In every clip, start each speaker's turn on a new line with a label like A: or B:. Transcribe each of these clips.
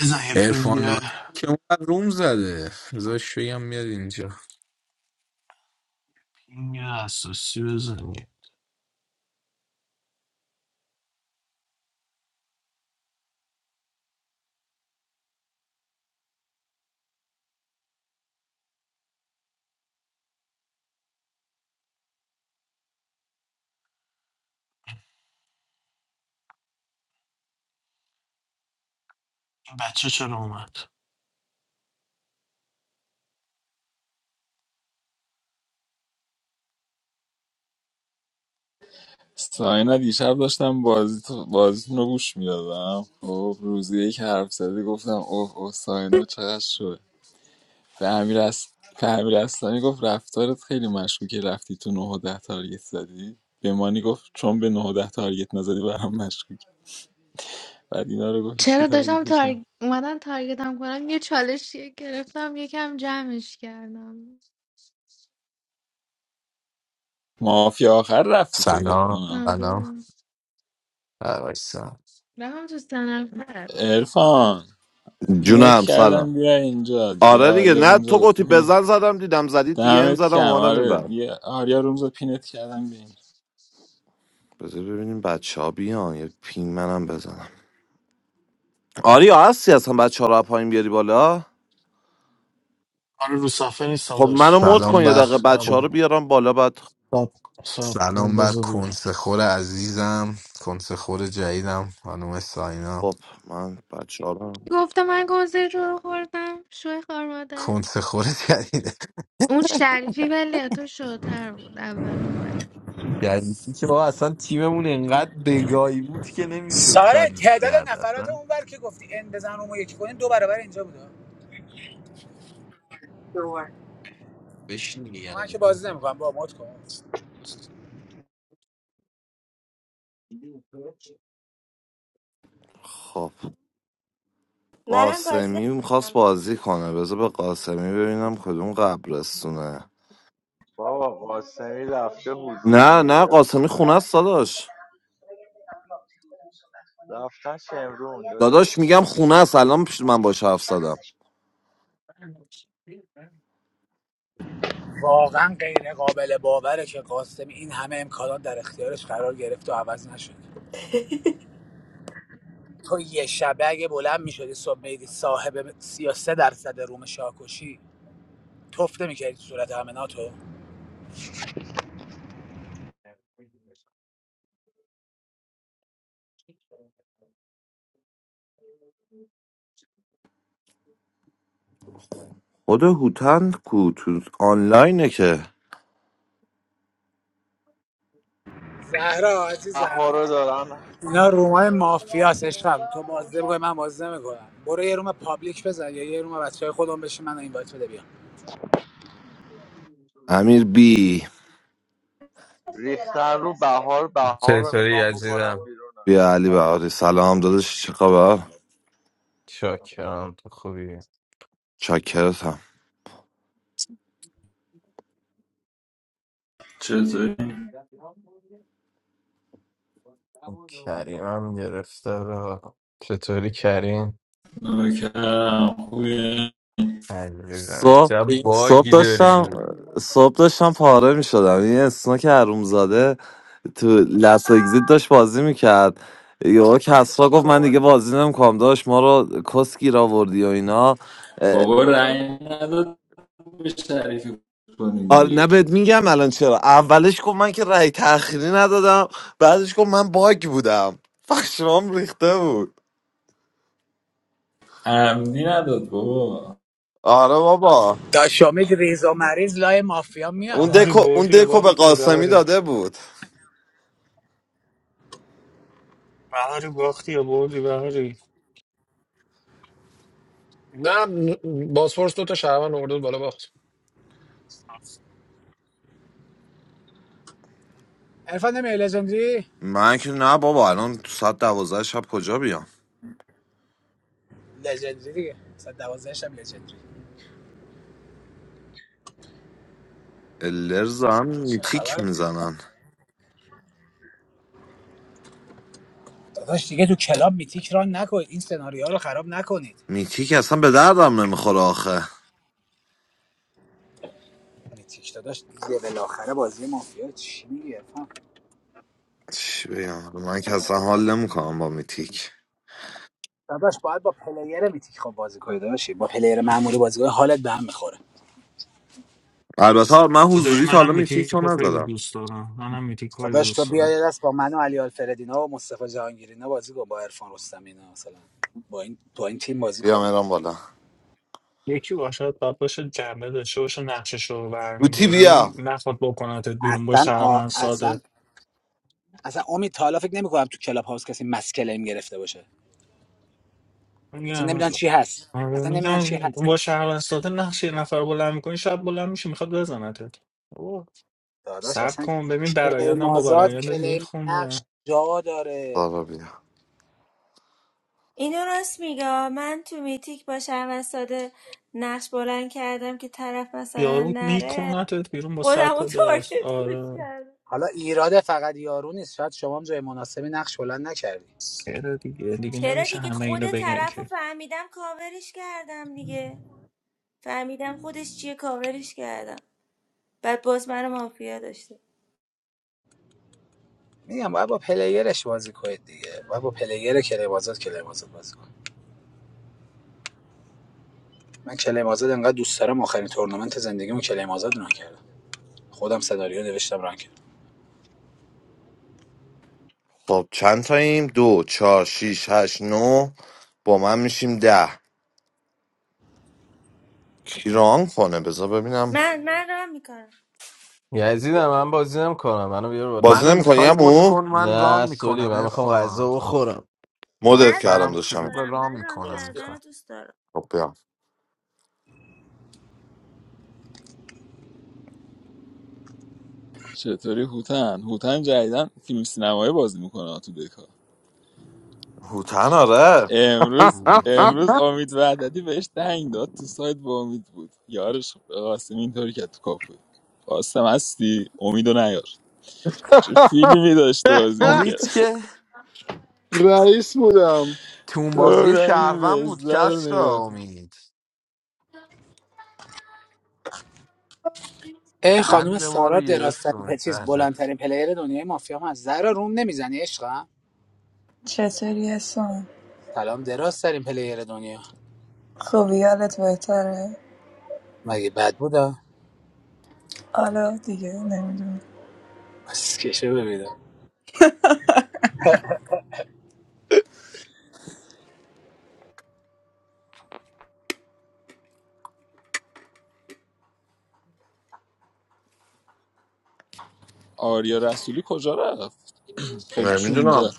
A: بزن یه پینگ
B: ارفان ناتون که اون روم زده بذارش بگم میاد اینجا
A: پینگ اساسی بزن این بچه چرا اومد
C: ساینا دیشب داشتم بازی بازیتون رو گوش میدادم خب روزی که حرف زدی گفتم اوه اوه ساینا چقدر شد به امیر اس... به امیر اسلانی گفت رفتارت خیلی مشکوکه رفتی تو 9 و 10 تارگت زدی به مانی گفت چون به 9 و 10 تارگت نزدی برام مشکوک بعد اینا رو گفت هیچکی
D: چرا داشتم
C: تارگتش نه
D: تار... اومدن تارگتم کنم یه چالش گرفتم یکم جمعش کردم
C: مافیا آخر رفتی تو فکر
B: سلام
C: کنم
B: سلام
D: آره
B: بر وایسا.
D: رفتم تو سنفر
C: عرفان پینت
E: جونم
C: کردم
E: سلام
C: بیا اینجا دیگه
E: آره دیگه
C: آریا
E: نه
C: رومزا
E: تو گفتی
C: گفتم پینت
E: بزن زدم دیدم زدید دیگه این
C: دمت
E: زدم
C: کم
E: اومدم این
C: آره
E: بر
C: بیا آریا رومزا پینت کردم بیا اینجا.
E: بذار ببینیم بچه ها بیان یه پین منم بزنم آریا هستی اصلا بچه ها رو از پایین بیاری بالا
A: آره رو صفحه نیستم
E: خب
A: داشت
E: منو
A: الان
E: مد
A: میام
E: کن
B: سلام
E: یه
B: بر
E: دقیقه بچه
A: الان
E: ها رو
A: میام
E: بیارم بالا بعد
A: سب سب کن
B: سلام بر
A: بذار بیام
B: کنسخور عزیزم کنسخور جدیدم خانم ساینا
E: خب من بچه ها رو
D: گفتم من گازه رو خوردم شوی خوار مادر
B: کنسخور جدیده
D: اون شریفی ولی تو شوتر بود اول اون بار
B: یعنی که بابا اصلا تیممون انقدر بگاهی بود که نمیشد
F: ساره
B: کاریش
F: تعداد
B: کرد
F: نفرات
B: اصلا
F: اونور که گفتی ان بزن اونو یکی کنیم دو برابر اینجا بوده
B: بشین
F: من که بازی نمیکنم با مد کن
E: خب
G: منم بازی
E: قاسمی میخواست
G: نمی‌کنم.
E: بازی کنه بذار به قاسمی ببینم کدوم قبرستونه
H: بابا قاسمی رفته
E: نه
H: حضوری
E: نه
H: ارکان
E: قاسمی خونه
H: بدم
E: است داداش
H: رفتن شمرون داداش
E: داداش میگم خونه است الان پیش من باش حرف زدم
F: واقعا غیر قابل باوره که قاسمی این همه امکانات در اختیارش قرار گرفت و عوض نشد تو یه شبه اگه بلند میشدی صبح میدی صاحب 33 درصد روم شاکوشی تفته میکردی تو صورت همه ناتو
B: دیگه
E: خود هوتن کو تو آنلاینه که
F: زهرا
H: بهار
F: عزیزم
H: رو دارن
F: اینا رومای مافیاس عشقم تو بازده بگوی من بازده میکنم برو یه روم پابلیک بزن یا یه روم بچه های خودم بشین من این بده بیا
E: امیر بی
H: ریختن رو بهار بهار رو
I: چطوری
H: میخوام بکنم
I: عزیزم
H: بیرونم
E: بیا علی بهاری سلام داداش چه خبر
I: شاکرم تو خوبی
E: چاکرتم
C: چطوری؟
I: کریمم گرفته را چطوری کریم
C: نوکرم خوبیه
I: عزیزم
E: صبح
I: چه
E: صبح
I: باگی
E: داشتم
I: داری
E: صبح داشتم پاره می شدم یه اسناک زاده تو لس اگزیت داشت بازی میکرد یا کسرا گفت من دیگه بازی نمیکنم داشت ما رو کسکی را وردی و اینا اه،
C: بابا رنگ نداد به شریفی کنیم
E: آره
C: بیه
E: نه بهت میگم الان چرا اولش گفت من که رأی تأخیری ندادم بعدش گفت من باگ بودم پشمام ریخته بود
C: عمدی نداد بابا
E: آره بابا
F: داشامید ریزا مریض لای مافیا میاد
E: اون
J: بهاری
E: دکو
F: آه.
E: اون
J: بردی یا
E: دکو به
J: باختی
E: قاسمی
J: بهاری
E: داده بود
J: بهاری باختی یا بردی بهاری
K: نه بازپرس دو تا شهروند آورده بود بالا باخت
F: عرفان نمیای لژندری
E: من که نه بابا الان تو ساعت دوازده شب کجا بیام
F: لژندری دیگه 112 هم لژندری
E: الرز هم
F: چه
E: میتیک
F: خبره
E: میزنن
F: داداش دیگه تو کلاب میتیک ران نکنید این سناریو رو خراب نکنید
E: میتیک اصلا به دردم نمیخوره آخه
F: میتیک داداش لول آخره بازی مافیا چی میگی عرفان
E: چی بگم من که اصلا حال نمیکنم با میتیک
F: داداش باید با پلیر میتیک خب بازی کنی داداشی با پلیر معمولی بازی کنی حالت به هم میخوره
E: البته من
J: خدایی
E: حضوری تا حالا
J: منم
E: میتیک
J: میتیک رو
E: رو
J: خیلی
E: نزدم
J: دوست دارم منم میتیک رو خیلی
F: داداش تو
J: دوست
F: بیا
J: دارم
F: یه دست با من و علی آلفردینا و مصطفی جهانگیری اینا بازی کن با عرفان رستمی اینا مثلا با این با این تیم بازی
E: بیا
F: کن
E: مهران بالا
J: یکی باشد باید باشه جنبه داشته باشه نقشش رو
E: بوتی
J: برمیداری
E: بیا
J: نخواد بکنتت بیرون با
F: اصلا آ...
J: شهروند
F: اصلا
J: ساده
F: اصلا امید تا حالا فکر نمی‌کنم تو کلاب هاوس کسی مسکلیم گرفته باشه اصلا
J: میگم
F: نمیدونن چی هست
J: آره،
F: اصلا نمیدونن چی
J: میگم
F: هست
J: با شهروند ساده نقش یه نفر رو بلند میکنی شب بلند میشه میخواد بزنتت اوه،
F: داداش
J: صبر
F: اصلا
J: کن ببین
F: کلیم
J: برایندم با
F: آزاد
J: برایندت
F: کلیم نقش
J: میخونه
F: جا داره
E: بابا بیا
G: اینو راست میگه من تو میتیک با و ساده نقش بلند کردم که طرف مثلا
J: یارو
G: نره
J: میکنتت بیرون با صد
G: خودم رو
J: تا
G: تارگت
J: داست
G: کش
J: آره
G: کردم
F: حالا ایراد فقط یارو نیست شاید شما هم جای مناسبی نقش بلند نکردی
J: چرا دیگه دیگه
G: چرا
J: نمیشه
G: دیگه
J: همه اینو
G: خود
J: بگن
G: طرف رو
J: که
G: فهمیدم کاورش کردم دیگه فهمیدم خودش چیه کاورش کردم بعد باز من مافیا داشته
F: میگم باید با پلیرش بازی کنید دیگه باید با پلیر کلیم آزاد کلیم آزاد بازی کنید من کلیم آزاد انقدر دوست دارم آخرین تورنمنت زندگیمو کلیم آزاد ران کردم خودم سناریو نوشتم ران کردم
E: خب چند تاییم دو چهار شیش هشت نو با من میشیم ده کی ران کنه بذار ببینم
G: من من رام میکنم
I: یزیدم من بازی کنم منو بیار بالا
E: بازی
B: منو
E: نمیکنی
B: میخوای مد
E: امو
B: کن من ران
I: نه سولی
B: میکنم
I: من میخوام
B: ارفان
I: غذا بخورم
B: من
E: مدت
G: من
E: کردم
B: سرم
G: رام
B: شلوغ
E: داشتم
G: میکنم
B: ران
G: من رام
B: میکنم
G: کردن
B: میخوام
G: رو دوست دارم
E: خب بیا
C: چطوری هوتن هوتن جدیدن فیلم سینمایی بازی میکنه تو دکا
E: هوتن آره
C: امروز
B: کوچی
C: امروز امید وحدتی بهش دنگ داد تو سایت با امید بود یارش قاسم اینطوری کرد تو کافه قاسم هستی امیدو نیار چه فیلمی داشت بازی میکرد
B: امید که
L: رئیس بودم
B: تو اون بازی
C: گفتم این
B: شهروند بود
C: بزده رو
B: کس را
C: نگاه کن.
B: امید
F: ای خانم
B: قند ما رو
F: سارا
B: گرفت
F: درازترین
B: امید
F: پ- چیز
B: بله.
F: بلندترین پلیر دنیای مافیا هم از زهرا روم نمیزنی عشقم
M: چطوری هستم؟
F: سلام درازترین پلیر دنیا
M: خب یادت بهتره؟
F: مگه بد بودا
M: حالا دیگه نمیدونم
F: بس کشه ببینم
C: آریا رسولی کجا رفت خودش
E: نمیدونم
C: 16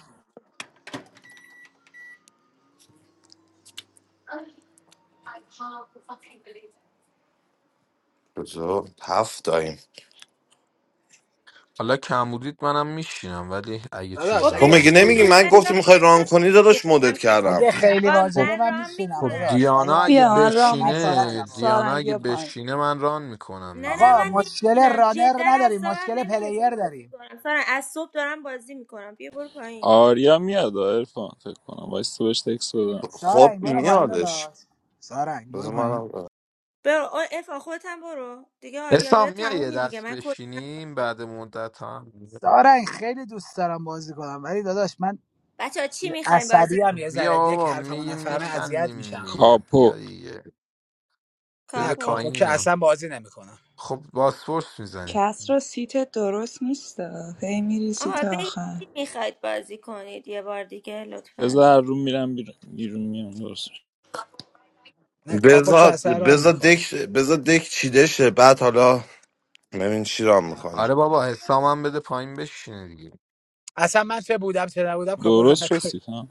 E: بذار هفت داییم
B: حالا کم بودید منم میشینم ولی اگه
F: داداش
B: چیز
G: خب
B: را
E: تو
G: بشین
F: اگه
E: میگی نمیگی
G: که
B: میکنم
F: خیلی
E: من
G: من
E: گفتی
G: رام
E: میخوای ران کنی داداش
G: میکنم.
E: مدت
F: اگه
E: کردم
F: خیلی
G: آقا
B: خب
F: واجبه
G: من
F: من
G: رام
F: میشینم
B: خب
G: میکنم
F: داداش ولی
B: دیانا
F: من
B: اگه
M: بیا
G: برو
M: من
G: پایین
M: رام میکنم
B: بشینه
F: اذیتم آقا
B: دیانا
M: سارنگ
B: اگه
M: بیا پایین
B: بشینه من ران میکنم
G: نه نه
F: آقا،
B: دیگه
G: من
F: مشکل
G: نمیشینم
F: رانر
G: جدا
F: نداریم
G: اصابم
F: مشکل
G: نمیکشه
F: پلیر
G: بازی
F: داریم
G: کنم سارا از صبح دارم بازی میکنم بیا برو پایین
C: آریا میاد ارفان فکر کنم وایس تو بهش تکس بدم
E: خب
F: سارنگ برو پایین
E: میادش
F: داداش سارنگ برو
E: بذار
F: پایین
E: منم
G: برو آ، افا خودت هم برو دیگه
B: اسلام
G: آریابیا
B: میای یه
G: تمومین دیگه
B: دست
G: من کد میدم.
B: بشینیم بعد مدت هم
F: سارنگ خیلی دوست دارم بازی کنم ولی داداش من
G: بچه ها چی میخواین بازی
F: عصبی
G: کن-
F: هم یه
B: بیا
F: ذره یک
B: بابا
F: حرفمو
B: میگیم
F: نفهمه اذیت
B: میخندیم
F: میشم
B: دیگه
C: کاپو
B: بیا دیگه بده
F: نه
G: کاپو
F: کاپو
B: پایین
F: که
B: اینو
F: اصلا بازی نمیکنم
B: خب باسپورس میزنیم
M: کس رو سیت درست نیست هی میری
G: آقا
M: سیت
G: بگید
M: آخر
G: چی میخواید بازی کنید یه بار دیگه لطفا
C: بذار رو میرم بیرون بیرون میام درست شد.
F: نه کاپو که
E: بذار
F: اصلا را
E: بذار
F: نکن
E: دک بذار دک چیده شه بعد حالا ببین چی ران میکنه
B: آره بابا حسام هم بده پایین بشینه دیگه
F: اصلا من چه بودم چه نبودم کاپو را
C: درست شد
F: نکن
C: سیفم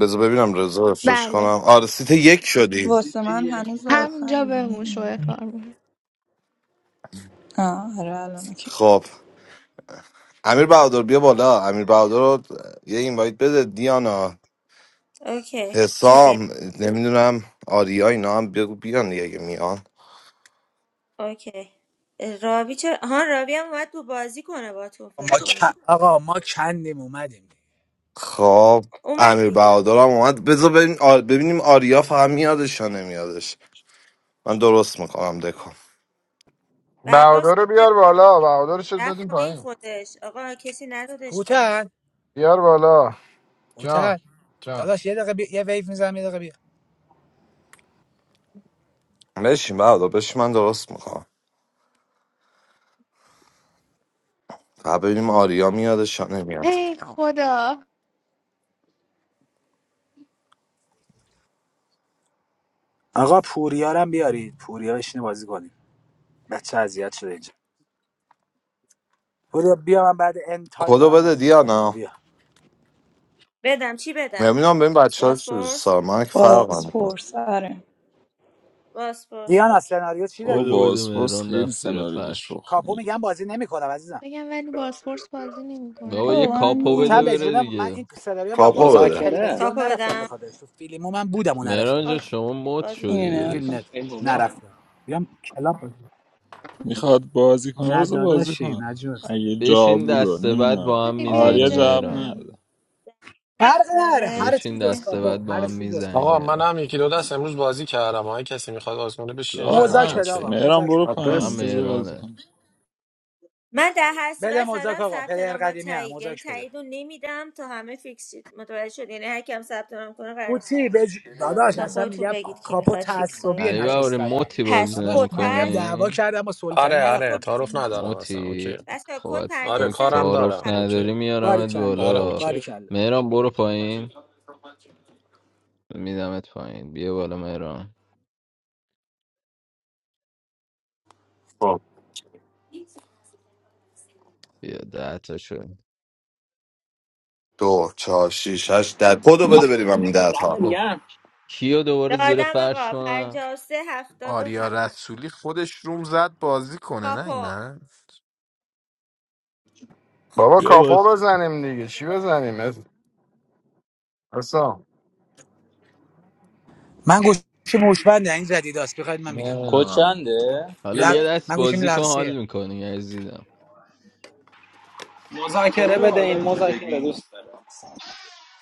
E: بذار ببینم رضا افشاش کنم
D: بله
E: آره سیت یک شدیم
M: واسه
H: سیت
M: من
H: یکی
M: هنوز
H: کس رو
D: همونجا
M: آخری
D: بمون شوی خوار
M: نمیدونم
D: مادر
M: آه آره الان اوکی
E: خب امیر بهادر بیا بالا امیر بهادر رو یه اینوایت بده دیانا
G: اوکی بیا
E: حسام نمیدونم آریا اینا هم بگو بیان دیگه اگه میان
G: اوکی اه، رابی چرا ها رابی هم اومد تو بازی کنه با تو فکر
F: ما کن-
G: کنم
F: آقا ما کندیم اومدیم
E: خب
G: اومد
E: امیر
G: دیگه
E: بهادر هم اومد بذار ببین آر- ببینیم آریا فقط میادش یا نمیادش من درست میکنم دکو
L: بهادر رو
G: برداشت
L: بیار بالا بهادر شد
G: رفت
L: دادیم
G: پایین
L: پایین
G: خودش آقا کسی ندادش پایین
F: هوتن
L: بیار بالا جان
F: هوتن
L: جان
F: داداش یه دقیقه بی... یه ویف میزنم یه دقیقه بیا
E: بشین بهادر بشین من درست میکنم فقط ببینیم آریا میادش یا نمیاد
D: ای خدا
F: آقا پوریارم بیارید پوریا بشینه بازی کنیم بچه اذیت شده اینجا پوریا بیا من بعد ان تایم
E: کدو
F: دارم
E: بده
F: بازی میکنم
E: دیانا
F: بیا
G: بدم چی بدم
E: نمیدونم ببین بچه ها چی دوست
G: باسپورس
E: دارن. من که فرق هم
M: باز
E: میکنم
M: پرس آره
G: باسپورس
F: دیانا
G: اوکی
F: سناریو چی
C: بابا
I: بوده
F: داری
I: بوده
C: بازپرس
I: مهران
C: خیلی
I: رفت زیر
C: سناریوی
I: فرش
C: شخ
F: کاپو
C: میگه
F: میگم بازی نمیکنم عزیزم
D: بگم ولی باسپورس بازی
I: بابا
D: نمیکنن
I: یه
M: بابا
D: اینا
M: من
D: ها
I: کاپو
F: هوتن
I: بده
F: به
M: نمیگم
I: بره
F: جون من این
I: دیگه
F: سناریو انقدر باگ
E: کاپو
F: داره
E: بده
N: مذاکره
F: تلویزیون
G: کاپو
F: نرفتم به
G: بدم
F: خاطرش تو فیلمو من بودم و نرفتم
I: مهران جا
G: اوکی
I: شما مت
G: بازی
I: شدی
M: اینو
F: تو
M: نگاه
F: فیلم
M: کن
I: دادش
F: نت
N: ای بابا
F: نرفتم بیام کلاب
C: میخواد بازی کنه
F: نه
C: بذار بازی
F: داداشی
C: کنه
F: نجات
C: اگه جا
I: بشین
F: نه
C: بود
I: دسته بعد
C: نمیدونم
I: با هم
D: بیای
C: آریا
I: میزنه
D: جای
C: جواب
I: مهران
D: من
C: نده
F: فرق نره هر
G: بره
I: بشین
F: چیز جز
I: دسته
D: مهران
F: کاپو
I: بعد
F: هر
I: با هم
F: چیز جز
I: میزنه
K: آقا
I: مهران.
F: کاپو
K: من هم یکی دو دست امروز بازی کردم های کسی میخواد بازی کنه بشین
C: جا
K: جای من
F: موزاک بده
C: هست
K: اوکی
F: آقا
C: مهرم
F: موزاک
C: برو
F: بده
I: فقط
C: پایین
E: آدرس
C: بذار بازی
I: مهرانه
C: کنه
G: من در هر
F: بده
G: صورت زدم
F: موزاک آقا
G: ثبت
F: پلیر
G: نام با
F: قدیمی هم
G: تایید یعنی
F: موزاک بده
G: تایید رو نمیدم تا همه فیکس شید متوجه شد یعنی هر کیم ثبت نام کنه قرار نیست
F: قوطی
G: تایید شه.
F: بج... داداش
G: تا
F: اصلا
G: خودتون
F: میگم
G: بگید کی
F: کاپو
G: میخواد فیکس کنید
F: تعصبی
G: تو
I: علی بهاری
G: دک
F: نشستم
I: موتی بازی
G: پس
F: داداش
G: کد
F: من میگم
G: هست
F: دعوا
I: نمیکنی
F: کردم با سلطانی
K: آره
G: پس
K: آره
F: نرفتم
G: کد
F: تو
K: تعارف
F: فیلم نت
K: ندارم اصلا اوکی
I: موتی
G: بچه‌ها
I: خب
G: کد
I: از
K: آره
I: تو که
K: کارم
I: تعارف
K: دارم
G: 5377
K: اوکی
I: نداری
F: باری
I: میارمت
F: کلا
K: آره
I: بالا
F: باری
K: اوکی
F: کلا
I: مهران برو پایین میدمت پایین بیا بالا مهران
E: خب
I: بیا ده تا شد
E: دو چهار شیش هشت ده کدو بده
N: من
E: بریم همین
N: آوردی
E: ده
N: دم
E: تا
I: خب
N: دیگه
I: کیو دوباره زیر
G: دادم
I: فرش
G: آقا
I: کنم
B: آریا
G: 5377
B: رسولی خودش روم زد بازی کنه نه
G: کاپو
B: من
G: خب
L: بابا
G: اینو
I: بیا
L: کاپو
I: باز
L: بزنیم دیگه چی
G: بده.
L: بزنیم حسام
F: من گوشی موشبنده این جدیداست بخواید من میگم
L: نمیدونم
O: کوچنده
I: حالا
F: ل...
I: یه دست
F: من گوشیم
I: بازی کن
F: لمسیه
I: حال میکنی عزیزم
N: مذاکره
H: کدو
N: بده
H: حالا
N: این
H: میشه
N: مذاکره
H: بگین
N: دوست داره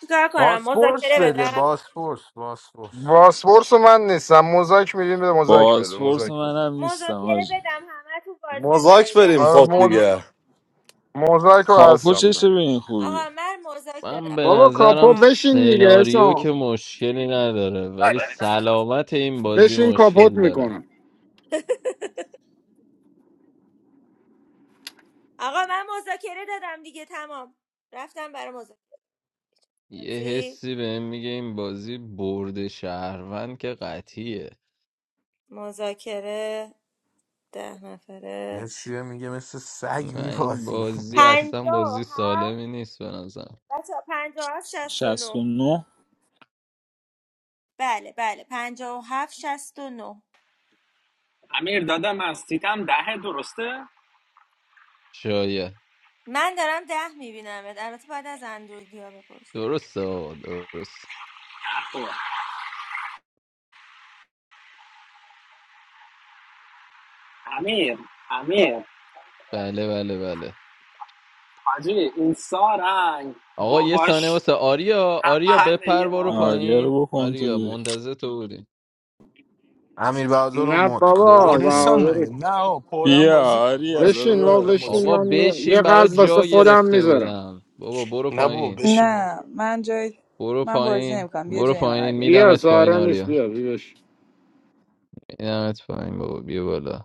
G: چیکار کنم
B: باسپورس
G: مذاکره
B: بده
G: بدم
B: باسپورس باسپورس
L: باسپورس رو من نیستم موزاک میدیم به موزاک بده
C: بازپرس
L: موزاک بده
C: منم نیستم
G: مذاکره
C: آجه
G: بدم همه تو بازی
E: مزاک
G: میکنید
E: بریم
L: آره
E: خب
G: انشالله
L: موز...
G: من م...
E: دیگه
L: موزاک رو
C: کاپو
L: هستم
C: چشه
L: ده.
C: به این خوبی
G: آقا من مذاکره
I: من
G: دادم
I: به
L: بابا
G: تمام شد و
L: کاپو
I: نظرم
G: رفت
L: بشین دیگه
I: سناریو که
L: حسام
I: مشکلی نداره ولی سلامت این بازی
L: بشین کاپوت
I: مشکل داره
L: میکنم
G: آقا من مذاکره دادم دیگه تمام رفتم برای مذاکره
I: یه
G: بازی
I: حسی بهم میگه این بازی برد شهروند که قطعیه
G: مذاکره ده نفره
B: یه چیه میگه مثل سگ
I: نه این
B: میبازیم
I: بازی اصلا
G: پنجاه و
I: بازی
G: هفت
I: سالمی نیست به نظرم
G: بچه پنجاه و هفت شست و نه
C: 69
G: بله بله پنجاه و هفت شست و نه
N: امیر دادم از سیتم دهه درسته
I: شاید
G: من دارم ده میبینم البته باید از اندرویدیا بپرس
I: درسته آقا درست
N: نه خوبه امیر امیر
I: بله بله بله
N: حاجی این سارنگ
I: آقا یه ثانیه
N: باباش
I: واسه آریا
N: هم
I: آریا
N: محله
I: بپر
N: یه ما
I: برو
N: بوده
C: آریا
I: پایین
C: رو بکن تو
I: آریا
C: دیگه
I: منتظر تو بودیم
B: امیر بهادر رو
L: نه
B: مد کن
A: پر
L: بابا
I: درست
A: نیستم
L: بهادر
A: مگه نه
I: میکنم
A: آقا پرم
C: بیا
A: بازی کن
C: آریا
A: بازی کن
L: بشین
A: حالا
L: بابا
C: داداش
A: بعدم بازی
L: بشین
A: کن.
I: آقا
L: من یه یه
I: بشین برا
L: قلب واسه
I: جا گرفته
L: خودم
I: بودم بابا برو
A: نه بابا
I: پایین
A: بشین بابا
M: نه من جای
I: برو
M: من بازی
I: پایین
M: نمیکنم بیا
I: برو
M: جای من
I: پایین
M: آریا
L: بیا
I: میدمت پایین
L: سارا نیست
I: آریا
L: بیا بیش
I: میدمت پایین بابا بیا بالا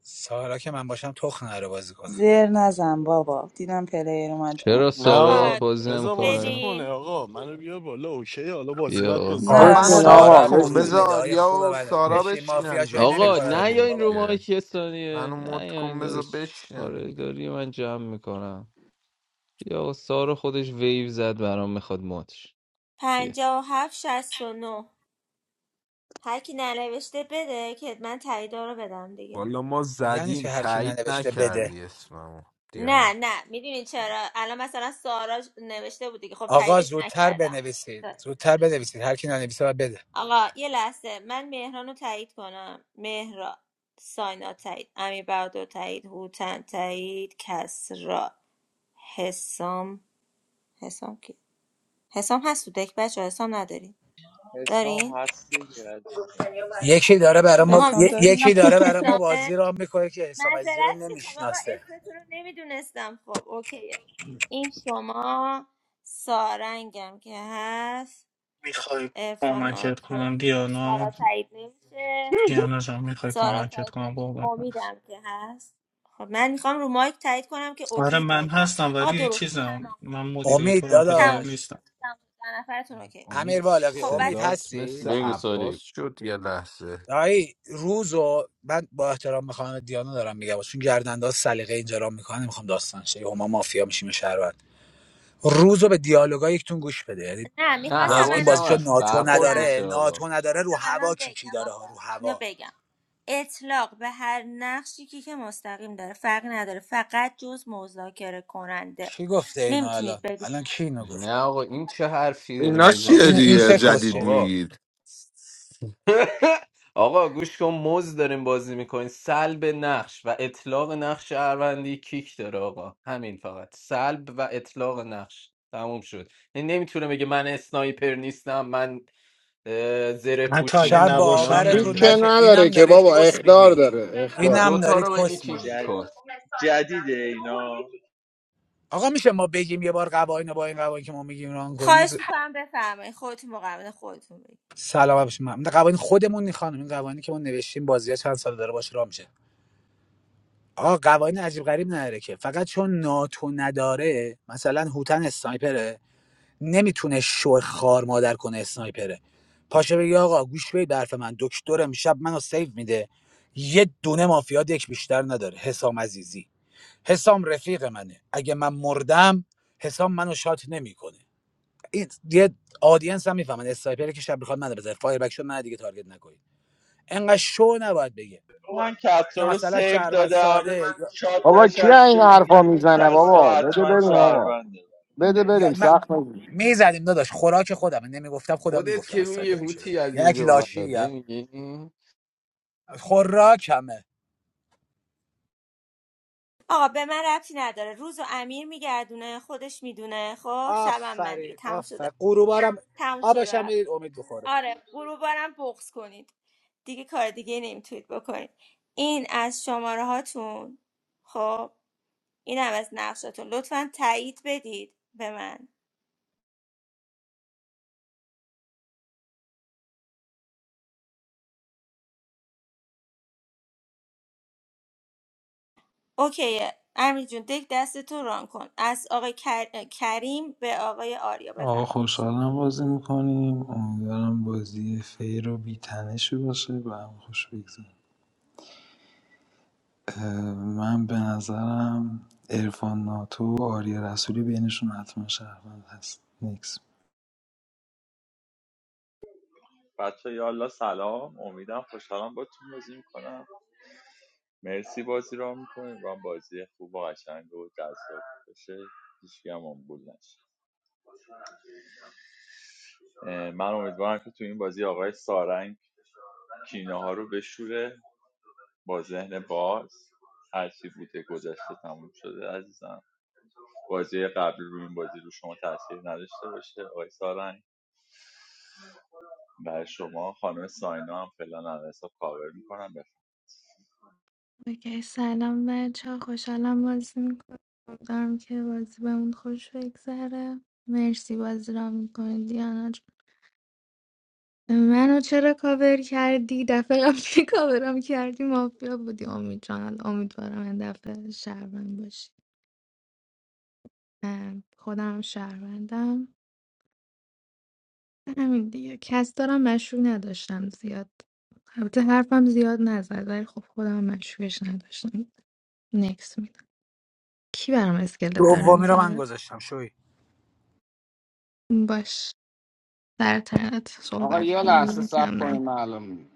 F: سارا که من باشم تخ نره بازی کنه
M: زر نزن بابا دیدم پلیر اومد جمع.
I: چرا
A: نه
I: سارا
A: آقا
G: آقا
I: بازی
A: بذار بازی
I: نمیکنه
A: کنه
G: بدین
A: آقا منو بیار بالا اوکی حالا بازی
I: بیا
A: بعد
I: آقا
A: بازی
B: آقا
F: سا-
M: نه
B: منو
A: میکنی
L: بشین
M: مدم
B: مد
M: کن
L: آقا
F: سارا
B: کن
F: ورودی
B: بذار
L: بشین
F: بده
B: آریا
F: خوب
B: و
F: منه
B: سارا
F: بشین
B: بشینن
F: مافیا شوی
I: آقا،
F: نمیکنه
I: نه یا
F: بیرون
B: جفتشون
I: این رو
F: بابا
B: دیگه
I: مایک یه ثانیه
B: منو مد
I: نه یا
B: کن
I: این
B: بذار
I: دادش
B: بشینن
I: کار
B: دیگه
I: داری من جمع میکنم بیا آقا، سارا خودش ویو زد برام میخواد ماتش بیا
G: پنجاه و هفت شست و نه هرکی ننوشته بده که من تاییدا رو بدم دیگه
B: والا ما
F: یعنی
B: زدیم
F: چه هر کی
B: تایید
F: ننوشته بده
B: نکردی اسممو
G: نه
B: دیان
G: نه میدونی چرا الان مثلا سارا نوشته بود دیگه خب
F: آقا
G: تاییدش
F: زودتر
G: نکردم
F: بنویسید زودتر بنویسید هر کی ننویسه باید بده
G: آقا یه لحظه من مهران رو تایید کنم مهرا ساینا تایید امیر بردو تایید هوتن تایید کسرا حسام حسام کی حسام هست تو دک بچه حسام ندارین
H: حسام
G: دارین
H: هستی که
F: یکی داره برای ما
G: آها
M: قسم
F: ی-
G: مثل
M: داریم
F: یکی داره برای ما
G: حسامه
F: بازی را میکنه که حسام عزیزی رو
G: معذرت میخوام آقا
F: نمیشناسه
G: اسمتون رو نمیدونستم خب اوکیه این شما سارنگم که هست
J: میخوای کمکت
G: ارفاناتو
J: کنم
G: سارا
J: دیانا
G: تایید نمیشه
J: دیانا جان میخوای
G: سارا
J: کمکت
G: تایید
J: کنم
G: نمیشه
J: بابا جان.
G: امیدم که هست خب من میخوام رو مایک تایید کنم که
J: آره
G: اوکی
J: من
G: تایید کنم
J: هستم
G: آقا
J: ولی
G: درست
J: چیزم
G: تمام
J: من
F: امید
J: مدیریتورم پلیر
G: تمام شد
F: داداش
J: نیستم
G: تمام شد. در نفرتون اوکی
F: امیر
B: امید
F: بالغی
G: خب
F: امید
G: بچه
B: صدات مثل
F: هستید
I: بگو
B: عباس
I: سوری
B: شد یه لحظه
F: دایی روز من با احترام میخوام دیانا دارم میگم چون گردنده سلیقه اینجا را میکنه نمیخوام داستان شه یهو ما مافیا میشیم شهر روز رو به دیالوگای یکتون گوش بده یعنی
G: نه
I: نه
G: میخواستم
F: باز این بازی
G: الان
I: حواسم
F: چون
I: هست
G: بگم
F: ناتو
I: برخورد
G: خودم
I: میشه
F: نداره
I: آقا
F: ناتو نداره رو هوا
G: الان
F: کی کی
G: بگم
F: داره ها رو
G: آقا اینو
F: هوا
G: بگم اطلاق به هر نقشی که که مستقیم داره فرق نداره فقط جز مذاکره کننده
F: کی گفته اینو الان
G: نمیتونید بگید
F: الان کی اینو گفت
I: نه آقا این چه حرفی داری
E: اینا چیه
F: این
I: میزنی
F: این
I: کی
E: دیگه
F: چه
I: میگه
E: جدید
F: کسشری
I: آقا
E: میگید
I: آقا گوش کن موز داریم بازی میکنین سلب نقش و اطلاق نقش شهروندی کیک داره آقا همین فقط سلب و اطلاق نقش تموم شد یعنی نمیتونه بگه من اسنایپر نیستم من اه، زره
J: حتی
I: پوش
J: اگه
F: شب
I: نیستم
J: نباشم
I: اینام
L: کی
I: کیک
F: باورتون
L: که
J: نمیدونم
I: داره
F: نشه
L: نداره
F: اینم
L: که
F: دارید
L: بابا
F: کس
L: اخدار
F: میگید
L: داره
I: خب
L: اخدار
F: اینم
I: دوتا
F: دارید
I: رو بگی
F: کس
I: کیک
F: میگید
H: جد...
I: کن
H: جدیده اینا
F: آقا میشه ما بگیم یه بار قوانین رو با این قوانین که ما میگیم ران
G: خواهش
F: کنید
G: میکنم بفرمایید خودتون مقابل خودتون بگید
F: سلام بشه من قوانین خودمون نی خانم این قوانینی که ما نوشتیم بازی چند سال داره باشه راه میشه آ قوانین عجیب غریب نداره که فقط چون ناتو نداره مثلا هوتن اسنایپره نمیتونه شو خار مادر کنه اسنایپره پاشه بگی آقا گوش به برف من دکترم شب منو سیو میده یه دونه مافیا یک بیشتر نداره حسام عزیزی حسام رفیق منه اگه من مردم حسام منو شات نمیکنه این یه آدینس هم میفهمن اسنایپره که شب میخواد منو بزنه فایر بک شد من دیگه تارگت نکنید انقدر شو نباید بگه
H: من
F: یا
H: کسرا رو
F: مثلا
H: سیو
F: شهروند
H: دادم
F: ساده
H: شاد
L: بابا کی این
H: نشسته
L: حرفا
H: میگم
L: میزنه
H: کسرا
L: بابا بده
H: حتما
L: بریم آقا
H: شهرونده
L: بده
F: یا
L: بریم
F: من
L: سخت نگیر
F: میزدیم داداش خوراک خودم نمیگفتم خودم
I: خودت
F: میگفتم
I: که میگه
F: اسنایپر میشدم
I: هوتی از
F: یک
I: اینجا
F: لاشی
I: اومد
F: هم
I: نمیگی
F: خوراکمه
G: آقا به من ربطی نداره روز و امیر میگردونه خودش میدونه خب شبم من دیگه
F: آفرین
G: تم شده
F: آفرین قروبارم
G: تم شده
F: آبشم
G: رفت
F: میدید امید بخوره
G: آره غروبارم بغض کنید دیگه کار دیگه نمیتونید بکنید این از شماره هاتون خب اینم از نقشتون لطفا تایید بدید به من اوکیه امیر جون دک دست تو ران کن از آقای کر- کریم به آقای آریا
C: آقا
G: بفرمایید خوش
C: خوشحالم بازی میکنیم امیدوارم بازی فیر و بیتنشی باشه و هم خوش بگذره من به نظرم ارفان ناتو و آریا رسولی بینشون حتما شهروند هست نیکس
H: بچه یالا سلام امیدم خوشحالم با تون بازی میکنم مرسی بازی را میکنیم و بازی خوب و قشنگ و جذاب بشه هیچکی هم آمبول نشه من امیدوارم که تو این بازی آقای سارنگ کینه ها رو بشوره با ذهن باز هرچی بوده گذشته تموم شده عزیزم بازی قبل رو این بازی رو شما تاثیر نداشته باشه آقای سارنگ و شما خانم ساینا هم فعلا الان حساب کاور میکنم بفهم
D: اوکی سلام بچه ها، خوشحالم بازی میکنم امیدوارم که بازی بهمون خوش بگذره مرسی بازی را میکنی دیانا جون. منو چرا کاور کردی دفعه قبلی کاورم کردی مافیا بودی امید جان حالا امیدوارم این دفعه شهروند باشی من خودم شهروندم همین دیگه کس دارم مشروع نداشتم زیاد البته حرفم زیاد نزد ولی خب خودم مشروعش نداشتم نکس میدم کی برام اسکلت داره
F: دومی رو من
D: میذاره
F: گذاشتم شوی
D: باش در ترت
L: آقا
D: صحبت
L: یه لحظه
D: کنیم کم
L: صبر
D: نه
L: کنیم معلوم می‌شه.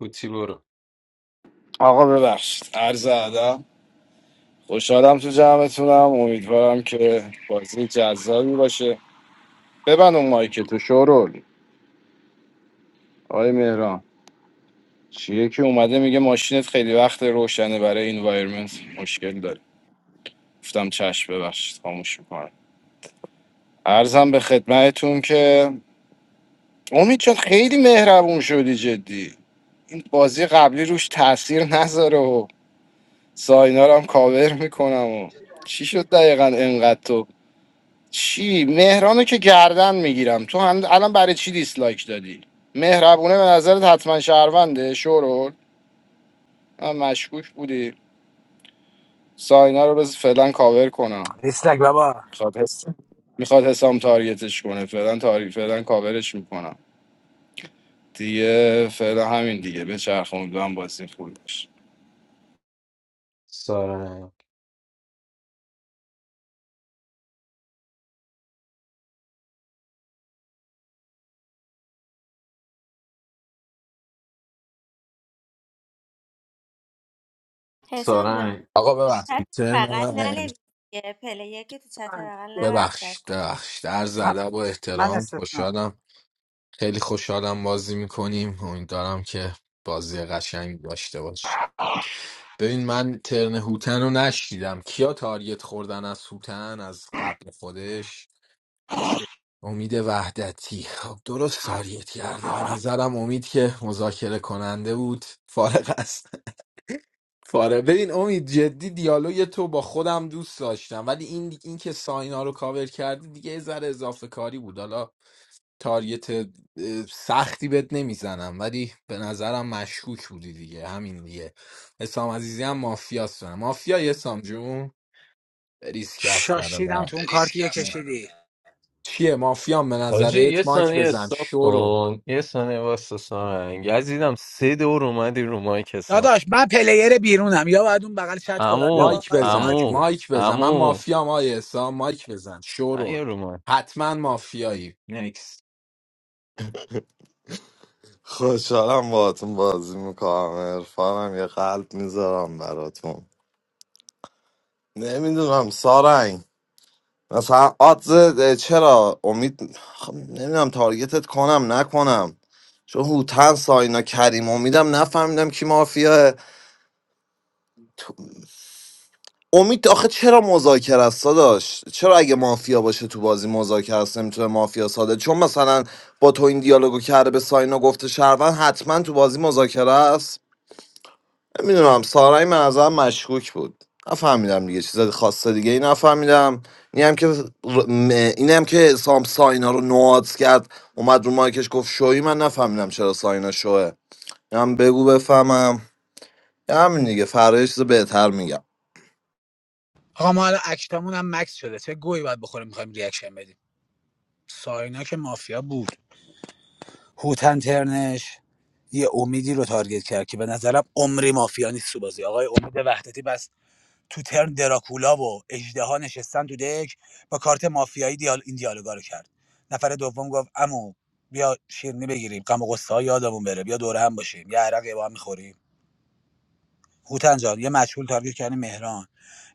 I: هوتی برو
L: آقا ببخشید عرض ادب خوشحالم تو جمعتونم امیدوارم که بازی جذابی باشه ببند اون مایک تو شورول آقای مهران چیه که اومده میگه ماشینت خیلی وقت روشنه برای اینوایرمنت مشکل داره گفتم چشم ببخشید خاموش میکنم ارزم به خدمتتون که امید چون خیلی مهربون شدی جدی این بازی قبلی روش تاثیر نذاره و ساینا رو هم کاور میکنم و چی شد دقیقا انقدر تو چی مهرانو که گردن میگیرم تو هم الان برای چی دیسلایک دادی مهربونه به نظرت حتما شهرونده شورول من مشکوک بودی ساینا رو بز فعلا کاور کنم
F: دیسلک بابا
L: میخواد حس- میخواد حسام تارگتش کنه فعلا تاری فعلا کاورش میکنم دیگه فعلا همین دیگه به چرخ امیدوارم بازی خوبی باشه
I: سارنگ
G: حسام جون
I: سارنگ
B: آقا
G: تو چت
B: ببخشید ترم
G: بغل
B: من-
G: ننویس یه پلیه که تو چت بغل نباید چت
B: ببخشید
G: کن
B: ببخشید عرض
F: من
B: ادب و
F: من
B: احترام
F: استثناء
B: خوشحالم خیلی خوشحالم بازی میکنیم امیدوارم که بازی قشنگ داشته باش ببین من ترن هوتن رو نشیدم کیا تارگت خوردن از هوتن از قبل خودش امید وحدتی خب درست تارگت کرده به نظرم امید که مذاکره کننده بود فارغ است فارغ ببین امید جدی دیالوگ تو با خودم دوست داشتم ولی این این که ساینا رو کاور کردی دیگه یه ذره اضافه کاری بود حالا تارگت اه، سختی بهت نمیزنم ولی به نظرم مشکوک بودی دیگه همین دیگه حسام عزیزی هم مافیاست دارم مافیا حسام جون ریسک کف
F: شاشیدم
B: برادر
F: تو اون کارتی که کشیدی
B: چیه مافیام به
I: حاجی یه
B: نظرت مایک
I: ثانیه
B: بزن
I: استاپ
B: شورول
I: کن یه ثانیه واسه سارنگ عزیزم سه دور اومدی رو مایک حساب
F: داداش من پلیر بیرونم یا باید اون بغل چت کنم یا
I: امو
B: مایک
F: باید رو
B: بزن
F: مایک
I: امو
F: بیا
B: مایک بزن من
I: امو
B: مافیا آیه حسام مایک بزن
I: نه
B: شورول
I: یه رو مایک
B: حتما مافیایی نکس
E: خوشحالم باهاتون بازی میکنم عرفانم یه قلب میذارم براتون نمیدونم سارنگ مثلا آدز چرا امید خب نمیدونم تارگتت کنم نکنم چون هوتن ساینا کریم امیدم نفهمیدم کی مافیاه امید آخه چرا مذاکره است داشت چرا اگه مافیا باشه تو بازی مذاکره است نمیتونه مافیا ساده چون مثلا با تو این دیالوگو کرده به ساینا گفته شهروند حتما تو بازی مذاکره است نمیدونم سارای من نظرم مشکوک بود نفهمیدم دیگه چیز خاص دیگه ای نفهمیدم این هم که ر- م- این هم که سام ساینا رو نوادز کرد اومد رو مایکش گفت شوی من نفهمیدم چرا ساینا شوه هم بگو بفهمم همین دیگه فردا یه چیز بهتر میگم
F: آقا ما الان اکتامون هم مکس شده چه گوی باید بخوریم میخوایم ریاکشن بدیم ساینا که مافیا بود هوتن ترنش یه امیدی رو تارگت کرد که به نظرم عمری مافیا نیست تو بازی آقای امید وحدتی بس تو ترن دراکولا و اژدها نشستن تو دک با کارت مافیایی دیال این دیالوگا رو کرد نفر دوم گفت امو بیا شیرینی بگیریم غم و غصه یادمون بره بیا دور هم باشیم یه عرق با هم میخوریم هوتن جان یه مشغول تارگت کردن مهران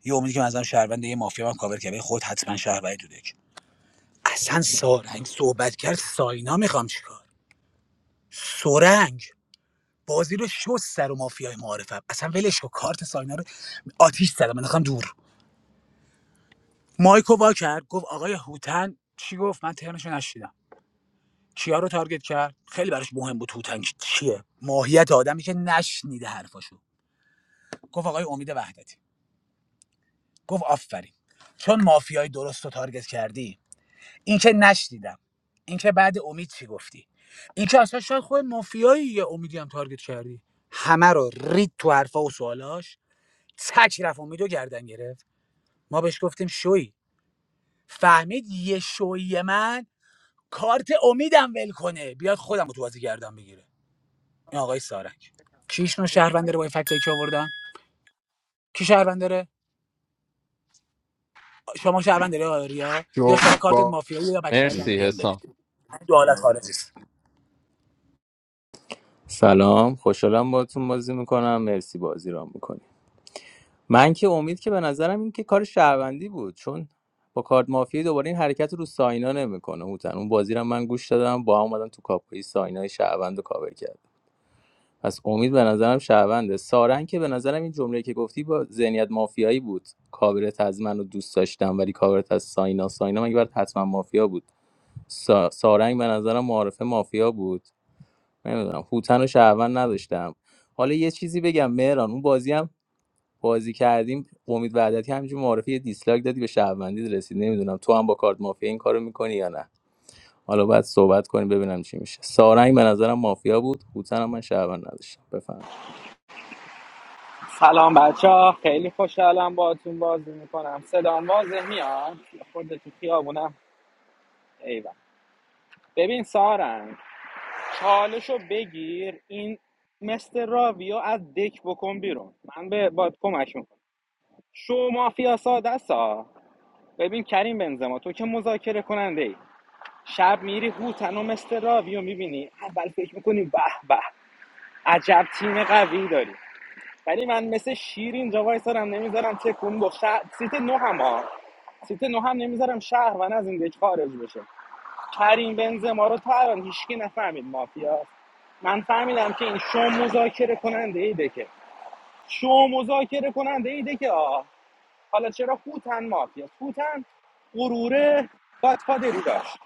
F: یه امیدی که مثلا شهروند یه مافیا هم کاور کرد خود حتما شهروندی تو دک اصلا سارنگ صحبت کرد ساینا میخوام چیکار سرنگ بازی رو شست سر و مافیای معارفم اصلا ولش کو کارت ساینا رو آتیش زدم انداختم دور مایکو وا کرد گفت آقای هوتن چی گفت من ترنشو نشیدم کیا رو تارگت کرد خیلی براش مهم بود هوتن چیه ماهیت آدمی که نشنیده حرفاشو گفت آقای امید وحدتی گفت آفرین چون مافیای درست رو تارگت کردی این که نشنیدم این که بعد امید چی گفتی این که اصلا شاید خود مافیایی یه امیدی هم تارگت کردی همه رو رید تو حرفا و سوالاش تک رفت امیدو گردن گرفت ما بهش گفتیم شوی فهمید یه شوی من کارت امیدم ول کنه بیاد خودم رو تو بازی گردن بگیره این آقای سارک کیش نو شهروندره با این فکتایی که آوردن کی شهروندره شما شهروندره آقای ریا یا
B: جو
F: شما کارتت
B: با-
F: مافیایی یا بکچل
I: مرسی
F: پی ام دادید
I: حسام
F: دو حالت خارجی است
O: سلام خوشحالم باهاتون بازی میکنم مرسی بازی را میکنی من که امید که به نظرم این که کار شهروندی بود چون با کارت مافیا دوباره این حرکت رو ساینا نمیکنه هوتن اون بازی رو من گوش دادم با هم اومدم تو کاپوی ساینا شهروند رو کاور کرد پس امید به نظرم شهرونده سارن که به نظرم این جمله که گفتی با ذهنیت مافیایی بود کاورت از منو دوست داشتم ولی کاورت از ساینا ساینا مگه برات حتما مافیا بود سا... سارنگ به نظرم معارفه مافیا بود نمیدونم هوتن و شهروند نداشتم حالا یه چیزی بگم مهران اون بازی هم بازی کردیم امید وعدتی همینجور معرفی یه دیسلایک دادی به شهروندی رسید نمیدونم تو هم با کارت مافیا این کارو میکنی یا نه حالا باید صحبت کنیم ببینم چی میشه سارنگ به نظرم مافیا بود هوتن هم من شهروند نداشتم بفهم
N: سلام بچه ها خیلی خوشحالم باهاتون بازی میکنم صدام واضح میاد یه خورده تو خیابونم ایوه ببین سارنگ چالشو بگیر این مثل راویو از دک بکن بیرون من به باد کمک میکنم شو مافیا ساده سا ببین کریم بنزما تو که مذاکره کننده ای شب میری هوتن و مثل راویو میبینی اول فکر میکنی به به عجب تیم قوی داری ولی من مثل شیر اینجا وایسارم نمیذارم تکون بخ شهر... سیت نو هم ها سیت نو هم نمیذارم شهر و از این دک خارج بشه کریم بنزما رو تا الان هیچکی نفهمید مافیا من فهمیدم که این شو مذاکره کننده ایده که شو مذاکره کننده ایده که آه حالا چرا خوتن مافیا خوتن غرور گاتفادری داشت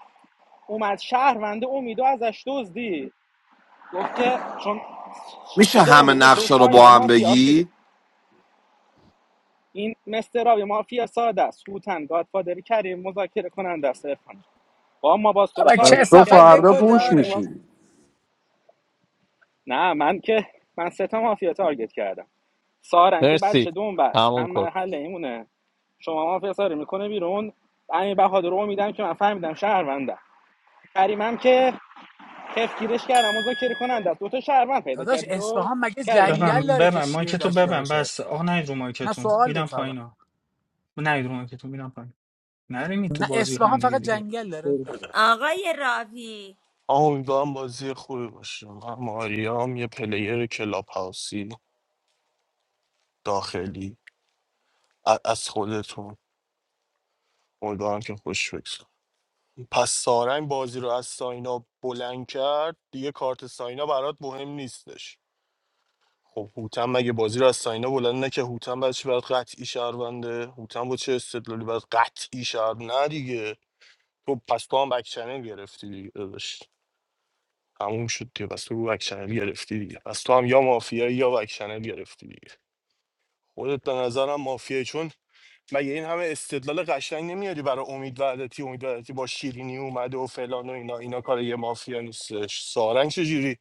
N: اومد شهروند امیدو ازش دزدی گفت که چون
E: میشه
N: خود
E: همه
N: امید گفته او
E: نقشه رو
N: ساینا
E: با هم
N: مافیاست دیگه
E: بگی
N: این مسترابی مافیا ساده است خوتن گاتفادری کریم مذاکره کننده است عرفان. با ما باز تو رو
F: بابا چه
L: پس
N: تارگت
L: تو
F: کثافت
N: نکردیم تو
L: فردا
F: دکو
N: اومدی رو
L: پوش
N: مایک ما
F: داره
L: میشی
N: نه من که من سه تا مافیا تارگت کردم سارن که
I: مرسی
N: بچه دوم بس
I: تموم
N: هم
I: کن
N: محل ایمونه شما مافیا ساره میکنه بیرون امیر بهادر رو میدم که من فهمیدم شهروندم کریمم که تفکیرش کردم مذاکره کننده است دو تا شهروند پیدا
F: داداش
N: کردی تو
F: اصفهان مگه
N: کریم
F: جنگل
J: ببن
F: داره که
J: ببن
F: شیر
J: مایکتو
F: داشته
J: ببن
F: باشه
J: بس آه نید رو
F: نه
J: مایکتون
F: سوال
J: میدم
F: بود
J: پایین
F: فقط
J: ها نید رو مایکتون میدم پایین نرینی تو
F: نه
J: بازی
F: اصفهان
J: هم دیگه
F: فقط
J: دیگه
F: جنگل داره
J: برو.
G: آقای راوی
A: امیدوارم بازی خوبی باشه من ماریام یه پلیر کلاب هاوسی داخلی ا- از خودتون امیدوارم که خوش بگذره پس سارنگ بازی رو از ساینا بلند کرد دیگه کارت ساینا برات مهم نیستش خب هوتم مگه بازی رو از ساینا بلند نکه هوتم بعد چی برات قطعی شهرونده هوتم با چه استدلالی برات قطعی شهر نه دیگه تو پس تو هم بک چنل گرفتی دیگه داداش تموم شد دیگه پس تو بک چنل گرفتی دیگه پس تو هم یا مافیایی یا بک چنل گرفتی دیگه خودت به نظرم مافیایی چون مگه این همه استدلال قشنگ نمیاری برای امید وحدتی امید وحدتی با شیرینی اومده و فلان و اینا اینا کار یه مافیا نیستش سارنگ چجوری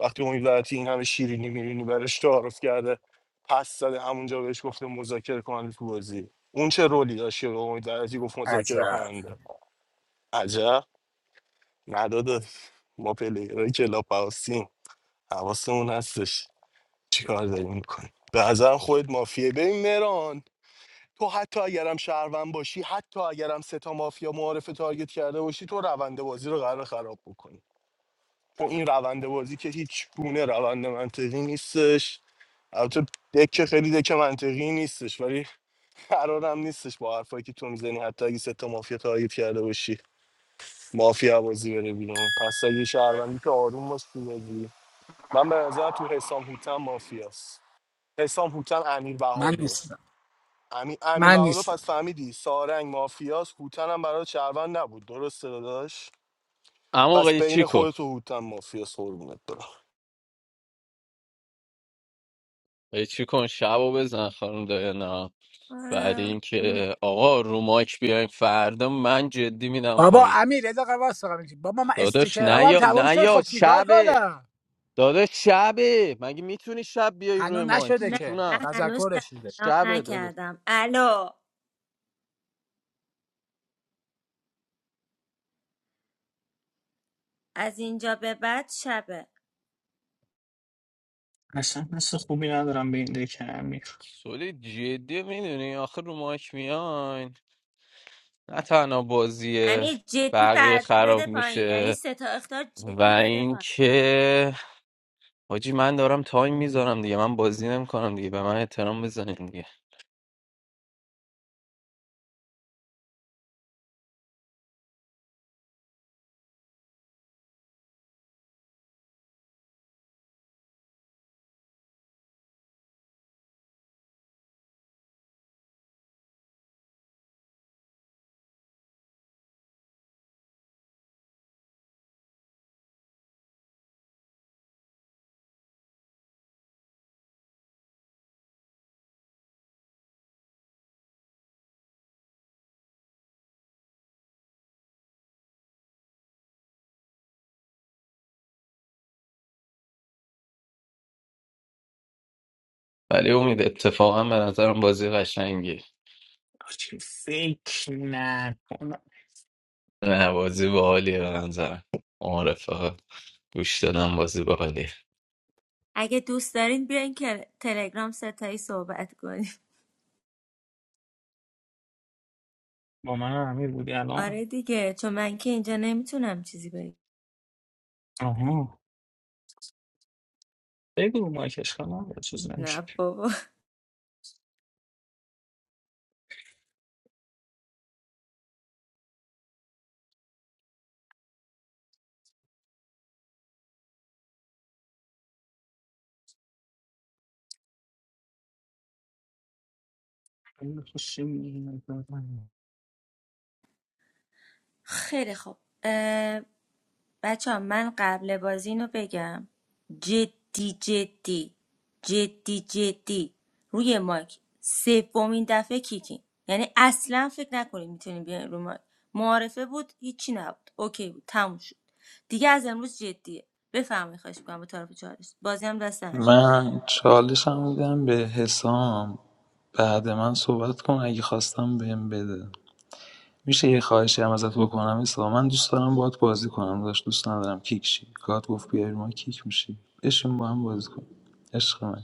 A: وقتی امید وحدتی این همه شیرینی میرینی براش تعارف کرده پس زده همونجا بهش گفته مذاکره کننده تو بازی اون چه رولی داشت که به امید وحدتی گفت مذاکره
F: عجب
A: کننده عجب نداده ما پلیرهای کلاب هاوسیم حواسمون هستش چیکار داریم میکنیم به نظرم خودت مافیه ببین مهران تو حتی اگرم شهروند باشی حتی اگرم سه تا مافیا معارف تارگت کرده باشی تو روند بازی رو قرار خراب بکنی چون این روند بازی که هیچ گونه روند منطقی نیستش البته دکه خیلی دکه منطقی نیستش ولی قرارم نیستش با حرفایی که تو میزنی حتی اگه سه تا مافیا تارگت کرده باشی مافیا بازی بره بیرون پس اگه شهروندی که آروم باش تو بازی من به نظرم تو حسام هوتم مافیاست حسام هوتم امیر
F: من
A: بهادر
F: نیستم
A: امیر, امیر
F: من
A: بهادر
F: نیستم
A: پس فهمیدی سارنگ مافیاس هوتن هم برای شهروند نبود درسته داداش
I: امو
A: پس بین
I: قیچی کن
A: خودت و هوتن مافیاس قربونت برم
I: قیچی کن شبو بزن خانم نه بعد
G: آره.
I: اینکه آقا رو مایک بیایم فردا من جدی میدم
F: بابا
I: پایین
F: امیر رضا قواس فقط میگی بابا من
I: داداش
F: استیکرام
I: نیا
F: هم
I: نیا
F: تموم
I: نه
F: شد
I: یا
F: خب چیکار
I: شبه
F: کنم
I: داداش شبه مگه میتونی شب بیای روی
F: هنوز
I: مایک
F: نشده
G: نه
F: که
I: ستونم
G: من هنوز
F: تذکرش شده
G: سلام
I: شبه داده
G: نکردم الو از اینجا به بعد شبه
J: اصلا مثل خوبی ندارم به این دکه امیر
I: سولی جدی میدونی آخر رو ماک میان نه تنها بازی
G: امیر جدی
I: بقیه
G: فردا
I: خراب
G: بده پایین یعنی
I: میشه
G: سه تا اختار
I: و
G: جدی بده
I: اینکه حاجی من دارم تایم میذارم دیگه من بازی نمیکنم دیگه به من احترام بزنین دیگه ولی امید اتفاقا به نظرم بازی قشنگی
J: آجی، فکر نکنم
I: نه بازی باحالیه به نظرم معرفه گوش دادم بازی باحالیه
G: اگه دوست دارین بیاین که تلگرام ستایی صحبت کنیم
J: با من امیر بودی الان
G: آره دیگه چون من که اینجا نمیتونم چیزی بگم
J: آها بگو رو مایکش کنم یا چیز نمیشه
G: نه بابا خیلی خوب بچه ها، من قبل بازی اینو بگم جدی جدی جدی جدی روی مایک سومین دفعه کیکین یعنی اصلا فکر نکنید میتونین بیاین روی مایک معارفه بود هیچی نبود اوکی بود تموم شد دیگه از امروز جدیه بفرمایید خواهش میکنم با طرف چالش بازی هم دست همین
C: من چالشم میدم به حسام بعد من صحبت کن اگه خواستم بهم بده میشه یه خواهشی هم ازت بکنم حسام من دوست دارم باهات بازی کنم داشت دوست ندارم کیک شی گاد گفت بیای ما کیک میشی بشین با هم بازی کن عشق من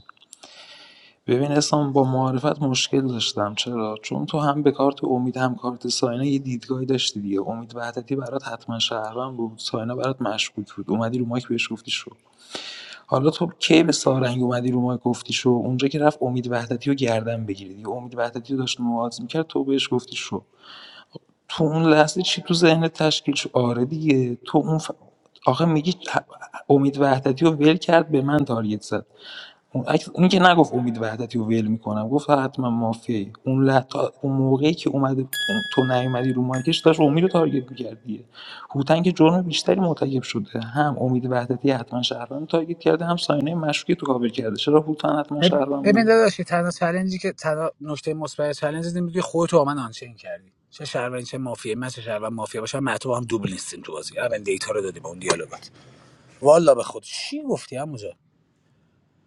C: ببین احسان با معارفت مشکل داشتم چرا چون تو هم به کارت امید هم کارت ساینا یه دیدگاهی داشتی دیگه امید وحدتی برات حتما شهروند بود ساینا برات مشکوک بود اومدی رو مایک بهش گفتی شو حالا تو کی به سارنگ اومدی رو مایک گفتی شو اونجا که رفت امید وحدتی رو گردن بگیری دیگه امید وحدتی رو داشت نواز میکرد تو بهش گفتی شو تو اون لحظه چی تو ذهنت تشکیل شد آره دیگه تو اون ف... آخه میگی امید وحدتی رو ول کرد به من تارگت زد اون اگه- اون که نگفت امید وحدتی رو ول میکنم گفت حتما مافیایی اون ل- اون موقعی که اومده اون- تو نیومدی رو مایکش داشت امید رو تارگت می‌کرد دیگه هوتن که جرم بیشتری مرتکب شده هم امید وحدتی حتما شهروند رو تارگت کرده هم ساینه مشکی تو کاور کرده چرا هوتن حتما شهروند
F: ببین
C: بود
F: داداش که تنها چالنجی که تنها نکته مثبت چالنج اینه میگی خودت با من آنچین کردی چه شهروند چه مافیا من چه شهروند مافیا باشم من تو با هم دوبل نیستیم تو بازی اول دیتا رو دادی به اون دیالوگات والا به خود چی گفتی همونجا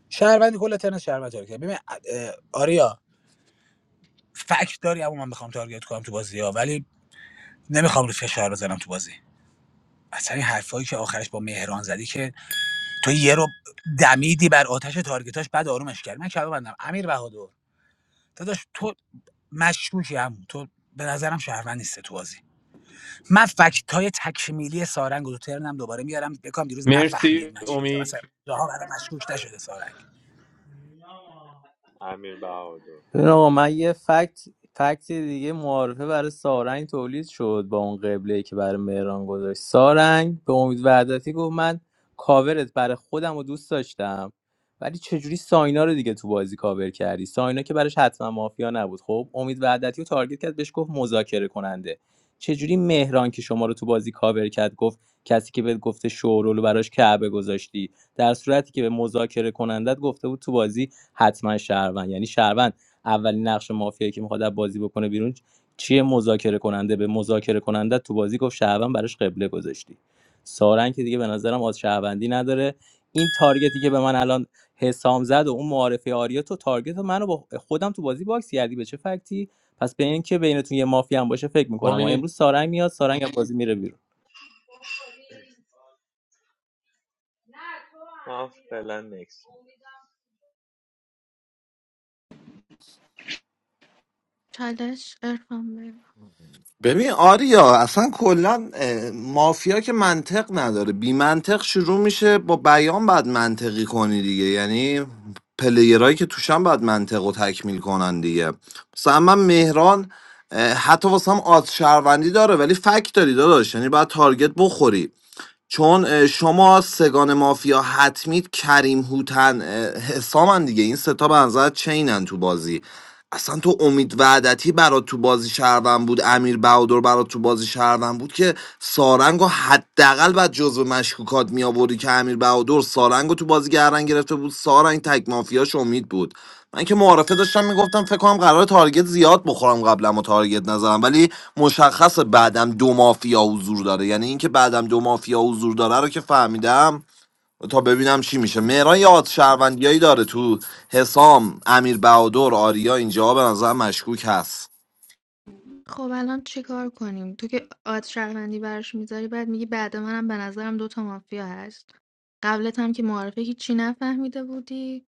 F: شهروند کل تنها شهروند تارگت کرد. ببین اه، آریا فکت داری اما من میخوام تارگت کنم تو بازی ها ولی نمیخوام رو فشار بزنم تو بازی اصلا این حرفایی که آخرش با مهران زدی که تو یه رو دمیدی بر آتش تارگتاش بعد آرومش کردی من کلام بندم امیر بهادر داداش تو مشکوکی هم تو به نظرم شهروند نیست تو بازی من فکت های تکمیلی سارنگ و دو ترنم دوباره میارم بکنم دیروز
I: مرسی
F: نفهمید من چی گفتم
I: امید
F: اصلا جاها برام مشکوک نشده سارنگ
H: امیر بهادر
O: ببین آقا من یه فکت فکت دیگه معارفه برای سارنگ تولید شد با اون قبله که برای مهران گذاشت سارنگ به امید وحدتی گفت من کاورت برای خودم و دوست داشتم ولی چجوری ساینا رو دیگه تو بازی کاور کردی ساینا که براش حتما مافیا نبود خب امید وحدتی رو تارگت کرد بهش گفت مذاکره کننده چجوری مهران که شما رو تو بازی کاور کرد گفت کسی که بهت گفته شورولو براش کعبه گذاشتی در صورتی که به مذاکره کنندت گفته بود تو بازی حتما شهروند یعنی شهروند اولین نقش مافیایی که میخواد بازی بکنه بیرون چیه مذاکره کننده به مذاکره کننده تو بازی گفت شهروند براش قبله گذاشتی سارنگ که دیگه به نظرم از شهروندی نداره این تارگتی که به من الان حسام زد و اون معارفه آریا تو تارگت منو با خودم تو بازی باکس کردی به چه فکتی پس به این که بینتون یه مافیا هم باشه فکر میکنم و
I: امید
O: امروز سارنگ میاد سارنگ از بازی میره بیرون
H: من فعلا نکس
D: چالش ارفان بگو
E: ببین آریا اصلا کلا اه، مافیا که منطق نداره بی منطق شروع میشه با بیان بعد منطقی کنی دیگه یعنی پلیرهایی که توشن بعد منطق رو تکمیل کنن دیگه مثلا من مهران اه، حتی واسه هم آز شهروندی داره ولی فکت داری داداش یعنی باید تارگت بخوری چون اه، شما سگان مافیا حتمید کریم هوتن اه، حسامن دیگه این ستا به نظر چینن تو بازی اصلا تو امید وعدتی برات تو بازی شهروند بود امیر بهادر برات تو بازی شهروند بود که سارنگو حداقل بعد جزو مشکوکات می آوردی که امیر بهادر سارنگو تو بازی گردن گرفته بود سارنگ تک مافیاش امید بود من که معارفه داشتم میگفتم فکر کنم قرار تارگت زیاد بخورم قبلا و تارگت نزنم ولی مشخص بعدم دو مافیا حضور داره یعنی اینکه بعدم دو مافیا حضور داره رو که فهمیدم تا ببینم چی میشه مهران یاد شهروندیایی داره تو حسام امیر بهادر آریا اینجا به نظر مشکوک هست
D: خب الان چیکار کنیم تو که آد شهروندی براش میذاری بعد میگی بعد منم به نظرم دوتا مافیا هست قبلت هم که معارفه هیچی نفهمیده بودی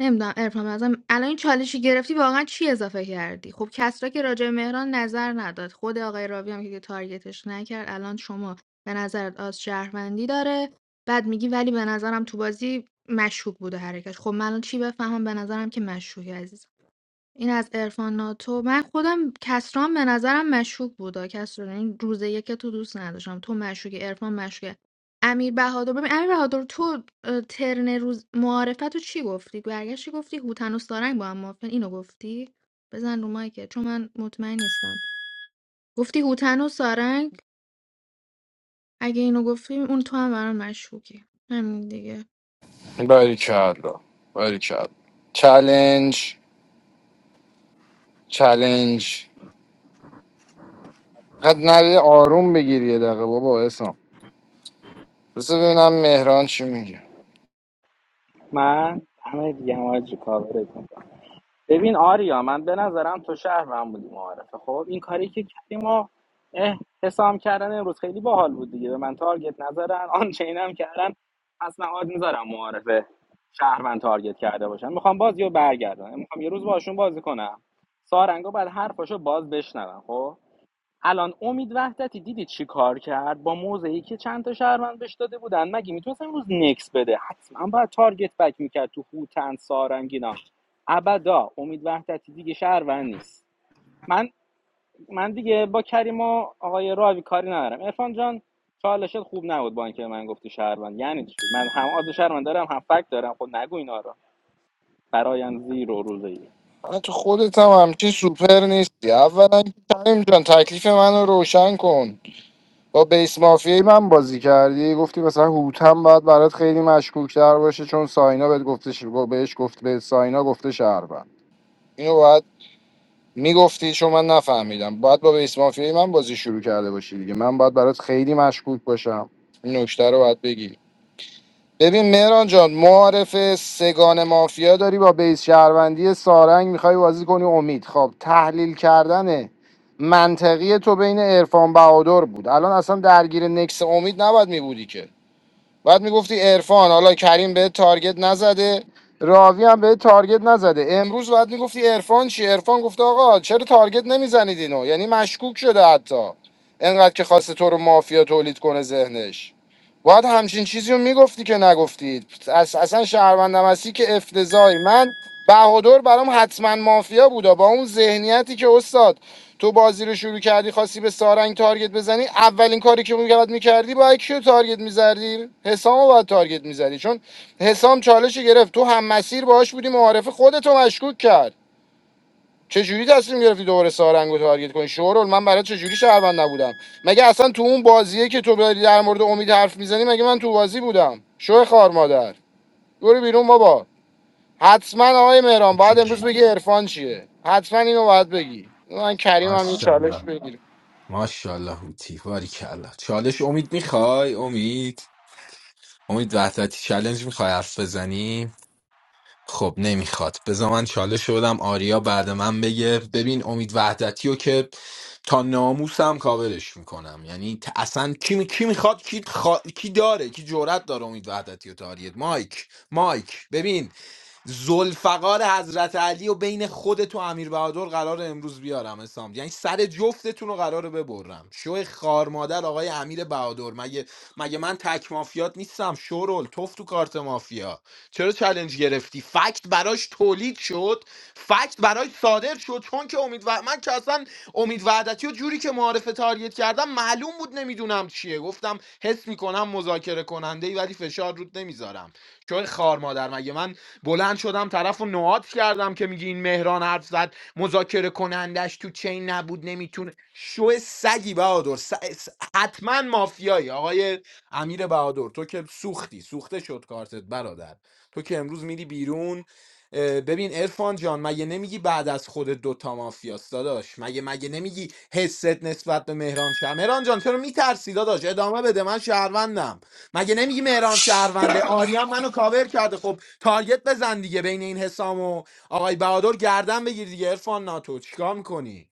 D: نمیدونم ارفان ازم الان این چالشی گرفتی واقعا چی اضافه کردی خب کسرا که راجع به مهران نظر نداد خود آقای راوی هم که تارگتش نکرد الان شما به نظرت آز شهروندی داره بعد میگی ولی به نظرم تو بازی مشکوک بوده حرکت خب من الان چی بفهمم به نظرم که مشکوکی عزیزم این از عرفان ناتو من خودم کسران به نظرم مشکوک بودا کسران این روز یک که تو دوست نداشتم تو مشکوک عرفان مشکوک امیر بهادر ببین امیر بهادر تو اه، ترن روز معارفت رو چی گفتی برگشتی گفتی هوتن و سارنگ با هم موافقن اینو گفتی بزن رو مایکت چون من مطمئن نیستم گفتی هوتن و سارنگ اگه اینو گفتی اون تو هم برام مشکوکی همین دیگه
L: باریکلا باریکلا چلنج چلنج قد نری آروم بگیر یه دقیقه بابا اسم بس ببینم مهران چی میگه
N: من همه دیگه هم آجی کاورت ببین آریا من به نظرم تو شهر من بودی معارفه خب این کاری که کردیم و اه، حسام کردن امروز خیلی باحال بود دیگه به من تارگت نزدن آن چینم کردن پس من آد میذارم معارفه شهر من تارگت کرده باشن میخوام بازی رو برگردم میخوام یه روز باشون بازی کنم سارنگا باید حرفاشو باز بشنوم خب الان امید وحدتی دیدی چی کار کرد با موضعی که چند تا شهروند بهش داده بودن مگه میتونست امروز نکس بده حتما باید تارگت بک میکرد تو هوتن سارنگینا ابدا امید وحدتی دیگه شهروند نیست من من دیگه با کریم و آقای راوی کاری ندارم ارفان جان چالشت خوب نبود با اینکه من گفتی شهروند یعنی چی من هم از شهروند دارم هم فکت دارم خب نگو اینا رو برایان زیرو روزی
L: من تو خودت هم همچین سوپر نیستی اولا که کریم جان تکلیف منو روشن کن با بیس مافیای من بازی کردی گفتی مثلا هوتم باید برات خیلی مشکوک تر باشه چون ساینا بهت گفته ش- بهش گفت به ساینا گفته شهر اینو باید میگفتی چون من نفهمیدم باید با بیس مافیای من بازی شروع کرده باشی دیگه من باید برات خیلی مشکوک باشم این نکته رو باید بگی ببین مهران جان معارف سگان مافیا داری با بیس شهروندی سارنگ میخوای بازی کنی امید خب تحلیل کردن منطقی تو بین عرفان بهادر بود الان اصلا درگیر نکس امید نباید میبودی که بعد میگفتی عرفان حالا کریم به تارگت نزده راوی هم به تارگت نزده امروز بعد میگفتی عرفان چی عرفان گفته آقا چرا تارگت نمیزنید اینو یعنی مشکوک شده حتی انقدر که خواسته تو رو مافیا تولید کنه ذهنش باید همچین چیزی رو میگفتی که نگفتید اص- اصلا شهروندم هستی که افتضاحی من بهادر برام حتما مافیا بودا با اون ذهنیتی که استاد تو بازی رو شروع کردی خواستی به سارنگ تارگت بزنی اولین کاری که میگرد میکردی باید کیو تارگت میزدی حسام رو باید تارگت میزدی چون حسام چالش رو گرفت تو هم مسیر باهاش بودی معارف خودتو مشکوک کرد چجوری تصمیم گرفتی دوباره سارنگ رو تارگت کنی شورول من برای چجوری شهروند نبودم مگه اصلا تو اون بازیه که تو داری در مورد امید حرف میزنی مگه من تو بازی بودم شو خار مادر برو بیرون بابا حتما آقای مهران باید امروز بگی عرفان چیه حتما اینو باید بگی من کریم هم یه چالش
B: ماشاءالله
L: بگیر
B: ماشاءالله هوتی کلا چالش امید میخوای امید امید وحدتی چالش میخوای حرف بزنی خب نمیخواد بذار من چالش رو بدم آریا بعد من بگه ببین امید وحدتی رو که تا ناموسم کاورش میکنم یعنی ت- اصلا کی, می- کی میخواد کی, خوا- کی داره کی جرأت داره امید وحدتی و تاریت مایک مایک ببین زلفقار حضرت علی و بین خودت و امیر بهادر قرار امروز بیارم اسام یعنی سر جفتتون رو قراره ببرم شو خار مادر آقای امیر بهادر مگه مگه من تک مافیات نیستم شورل توف تو کارت مافیا چرا چالش گرفتی فکت براش تولید شد فکت براش صادر شد چون که امید و... من که اصلا امید وعدتی و جوری که معارفه تاریت کردم معلوم بود نمیدونم چیه گفتم حس میکنم مذاکره کننده ای ولی فشار رود نمیذارم چون خار مادر مگه من بلند شدم طرف رو کردم که میگی این مهران حرف زد مذاکره کنندش تو چین نبود نمیتونه شو سگی بهادر س... س- حتما مافیایی آقای امیر بهادر تو که سوختی سوخته شد کارتت برادر تو که امروز میری بیرون اه، ببین ارفان جان مگه نمیگی بعد از خود دوتا مافیاست داداش مگه مگه نمیگی حست نسبت به مهران شهر مهران جان چرا میترسی داداش ادامه بده من شهروندم مگه نمیگی مهران شهرونده آریان منو کاور کرده خب تارگت بزن دیگه بین این حسام و آقای بهادر گردن بگیر دیگه ارفان ناتو چیکار میکنی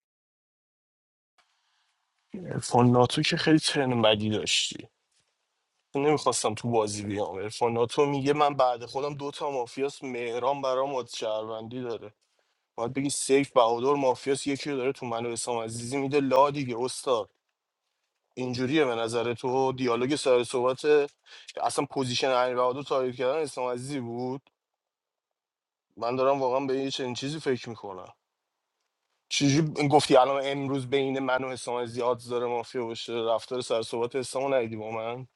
A: عرفان ناتو که خیلی ترن بدی داشتی نمیخواستم تو بازی بیام عرفان ناتو میگه من بعد خودم دوتا مافیاس مهران برام از شهروندی داره باید بگی سیف بهادر مافیاس یکی رو داره تو منو حسام عزیزی میده لا دیگه استاد اینجوریه به نظر تو دیالوگ سر صحبت اصلا پوزیشن امیر بهادر تایید کردن حسام عزیزی بود من دارم واقعا به یه چنین چیزی فکر میکنم چجوری گفتی الان امروز بین من و حسام زیاد داره مافیا باشه رفتار سر صحبت حسام ندیدی با من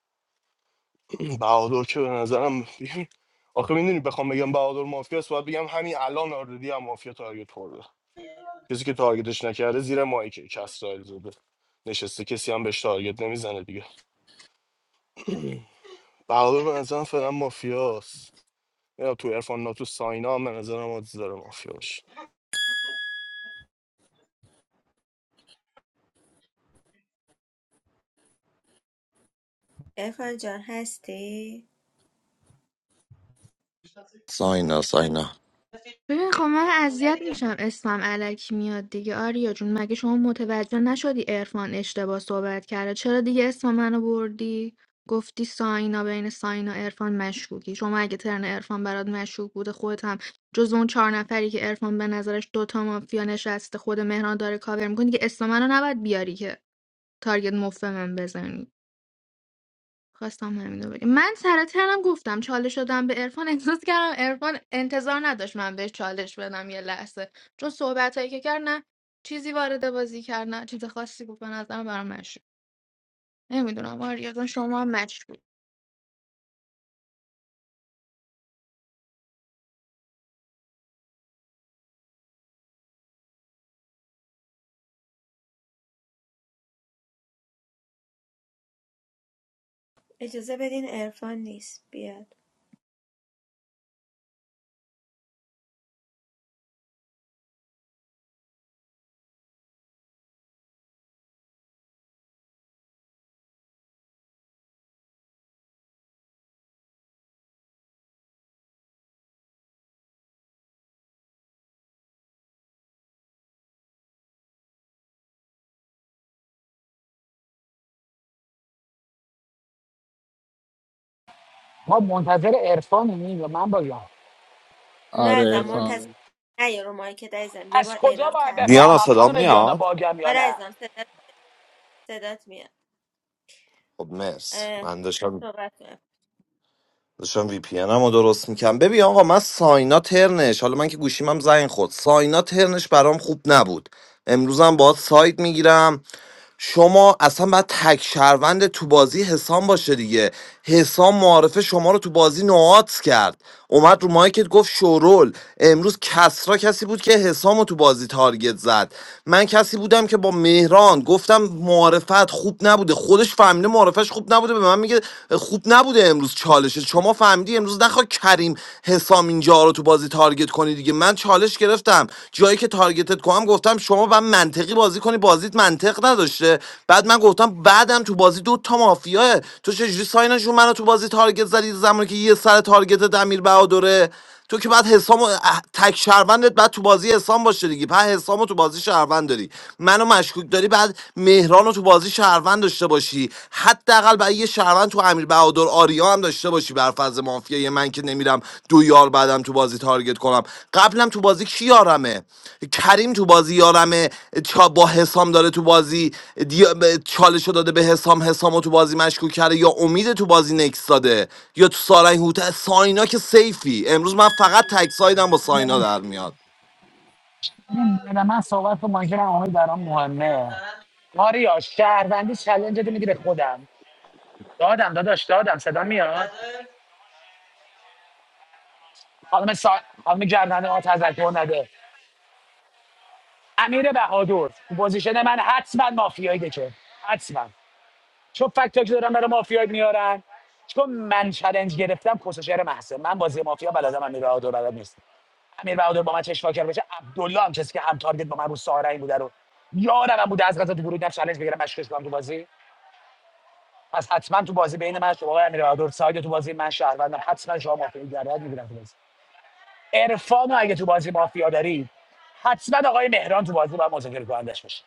A: بهادر که به نظرم آخه میدونی بخوام بگم بهادر مافیا است باید بگم همین الان آردی هم مافیا تارگت خورده کسی که تارگتش نکرده زیر مایکه کسرائیل زوده نشسته کسی هم بهش تارگت نمیزنه دیگه بهادر به نظرم فعلا مافیاست یا تو عرفان ناتو ساینا هم به نظرم آدز داره مافیا باشه.
G: ارفان جان هستی؟
E: ساینا ساینا
D: ببین خب من اذیت میشم اسمم الکی میاد دیگه آریا جون مگه شما متوجه نشدی عرفان اشتباه صحبت کرده چرا دیگه اسم منو بردی گفتی ساینا بین ساینا و عرفان مشکوکی شما اگه ترن عرفان برات مشکوک بوده خودت هم جز اون چهار نفری که عرفان به نظرش دوتا مافیا نشسته خود مهران داره کاور میکنه دیگه اسم منو نباید بیاری که تارگت مفت به من بزنی خواستم همینو بگم من سر ترم گفتم چالش شدم به عرفان احساس کردم عرفان انتظار نداشت من بهش چالش بدم یه لحظه چون صحبت هایی که کرد نه چیزی وارد بازی کرد نه چیز خاصی گفت به نظرم برام مشروع نمیدونم آریا جان، شما هم مشروع
G: اجازه بدین ارفان نیست بیاد
F: ما منتظر عرفانیم و من باگم
G: نه
C: آره
G: ازم
C: ارفان
G: منتظر نه یه رو مایک عزیزم یه
F: از
G: بار
F: کجا
G: اعلام
F: باید
G: کردم
E: دیانا
G: دیگه
F: بفهمم
E: صدا
F: خانم دیانا
E: میاد
F: باگم یا
G: آره عزیزم
F: نه
G: صدات صدات میاد
E: خب مرس
G: اه،
E: من داشتم
G: صحبت کن
E: داشتم وی پی رو درست میکنم ببین آقا من ساینا ترنش حالا من که گوشیمم زنگ خورد ساینا ترنش برام خوب نبود امروزم باهات ساید میگیرم شما اصلا باید تک شهروند تو بازی حسام باشه دیگه حسام معارفه شما رو تو بازی نوعات کرد اومد رو مایکت گفت شورول امروز کسرا کسی بود که حسام رو تو بازی تارگت زد من کسی بودم که با مهران گفتم معارفت خوب نبوده خودش فهمیده معارفش خوب نبوده به من میگه خوب نبوده امروز چالشه شما فهمیدی امروز نخوا کریم حسام اینجا رو تو تو بازی تارگت کنی دیگه من چالش گرفتم جایی که تارگتت کنم گفتم شما باید منطقی بازی کنی بازیت منطق نداشته بعد من گفتم بعدم تو بازی دو تا مافیاه تو چجوری ساینشون منو تو بازی تارگت زدی زمانی که یه سر تارگت امیر بهادره تو که بعد حسام و- اه، تک شهروندت بعد تو بازی حسام باشه دیگه بعد حسام تو بازی شهروند داری منو مشکوک داری بعد مهران تو بازی شهروند داشته باشی چی حداقل برای یه شهروند تو امیر بهادر آریا هم داشته باشی بر فرض مافیای من که نمیرم دو یار بعدم تو بازی تارگت کنم قبلم تو بازی کی یارمه کریم تو بازی یارمه چا با حسام داره تو بازی دی- به- چالشو داده به حسام حسامو تو بازی مشکوک کرده یا امید تو بازی نکس داده یا تو سارنگ هوت ساینا که سیفی امروز من فقط تک سایدم با ساینا در میاد
F: ببین، به من صحبت با مایکل هم آمد برام مهمه آریا شهروندی چلنج رو میدی به خودم دادم داداش دادم صدا میاد خانم سا... خانم گردنده ها تذکر نده امیر بهادور تو پوزیشن من حتما مافیایی دکه حتما چون فکتایی که دارم برای مافیایی میارن چون من چلنج گرفتم کسوشر محسن من بازی مافیا بلدم امیر بهادور بلد نیست امیر بهادور با من چشم واکر بشه عبدالله هم کسی که هم تارگت با من رو سارنگ بوده رو یارم هم بوده از غذا تو گروه نم چالش بگیرم مشکش کنم تو بازی پس حتما تو بازی بین من شما و امیر بهادر ساید تو بازی من شهروندم حتما شما مافیا گردن میگیرم تو بازی عرفان رو اگه تو بازی مافیا داری حتما آقای مهران تو بازی باید مذاکره کنندش باشه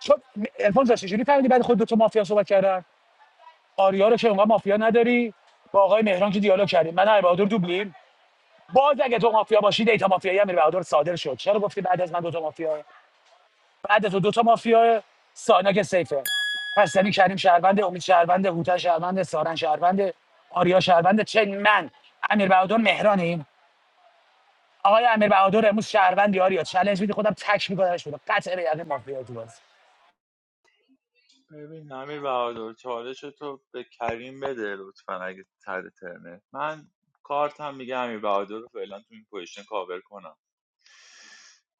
F: چون عرفان جان چجوری فهمیدی بعد خود دو تا مافیا صحبت کردن آریا رو که اونقدر مافیا نداری با آقای مهران که دیالوگ کردیم من و امیر بهادر دوبلیم باز اگه تو مافیا باشی دیتا مافیایی امیر بهادر صادر شد چرا گفتی بعد از من دو تا مافیا بعد تو دوتا مافیا ساینا سیفه پس یعنی کریم شهروند امید شهروند هوتا شهروند سارن شهروند آریا شهروند چه من امیر بهادر مهرانیم آقای امیر بهادر امروز شهروند آریا چالش میدی خودم تک میکنمش بیرون قطع به یقین مافیا تو بازی
H: ببین امیر بهادر چالش تو به کریم بده لطفا اگه تر ترنه من کارت هم میگه امیر بهادر رو فعلا تو این پوزیشن کاور کنم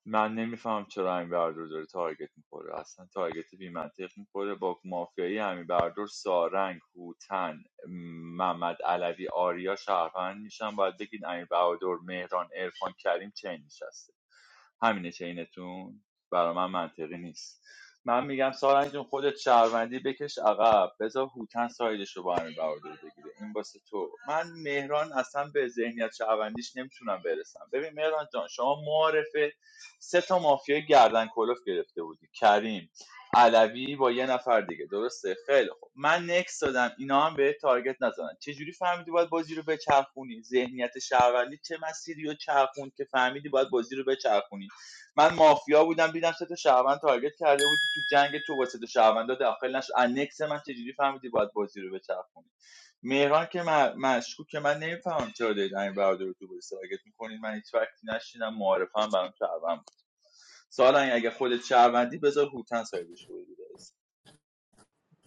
H: من نمیفهم چرا امین بردور داره تارگت میخوره اصلا تارگت بی منطق میخوره با مافیایی امین بردور سارنگ هوتن محمد علوی آریا شهروند میشن باید بگید امین بردور مهران ارفان کریم چین نشسته همینه چینتون برا من منطقی نیست من میگم سارنگ جون خودت شهروندی بکش عقب بذار هوتن سایدش رو با امین بهادر بگیره این واسه تو من مهران اصلا به ذهنیت شهروندیش نمیتونم برسم ببین مهران جان شما معارفه سه تا مافیا گردن کلوف گرفته بودی کریم علوی با یه نفر دیگه درسته خیلی خوب من نکس دادم اینا هم به تارگت نزنن چجوری فهمیدی باید بازی رو بچرخونی ذهنیت شهروندی چه مسیری رو چرخوند که فهمیدی باید بازی رو بچرخونی من مافیا بودم دیدم سه تا شهروند تارگت کرده بودی تو جنگ تو با سه تا شهروندا داخل نشد از نکس من چجوری فهمیدی باید بازی رو بچرخونی مهران که من مشکوک که من نمیفهمم چرا دارید این برادر رو تو بازی تارگت میکنین من هیچ وقتی نشینم معارفه برام شهروند سالنگ اگه خودت شهروندی بذار هوتن سایدش رو بگیره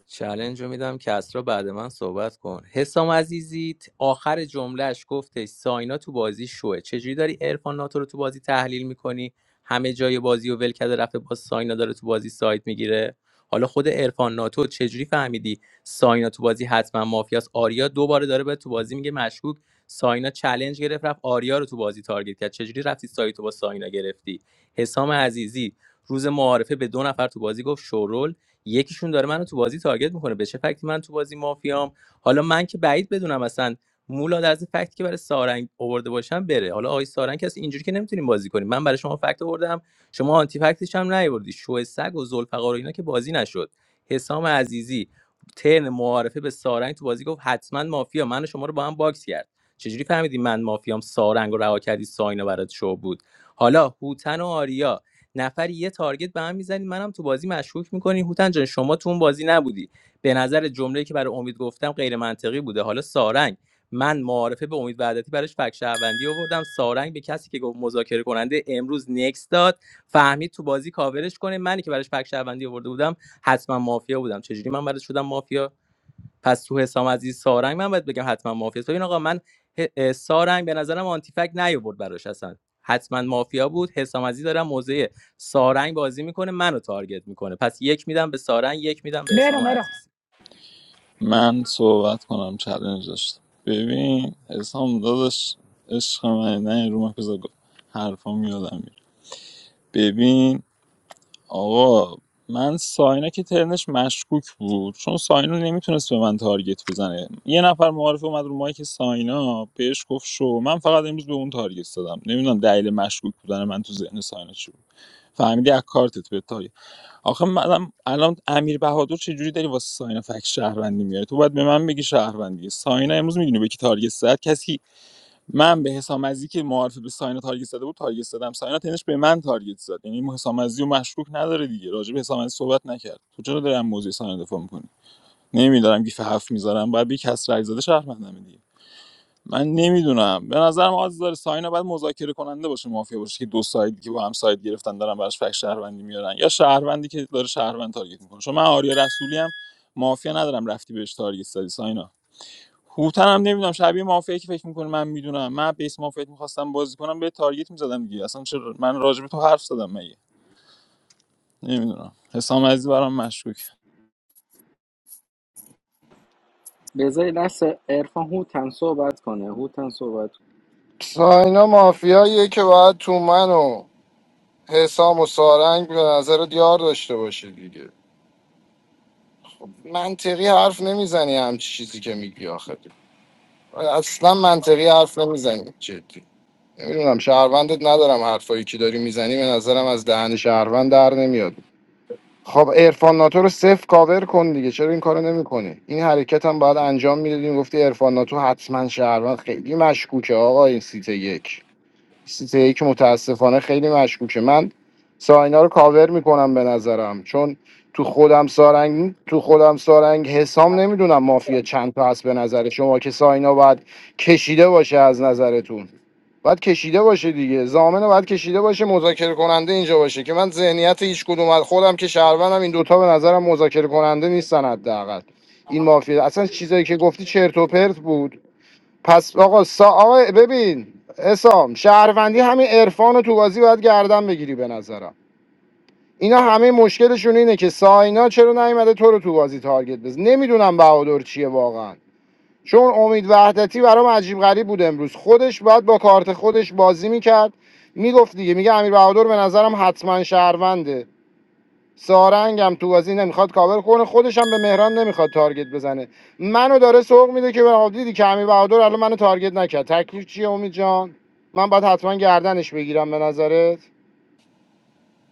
O: چلنج رو میدم کسرا بعد من صحبت کن حسام عزیزی ت- آخر جملهش گفتش ساینا تو بازی شوه چجوری داری ارفان ناتو رو تو بازی تحلیل میکنی همه جای بازی و ول کرده رفته باز ساینا داره تو بازی سایت میگیره حالا خود ارفان ناتو چجوری فهمیدی ساینا تو بازی حتما مافیاس آریا دوباره داره به تو بازی میگه مشکوک ساینا چلنج گرفت رفت آریا رو تو بازی تارگت کرد چجوری رفتی سایت تو با ساینا گرفتی حسام عزیزی روز معارفه به دو نفر تو بازی گفت شورول یکیشون داره منو تو بازی تارگت میکنه به چه فکتی من تو بازی مافیام حالا من که بعید بدونم اصلا مولا از فکتی که برای سارنگ آورده باشم بره حالا آقای سارنگ کسی اینجوری که نمیتونیم بازی کنیم من برای شما فکت آوردم شما آنتی فکتش هم نیاوردی شو سگ و ذوالفقار و اینا که بازی نشد حسام عزیزی ترن معارفه به سارنگ تو بازی گفت حتما مافیا من و شما رو با هم باکس کرد چجوری فهمیدی من مافیام سارنگ رو رها کردی ساینا برات شو بود حالا هوتن و آریا نفری یه تارگت به هم میزنید منم تو بازی مشکوک میکنی هوتن جان شما تو اون بازی نبودی به نظر جمله‌ای که برای امید گفتم غیر منطقی بوده حالا سارنگ من معارفه به امید وعدتی براش فک شهروندی آوردم سارنگ به کسی که گفت مذاکره کننده امروز نکس داد فهمید تو بازی کاورش کنه منی که براش فک شهروندی آورده بودم حتما مافیا بودم چجوری من براش شدم مافیا پس تو حسام عزیز سارنگ من باید بگم حتما مافیا است. ببین آقا من سارنگ به نظرم آنتی آنتیفک نیورد براش اصلا حتما مافیا بود حسام عزیز دارم موزه سارنگ بازی میکنه منو تارگت میکنه پس یک میدم به سارنگ یک میدم به حسام
F: مهران مهران
O: عزیز
C: من صحبت کنم چلنج داشتم ببین اسلام داداش عشق من نه رو من بذار گفت حرفا میادم میره ببین آقا من ساینا که ترنش مشکوک بود چون ساینا نمیتونست به من تارگت بزنه یه نفر معارف اومد رو مایک ساینا بهش گفت شو من فقط امروز به اون تارگت دادم نمیدونم دلیل مشکوک بودن من تو ذهن ساینا چی بود فهمیدی از کارتت به تارگت آخه منم الان امیر بهادر چه جوری داری واسه ساینا فک شهروندی میاره تو باید به من بگی شهروندی ساینا امروز میدونی به کی تارگت زد کسی من به حسام عزیزی که معارفه به ساینا تارگت زده بود تارگت زدم ساینا تنش به من تارگت زد یعنی حسام عزیزی رو مشکوک نداره دیگه راجع به حسام عزیزی صحبت نکرد تو چرا دارم موضوع ساینا دفاع میکنی نمیدارم گیف هفت میذارم باید بی کس رای زده شهروندمه دیگه من نمیدونم به نظرم آز داره ساینا باید مذاکره کننده باشه مافیا باشه که دو سایدی که با هم ساید گرفتن دارن براش فک شهروندی میارن یا شهروندی که داره شهروند تارگت میکنه چون من آریا رسولی هم مافیا ندارم رفتی بهش تارگت زدی ساینا هوتن هم نمیدونم شبیه مافیا که فکر میکنه من میدونم من بیس مافیا میخواستم بازی کنم به تارگت میزدم دیگه اصلا چرا من راجع به تو حرف زدم مگه نمیدونم حسام عزیز برام مشکوک
N: بذاری دست عرفان هوتن صحبت کنه هوتن صحبت
L: ساینا مافیاییه که باید تو من و حسام و سارنگ به نظر دیار داشته باشه دیگه منطقی حرف نمیزنی همچی چیزی که میگی آخه اصلا منطقی حرف نمیزنی جدی نمیدونم شهروندت ندارم حرفایی که داری میزنی به نظرم از دهن شهروند در نمیاد خب ارفان ناتو رو صفر کاور کن دیگه چرا این کارو نمیکنی این حرکت هم باید انجام میدادیم گفتی ارفان ناتو حتما شهروند خیلی مشکوکه آقا این سیت یک سیت یک متاسفانه خیلی مشکوکه من ساینا رو کاور میکنم به نظرم چون تو خودم سارنگ تو خودم سارنگ حسام نمیدونم مافیا چند تا هست به نظر شما که ساینا باید کشیده باشه از نظرتون باید کشیده باشه دیگه زامن باید کشیده باشه مذاکره کننده اینجا باشه که من ذهنیت هیچ کدوم از خودم که شهروندم این دوتا به نظرم مذاکره کننده نیستن حداقل این مافیا اصلا چیزایی که گفتی چرت و پرت بود پس آقا سا... آقا ببین اسام شهروندی همین عرفان رو تو بازی باید گردن بگیری به نظرم اینا همه مشکلشون اینه که ساینا چرا نیومده تو رو تو بازی تارگت بز نمیدونم بهادر چیه واقعا چون امید وحدتی برام عجیب غریب بود امروز خودش باید با کارت خودش بازی میکرد میگفت دیگه میگه امیر بهادر به نظرم حتما شهرونده سارنگم تو بازی نمیخواد کاور کنه خودش هم به مهران نمیخواد تارگت بزنه منو داره سوق میده که به دیدی که امیر بهادر الان منو تارگت نکرد تکلیف چیه امید جان من باید حتما گردنش بگیرم به نظرت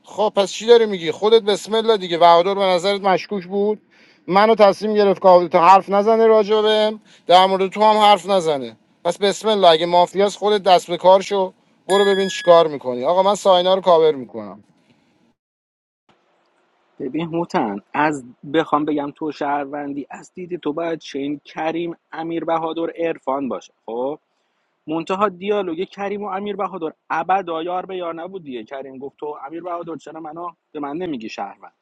L: خب پس چی داری میگی خودت بسم الله دیگه بهادر به نظرت مشکوک بود منو تصمیم گرفت که تو حرف نزنه راجع بهم در مورد تو هم حرف نزنه پس بسم الله اگه مافیاس خودت دست به کار شو برو ببین چیکار میکنی آقا من ساینا رو کاور میکنم
N: ببین هوتن از بخوام بگم تو شهروندی از دید تو باید چین کریم امیر بهادر عرفان باشه خب منتها دیالوگ کریم و امیر بهادر ابدا یار به یار نبود دیگه کریم گفت تو امیر بهادر چرا منو به من نمیگی شهروند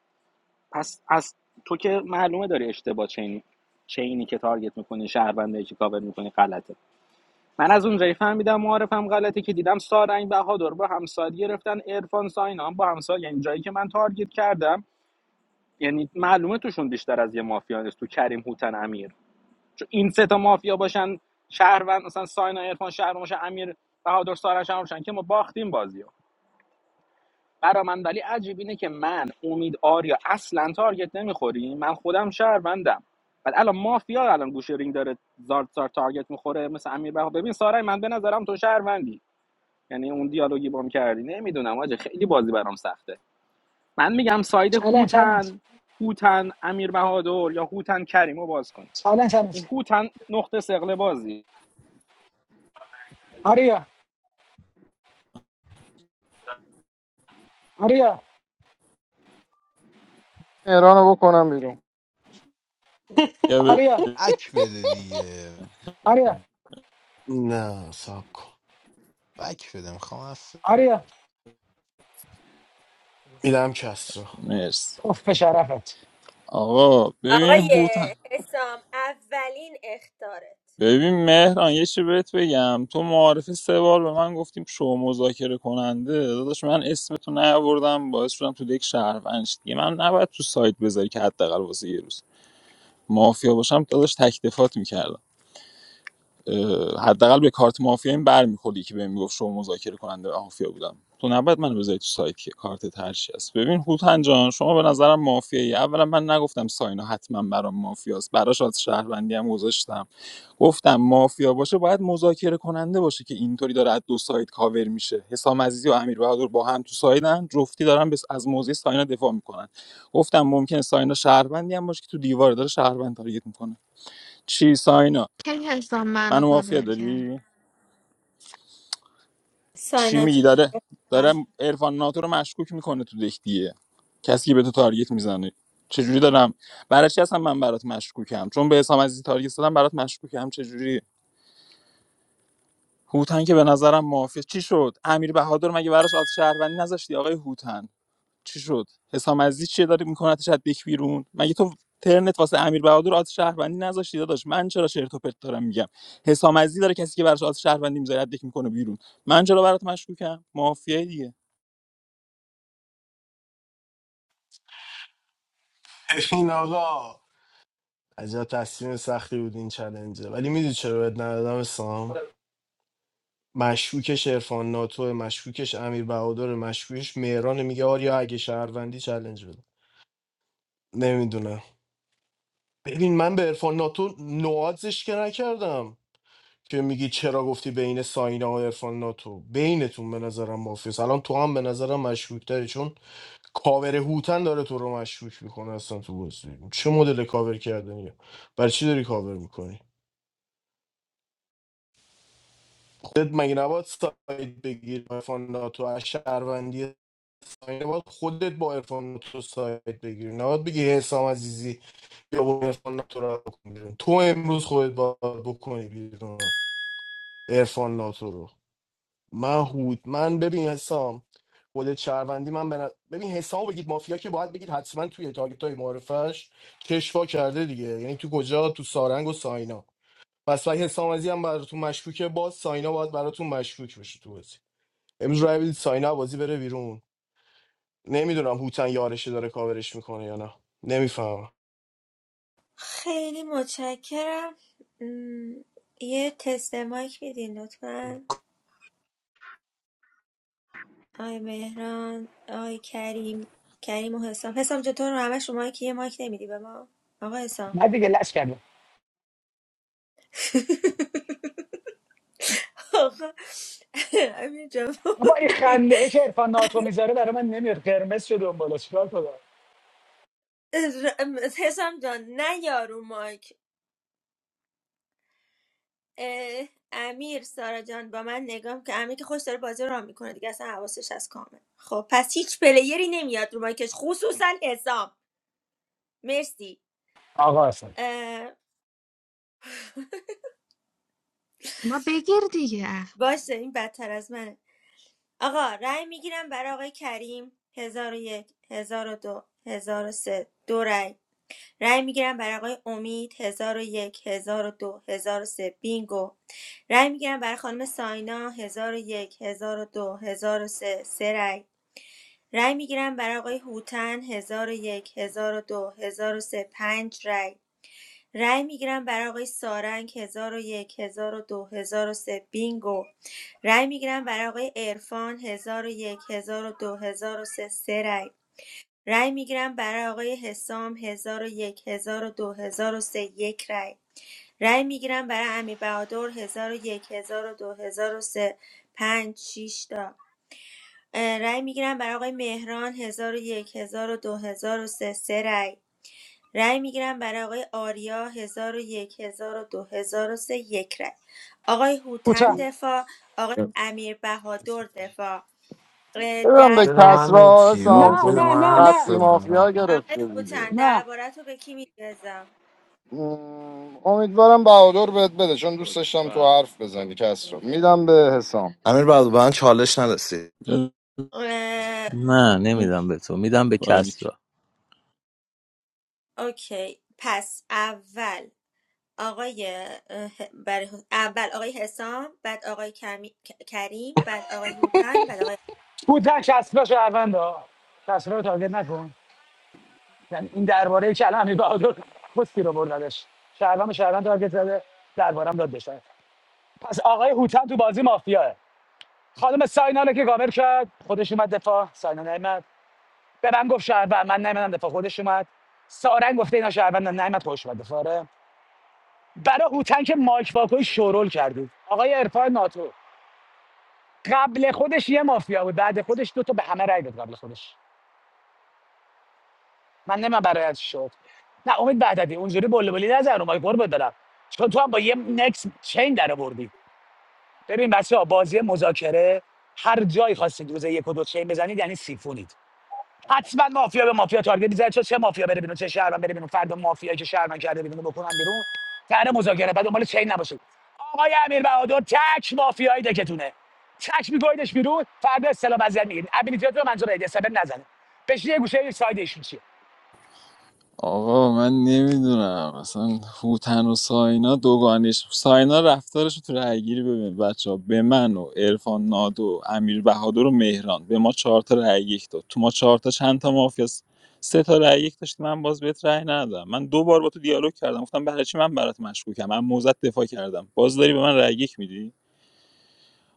N: پس از تو که معلومه داری اشتباه چینی چینی که تارگت میکنی شهروندی که کاور میکنی غلطه من از اونجایی فهمیدم معارفم غلطه که دیدم سارنگ بهادر با همساد گرفتن عرفان ساینا هم با همساد یعنی جایی که من تارگت کردم یعنی معلومه توشون بیشتر از یه مافیا نیست تو کریم هوتن امیر چون این سه تا مافیا باشن شهروند مثلا ساینا عرفان شهر باشن امیر بهادر سارا هم باشن که ما باختیم بازیو برا من ولی عجیب اینه که من امید آریا اصلا تارگت نمیخوریم من خودم شهروندم ولی الان مافیا الان گوشه رینگ داره زارت زارت تارگت میخوره مثل امیر بهادر ببین سارا من به نظرم تو شهروندی یعنی اون دیالوگی بام کردی نمیدونم آجه خیلی بازی برام سخته من میگم ساید
F: چالش چالش
N: هوتن هوتن امیر بهادر یا هوتن کریمو باز کن
F: چالش چالش
N: این هوتن نقطه سقل بازی
F: آریا آریا
L: ایرانو بکنم بیرون
C: یا ب-
F: آریا
B: بک بده دیگه
F: آریا
A: نه سب کن
B: بک بده میخوام
F: آریا
A: میدم کسرا
C: مرسی
F: اوف به شرفت
C: آقا ببین
G: آقای
C: هوتن
G: حسام اولین اختارت
C: ببین مهران یه چی بهت بگم تو معارف سه بار به من گفتیم شو مذاکره کننده داداش من اسمتو نیاوردم باعث شدم تو دک شهروند شی. دیگه من نباید تو سایت بذاری که حداقل واسه یه روز مافیا باشم داداش تک دفات میکردم حداقل به کارت مافیا این برمیخوردی که بهم میگفت شما مذاکره کننده مافیا بودم تو نباید منو بذاری تو سایت که کارت هرچی است. ببین هوتن جان شما به نظرم مافیایی اولا من نگفتم ساینا حتما برام مافیاست براش از شهروندی هم گذاشتم گفتم مافیا باشه باید مذاکره کننده باشه که اینطوری داره از دو سایت کاور میشه حسام عزیزی و امیر بهادر با هم تو سایدن جفتی دارن بس از موضع ساینا دفاع میکنن گفتم ممکنه ساینا شهروندی هم باشه که تو دیوار داره شهروند تارگت میکنه چی ساینا
D: کی هستم منو
C: منو مافیا
D: کاور کرد
C: داری چی
G: ساینا
C: میگی
G: جون
C: داره داره
G: بفر.
C: عرفان ناتو رو مشکوک میکنه تو دک دیگه کسی که به تو تارگت میزنه چجوری دارم برای چی اصلا من برات مشکوکم چون به حسام عزیزی تارگت زدم برات مشکوکم چجوری هوتن که به نظرم معافیه چی شد امیر بهادر مگه براش آت شهروندی نذاشتی آقای هوتن چی شد حسام عزیزی چیه داری میکنتش از دک بیرون مگه تو ترنت واسه امیر بهادر آت شهروندی نذاشتی داداش من چرا چرت و پرت دارم میگم حسام عزیزی داره کسی که براش آت شهروندی میذاره دک میکنه بیرون من چرا برات مشکوکم معافیه دیگه
A: ببین آقا عجب تصمیم سختی بود این چلنجه ولی میدونی چرا بهت ندادم سام مشکوکش عرفان ناتو مشکوکش امیر بهادر مشکوکش مهران میگه آریا اگه شهروندی چلنج بده نمیدونم ببین من به عرفان ناتو نوازش که نکردم که میگی چرا گفتی بین ساینا و عرفان ناتو بینتون به نظرم مافیاس الان تو هم به نظرم مشکوک داری چون کاور هوتن داره تو رو مشکوک میکنه اصلا تو بازی چه مدل کاور کردنیه برای چی داری کاور میکنی خودت مگه نباید سایت بگیر با عرفان ناتو از شهروندی ساید باید خودت با عرفان ناتو سایت بگیر نباید بگی حسام عزیزی یا با عرفان ناتو رو بکن بیرون تو امروز خودت باید بکنی بیرون عرفان ناتو رو من هود من ببین حسام خودت شهروندی من بنا... ببین حسام رو بگید مافیا که باید بگید حتما توی تارگت های معرفش کشفا کرده دیگه یعنی تو کجا تو سارنگ و ساینا پس وای حسام عزیزی هم براتون مشکوکه باز ساینا باید براتون مشکوک بشه تو بازی امروز رای بدید ساینا بازی بره بیرون نمیدونم هوتن یارشی داره کاورش میکنه یا نه نمیفهمم
G: خیلی متشکرم م، یه تست مایک میدین لطفا آی مهران آی کریم کریم و حسام حسام جون تو رو همش شما که یه مایک نمیدی به ما آقا حسام
F: نه دیگه لش کردم
G: آقا امیر جان
F: با این خنده ای که عرفان ناتو میذاره برای من نمیاد قرمز شده اون بالا چیکار کنم
G: حسام جان نه یارو مایک اه، امیر سارا جان با من نگاه که امیر که خوش داره بازی رو راه میکنه دیگه اصلا حواسش از کامه خب پس هیچ پلیری نمیاد رو مایکش خصوصا حسام مرسی
F: آقا اصلا
G: اه،
D: ما بگیر دیگه اه.
G: باشه این بدتر از منه آقا رأی میگیرم برای آقای کریم هزار و یک هزار و دو هزار و سه دو رأی رأی میگیرم برای آقای امید هزار و یک هزار و دو هزار و سه بینگو رأی میگیرم برای خانم ساینا هزار و یک هزار و دو هزار و سه سه رأی رأی میگیرم برای آقای هوتن هزار و یک هزار و دو هزار و سه پنج رأی رای میگیرم برای آقای سارنگ 1001 1002 1003 بینگو رای میگیرم برای آقای عرفان 1001 1002 1003 سه سه رای رای میگیرم برای آقای حسام 1001 1002 1003 یک رای رای میگیرم برای امی بهادر 1001 1002 1003 5 6 تا اه، رای میگیرم برای آقای مهران 1001 1002 1003 سه سه رای رای میگیرم برای آقای آریا 1001 1002 سه یک رای آقای
F: هوتن
G: هوتن دفاع آقای امیر بهادر دفاع اه،
L: ببینم به
B: بده
G: دربارت
B: من
L: کسرا
B: چی بابا،
F: نه
B: بده
L: سامسون
F: نه
B: من
F: نه
B: حرف
F: نه
L: قطعی
B: بزنم
L: مافیا
G: آقای
L: گرفته دیگه
G: هوتن
F: نه
G: دربارت رو به کی میدازم
L: ام، امیدوارم بهادر بهت بده چون دوست داشتم تو حرف بزنی کسرا میدم به حسام
E: امیر بعد من چالش نرسی
O: نه نمیدم به تو میدم به
C: باریک
O: کسرا
G: اوکی پس اول آقای اه، برای اول آقای حسام بعد آقای کمی- ک- کریم بعد آقای هوتن بعد آقای
F: او در شصفه شهرونده ها شصفه رو تارگت نکن یعنی این درباره که الان امیر بهادر پستی رو بردنش شهروند به شهروند تارگت زده دربارم داد بشه پس آقای هوتن تو بازی مافیاه خانم ساینانه که گاور کرد خودش اومد دفاع ساینان نیمد به من گفت شهروند من نیمدم دفاع خودش اومد سارنگ گفته اینا شهروند نعمت خوش اومد دفاره برای هوتن که مایک واکوی شورول کردید آقای عرفان ناتو قبل خودش یه مافیا بود بعد خودش دو تا به همه رای داد قبل خودش من نمیم برایت شد نه امید وحدتی اونجوری بلبلی نزن رو مایک قربت برم چون تو هم با یه نکس چین در آوردی ببین بچه بازی مذاکره هر جایی خواستید روز یک و دو چین بزنید یعنی سیفونید حتما مافیا به مافیا تارگت میزنه چون چه مافیا بره بیرون چه شهرمن بره بیرون فردا مافیایی که شهرمن کرده بیرون رو بکنن بیرون در مذاکره بعد دنبال چین نباشید آقای امیر بهادر تک مافیایی دکتونه تک میگویدش بیرون فردا استلام ازیت میگیرید ابیلیتیات رو منظور ایدی سبب نزنه بشین یه گوشه یه ساید ایشون چیه
C: آقا من نمیدونم اصلا هوتن و ساینا دوگانش ساینا رفتارش رو تو رأیگیری ببین بچه ها به من و ارفان نادو امیر بهادر و مهران به ما چهار تا رأی یک داد تو ما چهار تا چند تا مافیا سه تا رأی یک داشتی من باز بهت رأی ندادم من دو بار با تو دیالوگ کردم گفتم برای چی من برات مشکوکم من موزت دفاع کردم باز داری به من رأی یک میدی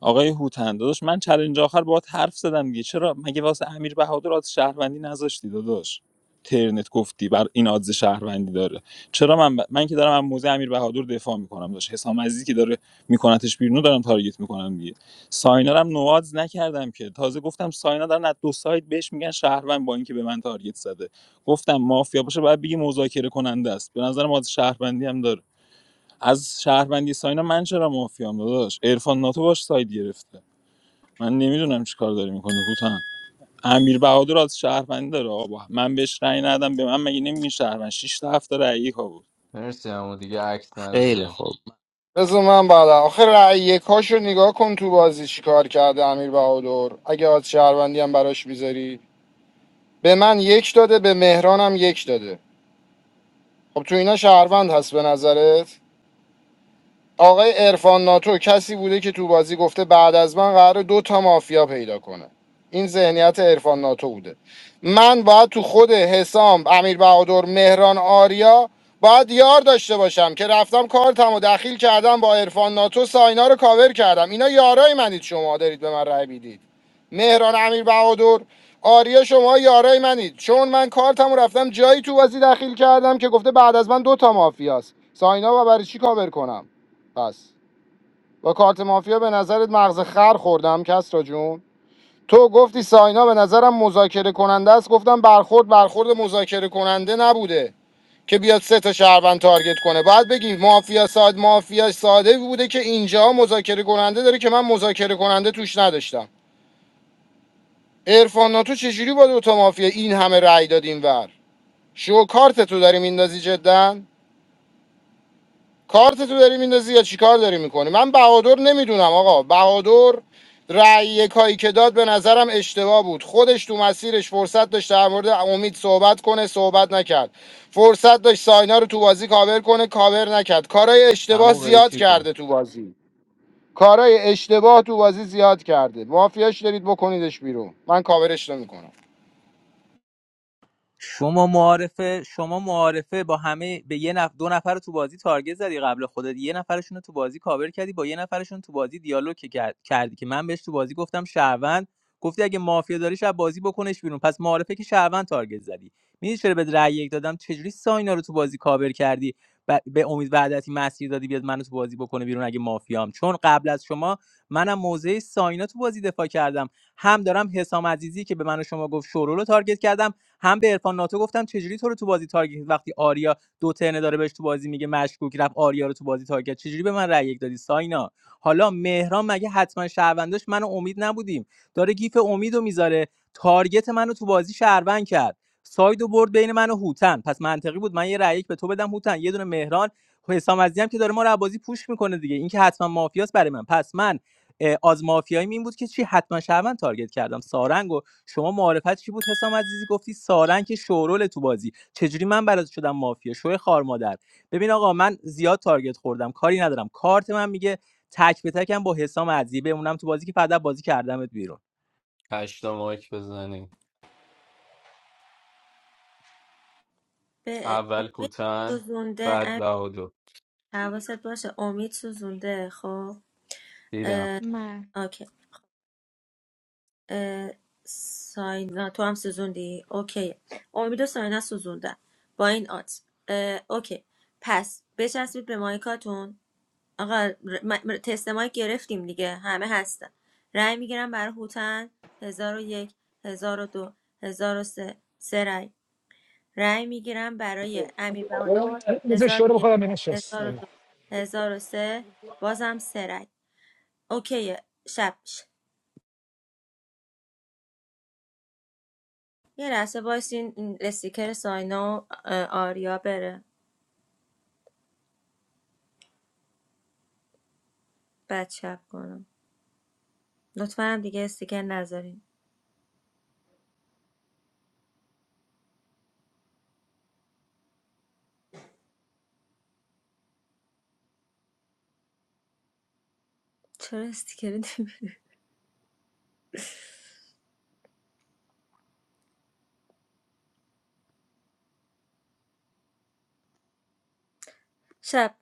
C: آقای هوتن داداش من چلنج آخر باهات حرف زدم دیگه چرا مگه واسه امیر بهادر از شهروندی نذاشتی داداش ترنت گفتی بر این آدز شهروندی داره چرا من ب... من که دارم از موزه امیر بهادر دفاع میکنم داشت حسام عزیزی که داره میکنتش بیرون رو دارم تارگت میکنم دیگه ساینا رو هم نوادز نکردم که تازه گفتم ساینا دارن از دو سایت بهش میگن شهروند با اینکه به من تارگت زده گفتم مافیا باشه باید بگی مذاکره کننده است به نظرم آدز شهروندی هم داره از شهروندی ساینا من چرا مافیام داداش عرفان ناتو باش ساید گرفته من نمیدونم چی کار داری میکنی هوتن امیر بهادر از شهروندی داره آقا من بهش رأی ندم به من مگه نمیگین شهروند 6 تا 7 رأی ها بود
I: مرسی امو دیگه عکس
O: خیلی
I: نذاریم
O: خوب
L: بذار من بعدا آخه رأی رو نگاه کن تو بازی چیکار کرده امیر بهادر اگه از شهروندی هم براش میذاری به من یک داده به مهرانم یک داده خب تو اینا شهروند هست به نظرت آقای عرفان ناتو کسی بوده که تو بازی گفته بعد از من قرار دو تا مافیا پیدا کنه این ذهنیت عرفان ناتو بوده من باید تو خود حسام امیر بهادر مهران آریا باید یار داشته باشم که رفتم کارتم و دخیل کردم با عرفان ناتو ساینا رو کاور کردم اینا یارای منید شما دارید به من رأی میدید مهران امیر بهادر آریا شما یارای منید چون من کارتم رفتم جایی تو بازی دخیل کردم که گفته بعد از من دو تا مافیاست ساینا و برای چی کاور کنم پس با کارت مافیا به نظرت مغز خر خوردم کسرا جون تو گفتی ساینا به نظرم مذاکره کننده است گفتم برخورد برخورد مذاکره کننده نبوده که بیاد سه تا شهروند تارگت کنه بعد بگیم مافیا ساد مافیا ساده بوده که اینجا مذاکره کننده داره که من مذاکره کننده توش نداشتم عرفان ناتو چجوری با دوتا مافیا این همه رأی داد اینور شو کارت تو داری میندازی جدا کارت تو داری میندازی یا چیکار داری میکنی من بهادر نمیدونم آقا بهادر رأی کایی که داد به نظرم اشتباه بود خودش تو مسیرش فرصت داشت در مورد امید صحبت کنه صحبت نکرد فرصت داشت ساینا رو تو بازی کاور کنه کاور نکرد کارای اشتباه
I: امو
L: زیاد
I: قیچی کن
L: کرده تو بازی کارای اشتباه تو بازی زیاد کرده مافیاش دارید بکنیدش بیرون من کاورش نمیکنم
O: شما معارفه شما معارفه با همه به یه نف... دو نفر رو تو بازی تارگت زدی قبل خودت یه نفرشون رو تو بازی کاور کردی با یه نفرشون تو بازی دیالوگ که کرد- کردی که من بهش تو بازی گفتم شهروند گفتی اگه مافیا داری شب بازی بکنش بیرون پس معارفه که شهروند تارگت زدی میدونی چرا به رأی یک دادم چجوری ساینا رو تو بازی کاور کردی ب... به امید وعدتی مسیر دادی بیاد منو تو بازی بکنه بیرون اگه مافیام چون قبل از شما منم موزه ساینا تو بازی دفاع کردم هم دارم حسام عزیزی که به من و شما گفت شورو تارگت کردم هم به عرفان ناتو گفتم چجوری تو رو تو بازی تارگت وقتی آریا دو ترنه داره بهش تو بازی میگه مشکوک رفت آریا رو تو بازی تارگت چجوری به من رأی یک دادی ساینا حالا مهران مگه حتما شهرونداش من و امید نبودیم داره گیف امیدو میذاره تارگت منو تو بازی شهروند کرد ساید و برد بین من و هوتن پس منطقی بود من یه رأی یک به تو بدم هوتن یه دونه مهران حسام عزیزی هم که داره ما رو بازی پوش میکنه دیگه این که حتما مافیاست برای من پس من از مافیایی این بود که چی حتما شهروند تارگت کردم سارنگو شما معارفت چی بود حسام عزیزی گفتی سارنگ که شورول تو بازی چجوری من برات شدم مافیا شو خار مادر ببین آقا من زیاد تارگت خوردم کاری ندارم کارت من میگه تک به تکم با حسام عزیزی بمونم تو بازی که فدا بازی کردمت بیرون
I: هشتا مایک بزنیم
G: به
I: اول
G: امید
I: کوتن
G: سوزونده
I: بعد
G: امیر،
I: بهادو
G: حواست باشه امید سوزونده خب
I: دیدم
G: اه،
D: من
G: اوکی اه، ساینا تو هم سوزوندی اوکی امید و ساینا سوزوندن با این آت اه، اوکی پس بچسبید به مایکاتون آقا ر- م- م- تست مایک گرفتیم دیگه همه هستن رأی میگیرم برای هوتن هزار و یک هزار و دو هزار و سه سه رأی رأی میگیرم برای امیر بهادر
F: بذار
G: هزار و
F: شروع
G: یک
F: بکنم ببینم شست
G: هزار و دو هزار و سه بازم سه رأی اوکی شب یه لحظه وایسین این استیکر ساینا و آریا بره بعد شب کنم لطفا هم دیگه استیکر نذارین چرا استیکر نمی- شب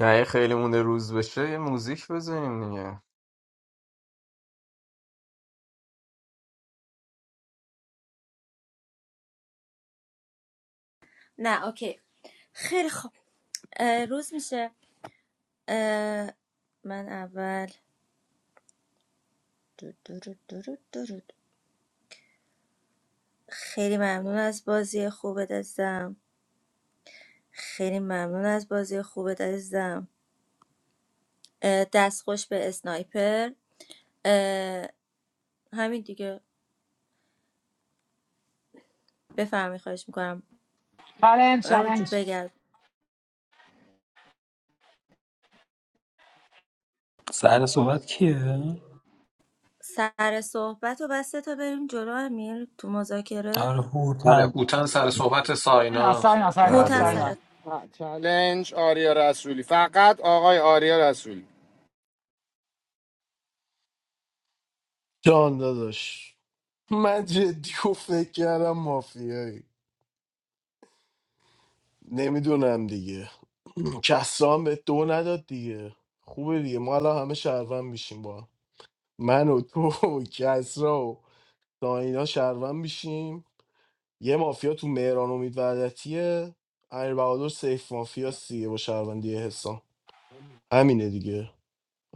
I: نه یه خیلی مونده روز بشه یه موزیک بزنیم دیگه
G: نه اوکی خیلی خوب اه، روز میشه اه، من اول دو دو رو دو رو دو رو. خیلی ممنون از بازی خوبت عزیزم خیلی ممنون از بازی خوبت عزیزم اه، دست خوش به اسنایپر اه، همین دیگه بفرمی خواهش میکنم
F: چالنج
G: اما جو
F: چالنج
G: بگرد
C: سر صحبت کیه؟
G: سر صحبت و بسته تا بریم جلو امیر تو
C: آره
G: مذاکره
K: آره
C: هوتن
K: هوتن سر صحبت
F: ساینا
K: ساینا خب،
F: ساینا ساینا
G: هوتن
I: بله
G: سر
F: ساینا
L: چالش آریا رسولی فقط آقای آریا رسولی
A: جان داداش من جدی و فکر کردم مافیایی نمیدونم دیگه کسران به دو نداد دیگه خوبه دیگه ما الان همه شهروند میشیم با هم. من و تو و کسرا و داینا شهروند میشیم یه مافیا تو مهران امید وحدتیه امیر بهادر سیف مافیا سیه با شهروندی حسام همینه دیگه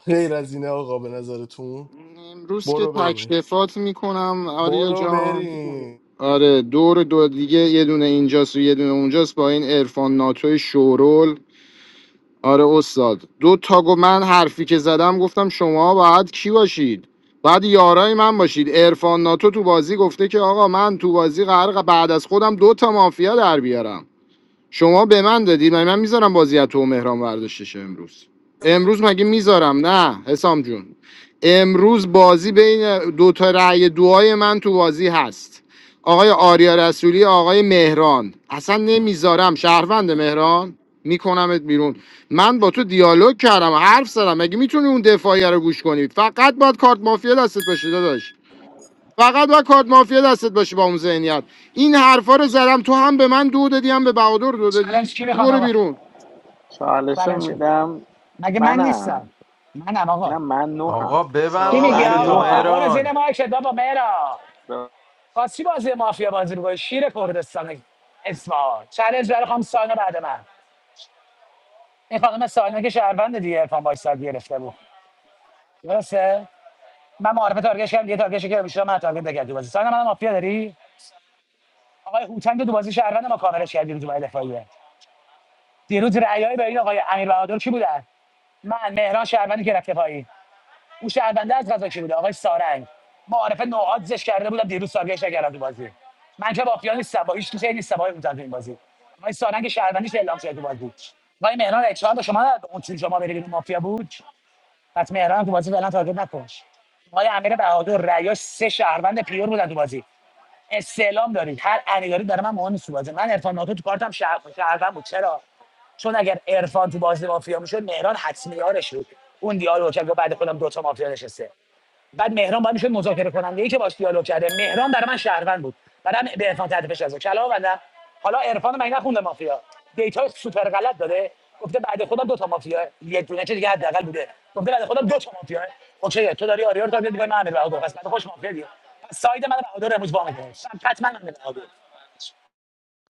A: غیر از اینه آقا به نظرتون
L: امروز که
A: برو بریم
L: تکلفات میکنم آریا
A: برو
L: جان
A: بریم
L: آره دور دو دیگه یه دونه اینجاست و یه دونه اونجاست با این عرفان ناتوی شورول آره استاد دو تا گو من حرفی که زدم گفتم شما باید کی باشید باید یارای من باشید عرفان ناتو تو بازی گفته که آقا من تو بازی قرار بعد از خودم دو تا مافیا در بیارم شما به من دادی من من میذارم بازی تو و مهران برداشتش امروز امروز مگه میذارم نه حسام جون امروز بازی بین دو تا رأی دوهای من تو بازی هست آقای آریا رسولی آقای مهران اصلا نمیذارم شهروند مهران میکنمت بیرون من با تو دیالوگ کردم حرف زدم مگه میتونی اون دفاعیه رو گوش کنی فقط باید کارت مافیا دستت باشه داداش فقط و کارت مافیا دستت باشه با اون ذهنیت این حرفا رو زدم تو هم به من دو دادی هم به بهادر دو دادی
F: چالنج کی میخواد
L: برو
F: آقا
L: بیرون
N: چالشو
F: چالنج کن
N: میدم
F: مگه من نیستم
N: منم
F: منم آقا
N: نه من نوهم
I: آقا ببند
F: چی میگی
N: من
I: مایک
H: سالان یا
I: تو
F: آقا
N: نوهم
H: آقا
F: برو زیر
I: مهران
F: مایکت بابا مهرا واسه چی بازی مافیا بازی میکنی شیر کردستان اصفهان چالنج برای خانم ساینا بعد من این خانم ساینا که شهروند دیگه ارفان وایساد گرفته بود درسته من معارفه تارگتش کردم یه تارگتش که بیشتر من تارگت نکردی بازی ساینا من مافیا داری آقای هوتنگ تو بازی شهروند ما کاورش کردی روز بعد دفاعیه دیروز رأیای به این آقای امیر بهادر کی بودن من مهران شهروندی که رفته پایی او شهرونده از غذا کی بوده آقای سارنگ معارف زش کرده بودم دیروز سارگش نکردم تو بازی من که مافیا نیستم با هیچ چیزی نیستم آقای بودن تو این بازی آقای سارنگ شهروندیش اعلام شده تو بازی آقای مهران اکشان با شما نداد. اون چون شما بری بیرون مافیا بود پس مهران تو بازی فعلا تارگت نکن آقای امیر بهادر ریاش سه شهروند پیور بودن تو بازی استعلام دارید هر علی دارید برای من مهم نیست تو من عرفان ناتو تو کارتم شهر شهروند بود چرا چون اگر عرفان تو بازی مافیا میشد مهران حتمی یارش بود اون دیالوگ کرد بعد خودم دو تا مافیا نشسته بعد مهران باید میشه مذاکره کننده ای که باش دیالوگ کرده مهران برای من شهروند بود بعدم به عرفان تحت فشار گذاشت. کلام بندم حالا عرفان من نخونده مافیا دیتا سوپر غلط داده گفته بعد خودم دو تا مافیا یه دونه چه دیگه حداقل بوده گفته بعد خودم دو تا مافیا اوکی تو داری آریار تارگت می‌کنی من امیر بهادر پس بعد خوش مافیا دیگه پس ساید من بهادر امروز با میکنه حتما امیر بهادر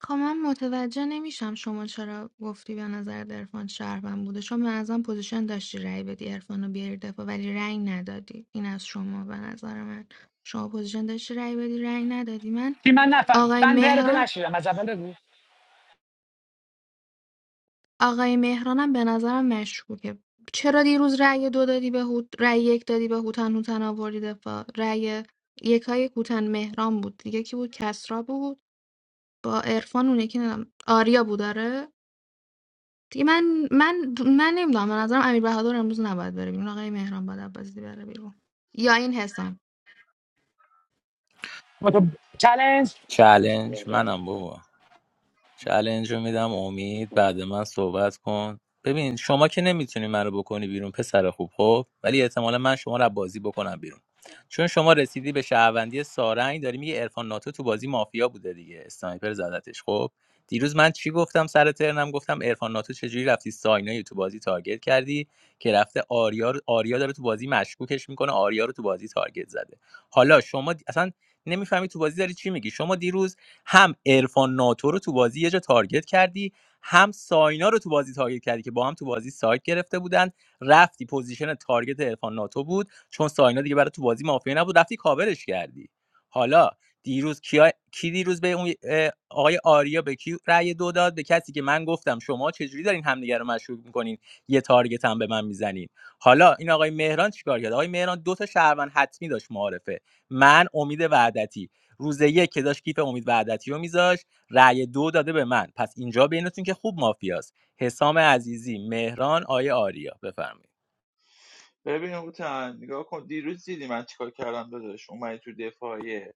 D: خب من متوجه نمیشم شما چرا گفتی به نظر عرفان شهروند بوده شما به پوزیشن داشتی رأی بدی عرفان رو بیاری دفاع ولی رأی ندادی این از شما به نظر من شما پوزیشن داشتی رأی بدی رأی ندادی من
F: چی من نفهم
D: آقای
F: من تو
D: مهران
F: نشیدم از اول بگو
D: آقای مهرانم به نظرم مشکوکه چرا دیروز رأی دو دادی به هوت رأی یک دادی به هوتن هوتن آوردی دفاع رأی یکای هوتن مهران بود دیگه کی بود کسرا بود با عرفان اون یکی ندارم. آریا بود آره؟ دیگه من من من نمیدونم به نظرم امیر بهادر امروز نباید بره بیرون آقای مهران باید از بره بیرون یا این حسام
F: با تو چالش
O: چالش منم بابا چلنج رو میدم امید بعد من صحبت کن ببین شما که نمیتونی منو بکنی بیرون پسر خوب خب ولی احتمالا من شما رو از بازی بکنم بیرون چون شما رسیدی به شهروندی سارنگ داری میگه عرفان ناتو تو بازی مافیا بوده دیگه اسنایپر زدتش خب دیروز من چی گفتم سر ترنم گفتم عرفان ناتو چجوری رفتی ساینای تو بازی تارگت کردی که رفته آریا رو- آریا داره تو بازی مشکوکش میکنه آریا رو تو بازی تارگت زده حالا شما دی- اصلا نمیفهمی تو بازی داری چی میگی شما دیروز هم عرفان ناتو رو تو بازی یه جا تارگت کردی هم ساینا رو تو بازی تارگت کردی که با هم تو بازی سایت گرفته بودن رفتی پوزیشن تارگت عرفان ناتو بود چون ساینا دیگه برای تو بازی مافیا نبود رفتی کاورش کردی حالا دیروز کیا... کی دیروز به اون اه، آقای آریا به کی رأی دو داد به کسی که من گفتم شما چجوری دارین همدیگه رو مشکوک میکنین یه تارگت هم به من میزنین حالا این آقای مهران چیکار کرد آقای مهران دو تا شهروند حتمی داشت معارفه من امید وعدتی روز یک که داشت کیف امید وعدتی رو میذاش رأی دو داده به من پس اینجا بینتون که خوب مافیاست حسام عزیزی مهران آیه آریا بفرمایید
H: ببین هوتن نگاه کن دیروز دیدی من چیکار کردم داداش اومدی تو دفاعیه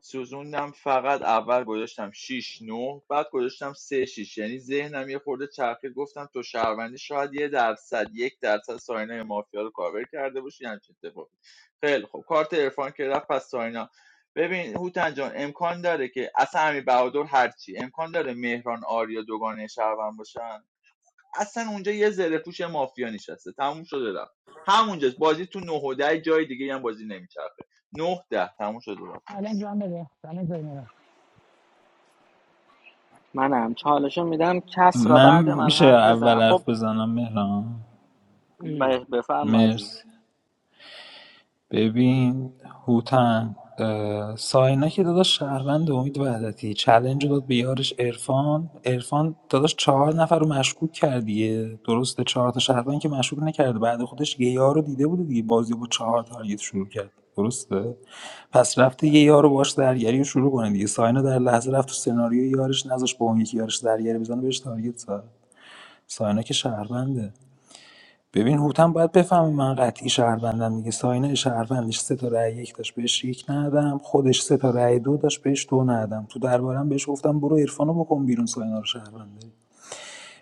H: سوزوندم فقط اول گذاشتم شش 9 بعد گذاشتم سه شش. یعنی ذهنم یه خورده چرخید گفتم تو شهروندی شاید یه درصد یک درصد ساینا مافیا رو کاور کرده باشی همچین اتفاقی خیلی خب کارت عرفان که رفت پس ساینا ببین هوتن جان امکان داره که اصلا امیر بهادر هرچی امکان داره مهران آریا دوگانه شهروند باشن اصلا اونجا یه زره پوش مافیا نشسته تموم شده رفت همونجاست بازی تو نه و 10 جای دیگه هم بازی نمیچرخه نه ده. تموم شده رفت
F: چالش من بده چالش بده
N: منم چالشو میدم کس را
C: من
N: بعد من
C: میشه
N: حرف بزن
C: اول
N: خب
C: حرف بزنم مهران
N: ب- بفرما از
C: مرسی ببین هوتن اه، ساینا که داداش شهروند امید وحدتی چلنج رو داد به یارش ارفان ارفان داداش چهار نفر رو مشکوک کردیه درسته چهار تا شهروند که مشکوک نکرده بعد خودش یه یار رو دیده بوده دیگه بازی با چهار تارگت شروع کرد درسته پس رفته یه یار رو باش درگیری رو شروع کنه دیگه ساینا در لحظه رفت تو سناریو یارش نذاش با اون یکی یارش درگیری بزنه بهش تارگت زد ساینا که شهرونده ببین هوتن باید بفهمه من قطعی شهروندم دیگه ساین شهروندش سه تا رأی یک داشت بهش یک ندادم خودش سه تا رأی دو داشت بهش دو ندادم تو دربارم بهش گفتم برو عرفانو بکن بیرون ساینا رو شهروند داری.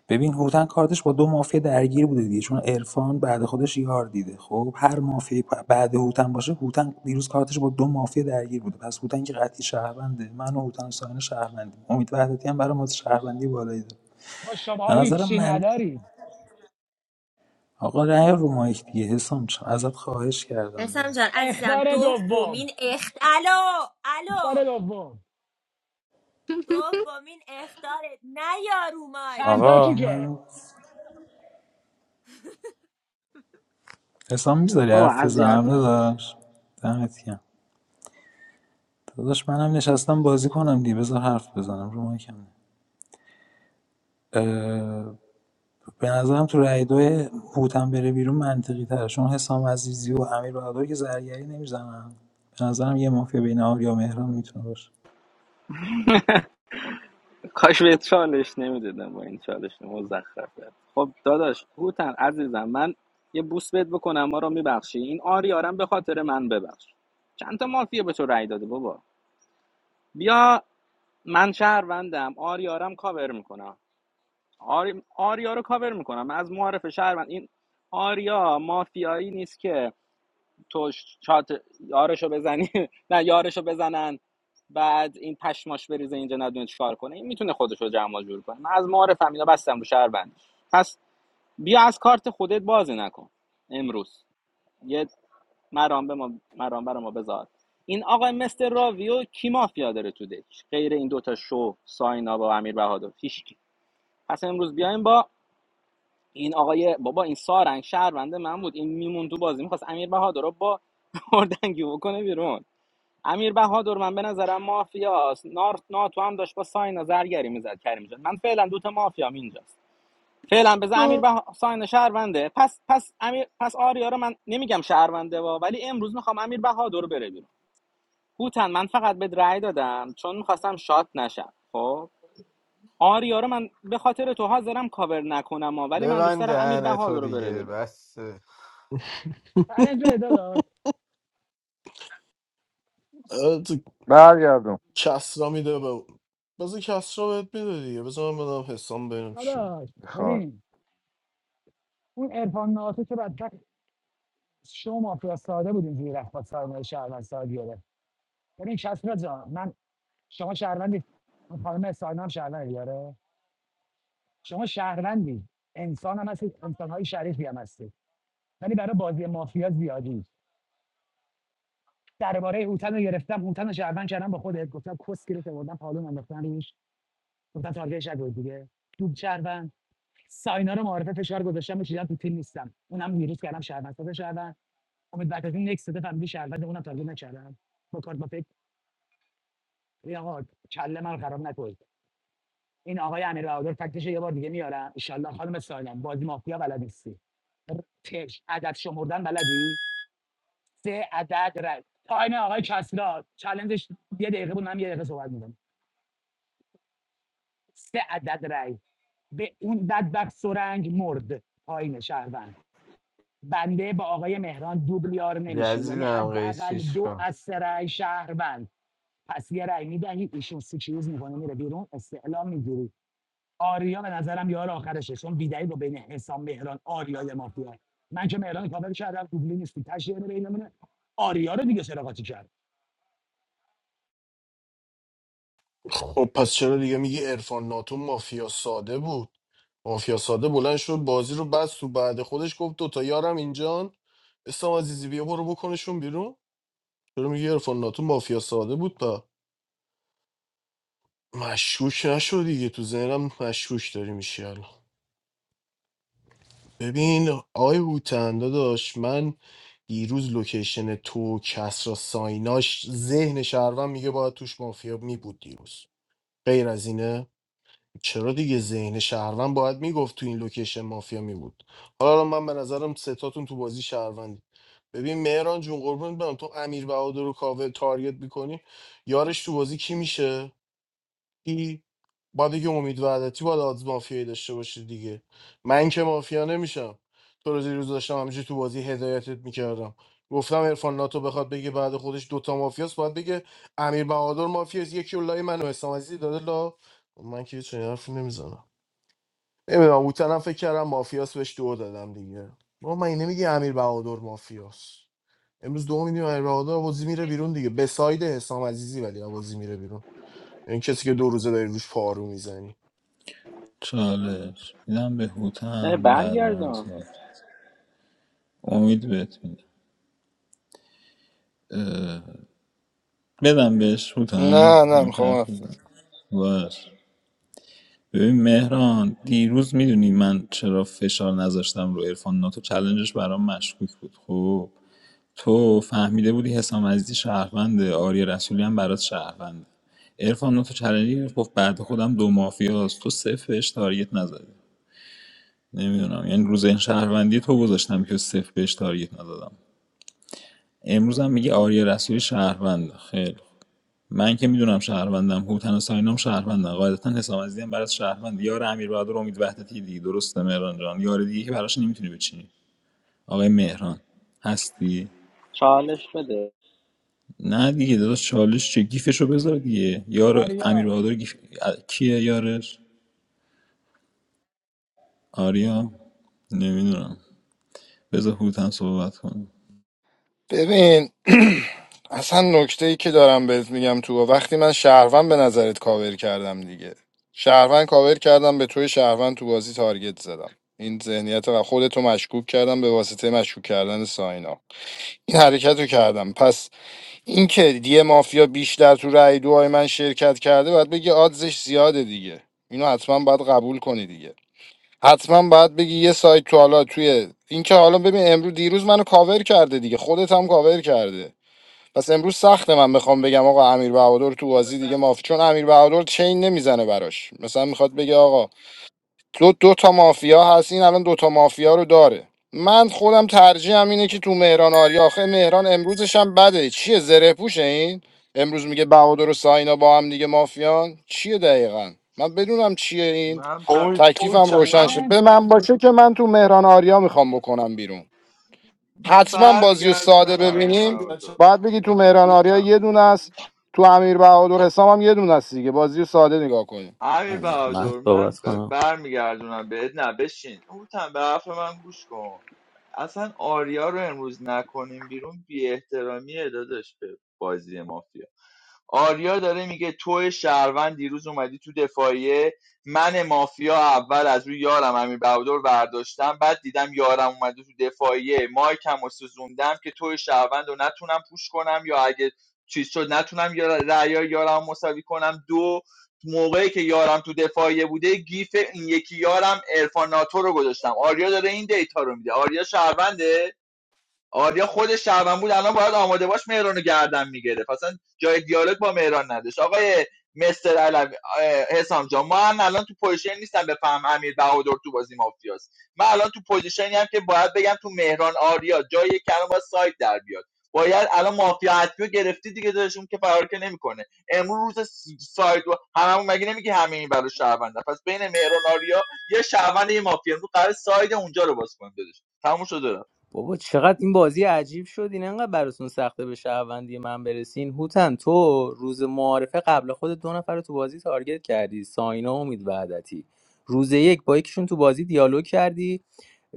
C: ببین هوتن کارتش با دو مافیا درگیر بوده دیگه چون عرفان بعد خودش یار دیده خب هر مافیا بعد هوتن باشه هوتن دیروز کارتش با دو مافیا درگیر بوده پس هوتن که قطعی شهرونده من و هوتن و ساین شهروندیم امید وحدتی هم برای ما شهروندی بالایی داره.
F: با
C: به
F: شما
C: نظرم
F: هیچی
C: من
F: نداری
C: آقا نه رو مایک دیگه حسام چ- ازت خواهش کردم
G: اسم جان
C: داداش
G: عزیزم
F: اختار دوم
G: دومین اخت الو الو
F: داره دوم
G: دومین اختارت نه یارو مایک
F: چند تا
C: آقا
F: کی که
C: من حسام میذاری حرف
N: اذیت
C: بزنم داداش دمت گرم داداش منم نشستم بازی کنم دیگه بذار حرف بزنم رو مایکم نه. اه، به نظرم تو رای دوی هوتن بره بیرون منطقی تره چون حسام عزیزی و امیر بهادر که زرگری نمیزنن به نظرم یه مافیا بین آریا و مهران میتونه باشه
N: کاش به چالش نمیدادم با این چالش مزخرفه خب داداش هوتن عزیزم من یه بوس بهت بکنم ما رو میبخشی این آریارم به خاطر من ببخش چند تا مافیه به تو رأی داده بابا بیا من شهروندم آریارم کاور میکنم آری... آریا رو کاور میکنم من از معرف شهروند این آریا مافیایی نیست که تو ش- شات یارشو بزنی نه یارشو بزنن بعد این پشماش بریزه اینجا ندونه چیکار کنه این میتونه خودش رو جمع و جور کنه من از معارف فهمیدا بستم رو شهروند پس بیا از کارت خودت بازی نکن امروز یه مرام به ما مرام ما بذار این آقای مستر راویو کی مافیا داره تو دک غیر این دوتا شو ساینا با امیر بهادر هیچکی پس امروز بیایم با این آقای بابا این سارنگ شهرونده من بود این میمون تو بازی میخواست امیر بهادر رو با اردنگی بکنه بیرون امیر بهادر من به نظرم مافیاست نارت ناتو هم داشت با ساین زرگری میزد کریم جان من فعلا دو تا مافیام اینجاست فعلا بذار امیر
D: تو
N: به ساین شهرونده پس پس امیر پس آریا رو من نمیگم شهرونده وا ولی امروز میخوام امیر بهادر رو بره بیرون هوتن من فقط به رأی دادم چون میخواستم شات نشم خب آریا رو من به خاطر تو حاضرم کاور نکنم ها. ولی من دوست
I: ببند
N: دارم امیر
I: دهن تو
N: بهادر رو بره
I: دیگه
N: بیرون
I: بس
F: چالش پیدا داشت
A: اه، تو
L: برگردم
A: کسرا میده به بذار کسرا بهت میده دیگه بذار من بدم حسام ببینم چی میگه.
F: داداش
L: خواهر
F: ببین اون عرفان ناتو که بدتر شما مافیا ساده بود اینجوری رفت با سرمایه شهروند ساده گرفت ببین کسرا جان من شما شهروندی اون خانم ساینا هم شهروندی داره شما شهروندی انسان هم هستید انسان های شریفی هم هستید ولی برای بازی مافیا زیادی درباره هوتن رو گرفتم هوتن رو شهروند کردم با خودت گفتم کس گرفت بردم پالون انداختن روش گفتم تارگتش نگو دیگه دوب شهروند. ساینا رو معارفه فشار گذاشتم چیزا تو تیم نیستم اونم دیروز کردم شهروند ساز شهروند امید بعد از این نکست دفعه فهمیدی شهروند اونم تارگت نکردم با کارت با فکر آقا کله من خراب نکنید این آقای امیر بهادر فکتش یه بار دیگه میارم ان شاء الله. خانم ساینا بازی مافیا بلد نیستی تش عدد شمردن بلدی سه عدد رای تایم آقای کسرا چالنجش یه دقیقه بود من یه دقیقه صحبت می‌کنم سه عدد رای به اون بدبخت سرنگ مرد پایین شهروند بنده با آقای مهران دوبلیار یار نمیشیم یعنی
I: گزیدم
F: حداقل
I: قیچیش
F: دو
I: کن
F: از سه رأی شهروند پس یه رأی میدهید ایشون سیکیوز میکنه میره بیرون استعلام میگیری آریا به نظرم یار آخرشه چون بیدعی با بین حسام مهران آریا یه مافیا من که مهران کابل کردم دوبلی نیستی تشریه بینمونه آریا رو دیگه سراغاتی کرد
A: خب پس چرا دیگه میگی عرفان ناتو مافیا ساده بود مافیا ساده بلند شد بازی رو بس تو بعد خودش گفت دوتا یارم اینجان اسلام عزیزی بیا برو بکنشون بیرون چرا میگی عرفان ناتو مافیا ساده بود با مشکوک نشو دیگه تو ذهنم مشکوک داری میشی ببین آقای هوتن داداش من دیروز لوکیشن تو کسرا سایناش ذهن شهروند میگه باید توش مافیا می بود دیروز غیر از اینه چرا دیگه ذهن شهروند باید میگفت تو این لوکیشن مافیا میبود حالا من به نظرم ستاتون تو بازی شهروندی ببین مهران جون قربونت برم تو امیر بهادر رو کاوه تارگت میکنی یارش تو بازی کی میشه کی با دیگه امید وعدتی باید آدز مافیایی داشته باشی دیگه من که مافیا نمیشم تو روزی روز داشتم همینجوری تو بازی هدایتت میکردم گفتم عرفان ناتو بخواد بگه بعد خودش دوتا مافیاست باید بگه امیر بهادر مافیاست یکی اولای من و حسام عزیزی داده لا من که چنین حرفی نمیزنم نمیدونم او طرف فکر کردم مافیاست بهش دو دادم دیگه ما من نمیگه امیر بهادر مافیاست امروز دو میدیم امیر بهادر بازی میره بیرون دیگه به ساید حسام عزیزی ولی بازی میره بیرون این کسی که دو روزه داری روش پارو میزنی
C: چالش میدم به
N: نه
C: هوتن بعد من
N: برگردم
C: صحبت. امید بهت میدم بدم بهش بودم
L: نه نه
C: یا می‌خوای
L: میخوام
C: حرف بزن باش ببین مهران دیروز میدونی من چرا فشار نذاشتم رو ارفان ناتو چلنجش برام مشکوک بود خب تو فهمیده بودی حسام عزیزی شهرونده آریا رسولی هم برات شهرونده ارفان ناتو چلنجی گرفت گفت بعد خودم دو مافیاست تو صفر بهش تارگت نزدی نمیدونم یعنی روز این شهروندی تو گذاشتم که صفر بهش تارگت نزدم امروز هم میگه آریا رسولی شهرونده خیلی من که میدونم شهروندم هوتن و ساینام شهروندم قاعدتا حسام عزیزی هم برات شهروند یار امیر بهادر و امید وحدتی دیگه درسته مهران جان یار دیگه که براش نمیتونی بچینی آقای مهران هستی
N: چالش بده
C: نه دیگه داداش چالش چه گیفشو بذار دیگه یار امیر
F: آریا
C: بهادر گیف... ا- کیه یارش آریا نمیدونم بذار هوتن صحبت کنه
L: ببین اصلا نکته ای که دارم بهت میگم تو وقتی من شهروند به نظرت کاور کردم دیگه شهروند کاور کردم به توی شهروند تو بازی تارگت زدم این ذهنیت و خودتو مشکوک کردم به واسطه مشکوک کردن ساینا این حرکت رو کردم پس این که یه مافیا بیشتر تو رأی دوهای من شرکت کرده باید بگی آدزش زیاده دیگه اینو حتما باید قبول کنی دیگه حتما باید بگی یه سایت تو حالا توی این که حالا ببین امروز دیروز منو کاور کرده دیگه خودت هم کاور کرده پس امروز سخته من بخوام بگم آقا امیر بهادر تو بازی دیگه مافی چون امیر بهادر چین نمیزنه براش مثلا میخواد بگه آقا دو, دو تا مافیا هست این الان دو تا مافیا رو داره من خودم ترجیحم اینه که تو مهران آریا آخه مهران امروزش هم بده چیه زره پوشه این امروز میگه بهادر و ساینا با هم دیگه مافیان چیه دقیقا من بدونم چیه این
H: من ب...
A: امید امید
L: تکلیفم روشن
A: چلنج
H: من
L: شد
F: تلنت
L: به من باشه که من تو مهران آریا میخوام بکنم بیرون
H: من
L: حتما بازی و ساده
H: برمیگردونم
A: آه،
H: امیر
L: ببینیم
H: بهادر
A: چلنج
L: باید بگی تو مهران آریا
H: هوتم
L: یه دونه است تو امیر بهادر حسام هم یه دونه است دیگه بازی و ساده نگاه کنیم
H: امیر
O: من
H: بهادر
O: من
H: من
O: صحبت
H: ب...
O: کنم
H: برمیگردونم بهت نه بشین هوتم به حرف من گوش کن اصلا آریا رو امروز نکنیم بیرون بی احترامی داداش به بازی مافیا آریا داره میگه تو شهروند دیروز اومدی تو دفاعیه من مافیا اول از روی یارم امیر بهادر برداشتم بعد دیدم یارم اومده تو دفاعیه مایکم و سوزوندم که تو شهروند رو نتونم پوش کنم یا اگه چیز شد نتونم یا رأیا یارم رو مساوی کنم دو موقعی که یارم تو دفاعیه بوده گیف این یکی یارم ارفان ناتو رو گذاشتم آریا داره این دیتا رو میده آریا شهرونده آریا خودش شهروند بود الان باید آماده باش مهران رو گردن میگیره اصلا جای دیالوگ با مهران نداشت آقای مستر علوی حسام جان ما هم الان تو پوزیشن نیستم بفهم امیر بهادر تو بازی مافیاست من الان تو پوزیشنی هم که باید بگم تو مهران آریا جای کلام با سایت در بیاد باید الان مافیا حتمی رو گرفتی دیگه دادشون که فرار که نمیکنه امروز روز سایت و هممون مگه نمیگه همه این برای شهرونده پس بین مهران آریا یه شهروند یه مافیا امروز قرار سایت اونجا رو باز کنیم تموم شده
O: بابا چقدر این بازی عجیب شد این انقدر براتون سخته به شهروندی من برسین هوتن تو روز معارفه قبل خود دو نفر رو تو بازی تارگت کردی ساینا و امید وحدتی روز یک با یکیشون تو بازی دیالوگ کردی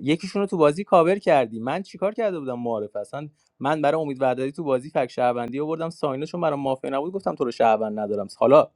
O: یکیشون رو تو بازی کاور کردی من چیکار کرده بودم معارفه اصلا من برای امید وحدتی تو بازی فک شهروندی آوردم ساینا چون برای مافیا نبود گفتم تو رو شهروند ندارم حالا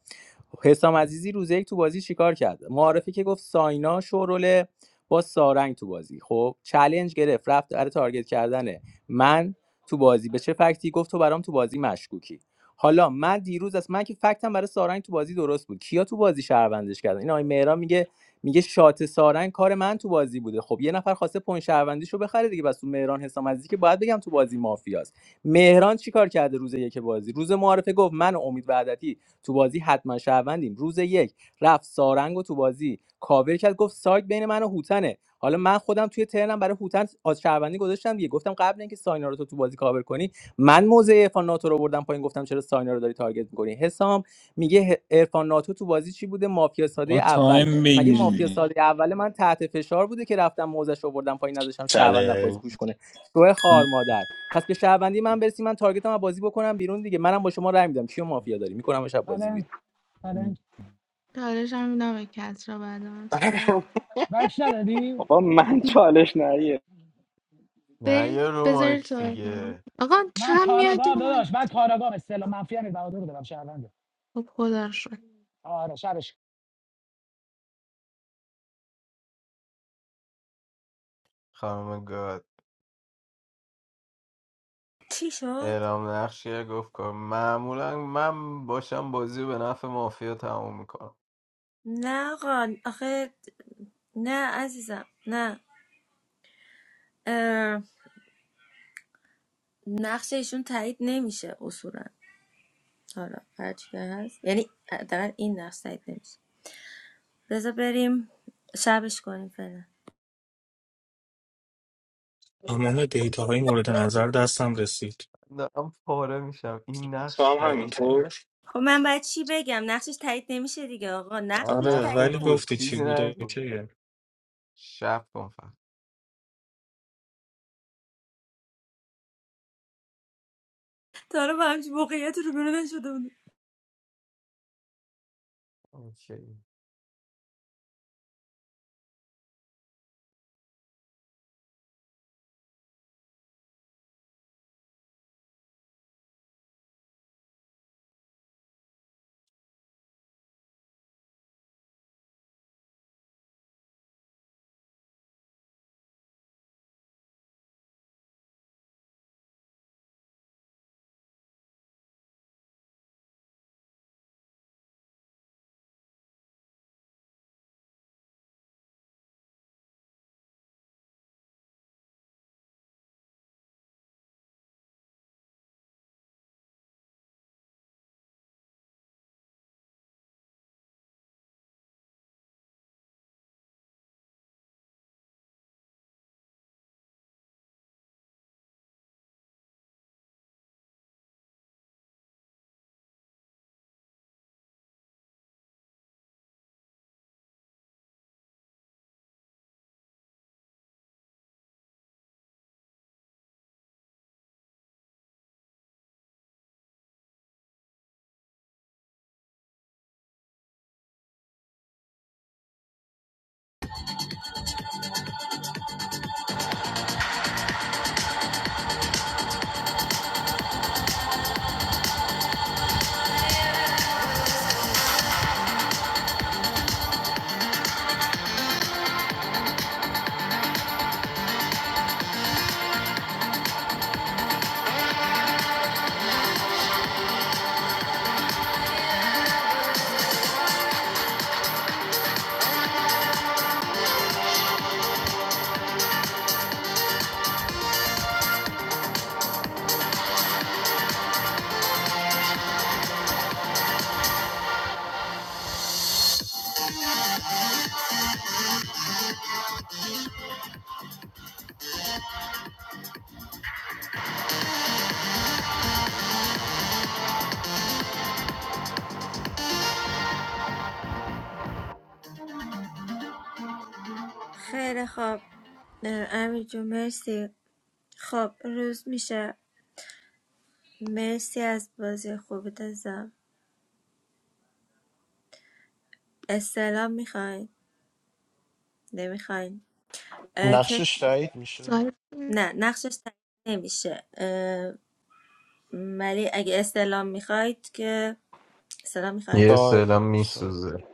O: حسام عزیزی روز یک تو بازی چیکار کرد معارفه که گفت ساینا شورول با سارنگ تو بازی خب چلنج گرفت رفت برای تارگت کردنه من تو بازی به چه فکتی گفت تو برام تو بازی مشکوکی حالا من دیروز از من که فکتم برای سارنگ تو بازی درست بود کیا تو بازی شهروندش کردن این آقای مهران میگه میگه شات سارنگ کار من تو بازی بوده خب یه نفر خواسته پون شهروندیشو بخره دیگه بس تو مهران حسام عزیزی که باید بگم تو بازی مافیاست مهران چیکار کرده روز یک بازی روز معارفه گفت من و امید وعدتی تو بازی حتما شهروندیم روز یک رفت سارنگ و تو بازی کاور کرد گفت سایت بین من و هوتنه حالا من خودم توی ترنم برای هوتن از شهروندی گذاشتم دیگه گفتم قبل اینکه ساینا رو تو تو بازی کاور کنی من موزه عرفان ناتو رو بردم پایین گفتم چرا ساینا رو داری تارگت میکنی حسام میگه ه- عرفان ناتو تو بازی چی بوده مافیا ساده
C: با
O: اول
C: تایم
O: مگه
C: بگیری
O: مافیا
C: دیگه
O: ساده اول من تحت فشار بوده که رفتم موزش رو بردم پایین نذاشتم شهروند بازی
A: چلنج
O: پوش کنه تو خار مادر پس به شهروندی من برسی من تارگتم از بازی بکنم بیرون دیگه منم با شما رای میدم کیو مافیا داری میکنم شب بازی
F: تلنت تلنت
D: چالش هم میدم به کس را بعد من صحبت کن
F: بکش ندادی
N: بابا من چالش نریه
I: نه یه
D: برید
I: رو
D: بذارید
I: مایک
D: صحبت کنم
I: دیگه
D: آقا
F: من
D: چند میاد
F: کاراگاه
D: من
F: داداش من کاراگاه استعلام منفی هم بهادر رو دارم شهرونده
D: خب خدا رو شد
F: آره شبش
I: خانم گاد
G: چی شد؟
I: اعلام نقش یه گفت کن معمولا من باشم بازی رو به نفع مافیا تموم میکنم
G: نه آقا آخه نه عزیزم نه اه، نقش ایشون تایید نمیشه اصولا حالا هرچی که هست یعنی حداقل این نقش تایید نمیشه بذار بریم شبش کنیم فعلا
J: تمام دیتا های مورد نظر دستم رسید
I: دارم پاره میشم این
J: تو
I: نقش
J: هم
I: تاییده
J: همینطور
G: خب من باید چی بگم نقشش تایید نمیشه دیگه آقا
I: نه
G: نقشش
I: نه،
J: آره
G: تایید
J: ولی
I: خوب
G: نمیشه
I: بود
J: گفتی چی
I: چیزی
J: بود
I: نگو
J: اوکیه
I: شب کن فقط
G: تا رو با همچین موقعیت رو برو نشده بود
I: اوکی.
G: خیلی خب اه، امیر جو مرسی خب روز میشه مرسی از بازی خوبت ازم استعلام میخواین نمیخواین اه، که
A: نقشش تایید میشه
G: نه نقشش تایید نمیشه اه، ولی اگه استعلام میخواید که سلام میخواید
I: یه سلام
A: تایید تایید.
I: میسوزه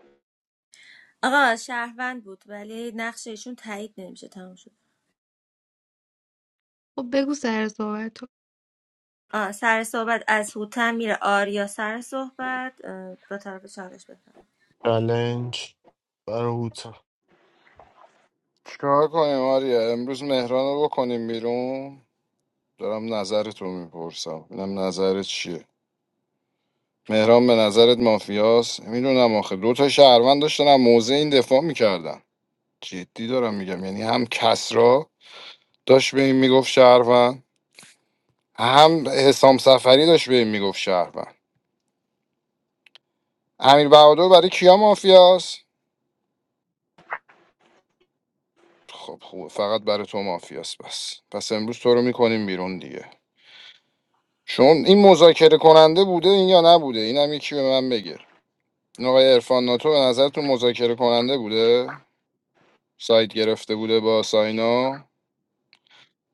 G: آقا شهروند بود ولی نقش ایشون تایید نمیشه تمام شد
D: خب بگو سر صحبت تو.
G: آه، سر صحبت از هوتن میره آریا سر صحبت اه، دو طرف چالش بفرم
A: چلنج برای هوتا
L: چیکار کنیم آریا امروز مهران رو بکنیم بیرون دارم نظرت رو میپرسم اینم نظرت چیه مهران به نظرت مافیاست میدونم آخه دو تا شهروند داشتن هم موزه این دفاع میکردن جدی دارم میگم یعنی هم کسرا داشت به این میگفت شهروند هم حسام سفری داشت به این میگفت شهروند امیر بهادر برای کیا مافیاست خب خوبه فقط برای تو مافیاست بس پس امروز تو رو میکنیم بیرون دیگه چون این مذاکره کننده بوده این یا نبوده اینم یکی به من بگه این آقای عرفان ناتو به نظرتون مذاکره کننده بوده سایت گرفته بوده با ساینا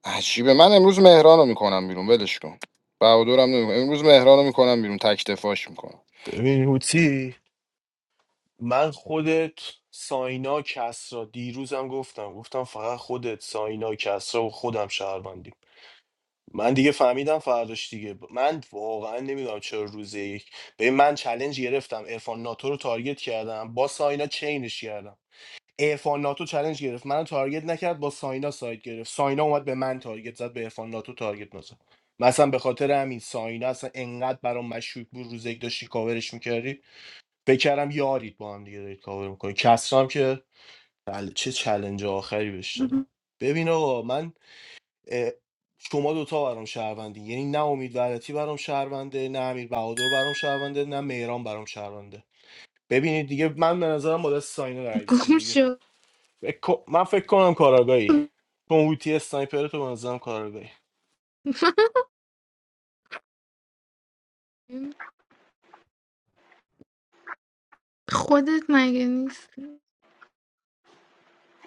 L: عجیبه من امروز مهرانو میکنم بیرون ولش کن بهادرم نمیکنم امروز مهرانو میکنم بیرون تک دفاعش میکنم
A: ببین هوتی من خودت ساینا کسرا دیروزم گفتم گفتم فقط خودت ساینا کسرا و خودم شهروندی من دیگه فهمیدم فرداش دیگه ب- من واقعا نمیدونم چرا روز یک به من چلنج گرفتم ارفان ناتو رو تارگت کردم با ساینا چینش کردم ارفان ناتو چلنج گرفت منو تارگت نکرد با ساینا سایت گرفت ساینا اومد به من تارگت زد به ارفان ناتو تارگت نزد مثلا به خاطر همین ساینا اصلا انقدر برام مشکوک بود روز یک داشتی کاورش میکردی فکر کردم یارید با هم دیگه دارید کاور میکنی کسرام که بله، چه چلنج آخری بهش دادم ببین آقا من اه، شما دوتا برام شهروندی یعنی نه امید ولاتی برام شهرونده نه امیر بهادر برام شهرونده نه مهران برام شهرونده ببینید دیگه من به نظرم با دست ساینا رای بدیم
D: گم
A: دیگه
D: شد
A: فکر کن- من فکر کنم کاراگاهی چون اوتی اسنایپر تو به نظرم کاراگاهی
D: خودت مگه نیست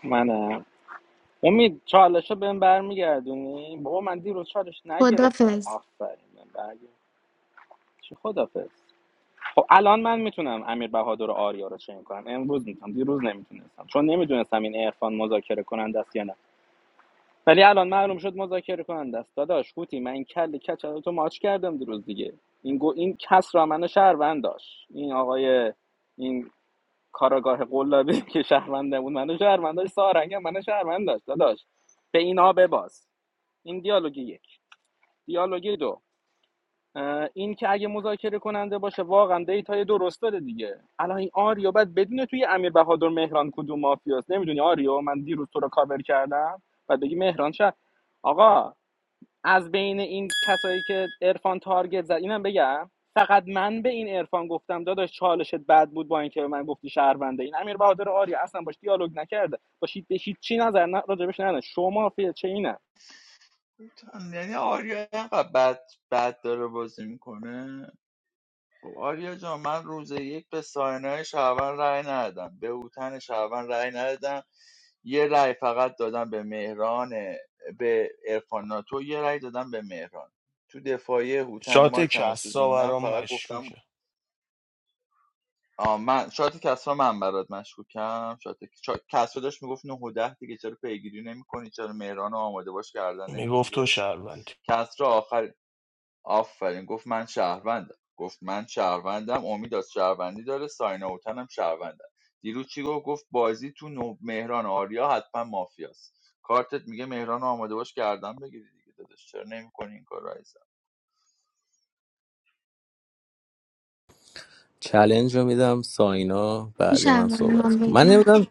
N: منم امید چالش رو بهم برمیگردونی بابا من دیروز چالش نگرفتم
D: خدافز
N: آفرین من برگرد چی خدافز خب الان من میتونم امیر بهادر و آریا رو چنین کنم امروز میتونم دیروز نمیتونستم چون نمیدونستم این عرفان مذاکره کننده است یا نه ولی الان معلوم شد مذاکره کننده است داداش قوطی من این کل کچل رو تو ماچ کردم دیروز دیگه این گو این کس را منو شهروند داشت این آقای این کاراگاه قلابی که شهرونده بود منو شهروند داشت سارنگ هم منو شهروند داشت داداش به اینا بباز این دیالوگ یک دیالوگ دو این که اگه مذاکره کننده باشه واقعا دیتای درست داده دیگه الان این آریو بعد بدونه توی امیر بهادر مهران کدوم مافیاست نمیدونی آریو من دیروز تو رو کاور کردم بعد بگی مهران شد آقا از بین این کسایی که عرفان تارگت زد اینم بگم فقط من به این عرفان گفتم داداش چالشت بد بود با اینکه به من گفتی شهرونده این امیر بهادر آریا اصلا باش دیالوگ نکرده باشید به چی نظر نه راجبش نه شما فیل چه اینه
H: یعنی آریا اینقدر بد, بد داره بازی میکنه خب آریا جان من روز یک به ساینای شعبان رأی ندادم به اوتن شعبان رأی ندادم یه رأی فقط دادم به مهران به ارفان ناتو یه رأی دادم به مهران تو دفاعی هوتن
A: شات
H: مایکم و
A: کسرا
H: سوزوندم
A: برام
H: فقط گفتم
A: مشکوکه
H: آ من شاید کسرا من برات مشکوکم شاید شاید کسرا داشت میگفت 9 و 10 دیگه چرا پیگیری نمیکنی چرا مهران رو آماده باش کردن
A: میگفت
H: نمیگیری
A: تو
H: عزیزم
A: شهروندی
H: کسرا آخر آفرین گفت من شهروندم گفت من شهروندم امید از شهروندی داره ساینا اوتن هم شهروندم دیروز چی گفت گفت بازی تو نو- مهران آریا حتما مافیاست کارتت میگه مهران رو آماده باش کردم بگیری دیگه داداش چرا نمیکنی این کار رایزم
O: چلنج رو میدم ساینا بعد
D: میشه
O: من
D: اول
O: صحبت
D: من
O: کنم من
D: بگم
O: نمیدونم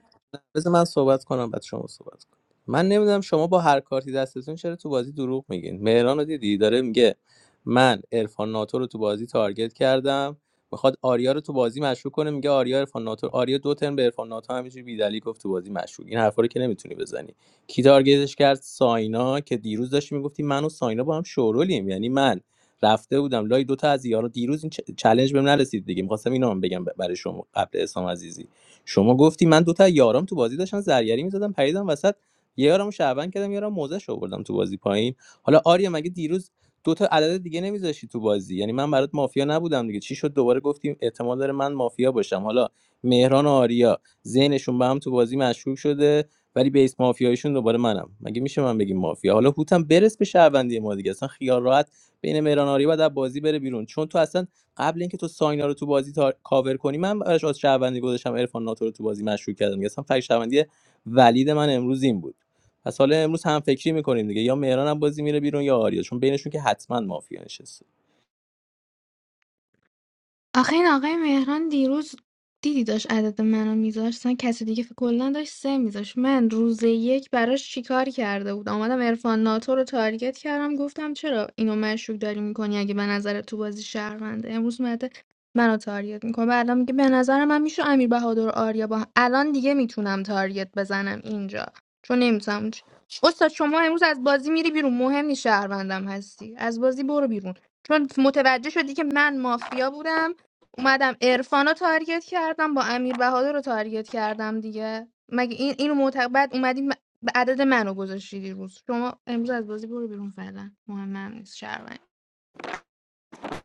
O: بذار من صحبت کنم بعد شما صحبت کنم من نمیدونم شما با هر کارتی دستتون چرا تو بازی دروغ میگین مهران رو دیدی داره میگه من عرفان ناتو رو تو بازی تارگت کردم میخواد آریا رو تو بازی مشکوک کنه میگه آریا عرفان ناتو آریا دو ترم به عرفان ناتو همینجوری بیدلی گفت تو بازی مشکوک این حرفا رو که نمیتونی بزنی کی تارگتش کرد ساینا که دیروز داشتی میگفتی من و ساینا با هم شورولیم یعنی من رفته بودم لای دوتا از یارا دیروز این چالش چلنج بهم نرسید دیگه میخواستم اینو هم بگم برای شما قبل اسلام عزیزی شما گفتی من دوتا از یارام تو بازی داشتن زرگری میزدم پریدم وسط یه یارمو شعبان کردم یارم موزش آوردم تو بازی پایین حالا آریا مگه دیروز دو تا عدد دیگه نمیذاشتی تو بازی یعنی من برات مافیا نبودم دیگه چی شد دوباره گفتیم احتمال داره من مافیا باشم حالا مهران و آریا ذهنشون به هم تو بازی مشکوک شده ولی بیس مافیایشون دوباره منم مگه میشه من بگیم مافیا حالا هوتم برس به شهروندی ما دیگه اصلا خیال راحت بین مهران آریا باید بازی بره بیرون چون تو اصلا قبل اینکه تو ساینا رو تو بازی تا... کاور کنی من براش از شهروندی گذاشتم عرفان ناتو رو تو بازی مشروع کردم دیگه اصلا فکر شهروندی ولید من امروز این بود پس حالا امروز هم فکری میکنیم دیگه یا مهران هم بازی میره بیرون یا آریا چون بینشون که حتما مافیا نشسته
D: آخه این آقای مهران دیروز دیدی داشت عدد منو میذاشت اصلا کسی دیگه فکر- کلا داشت سه میذاشت من روز یک براش چیکار کرده بود آمدم عرفان ناتو رو تارگت کردم گفتم چرا اینو مشکوک داری میکنی اگه به نظر تو بازی شهرونده امروز مده منو تارگت میکنه بعدا میگه به نظر من میشه امیر بهادر و آریا با هم. الان دیگه میتونم تارگت بزنم اینجا چون نمیتونم استاد شما امروز از بازی میری بیرون مهم نیست شهروندم هستی از بازی برو بیرون چون متوجه شدی که من مافیا بودم اومدم عرفان رو تارگت کردم با امیر بهادر رو تارگت کردم دیگه مگه این اینو معتقد بعد اومدی م- به عدد منو گذاشتی دیروز شما امروز از بازی برو بیرون فعلا مهم هم نیست شهروند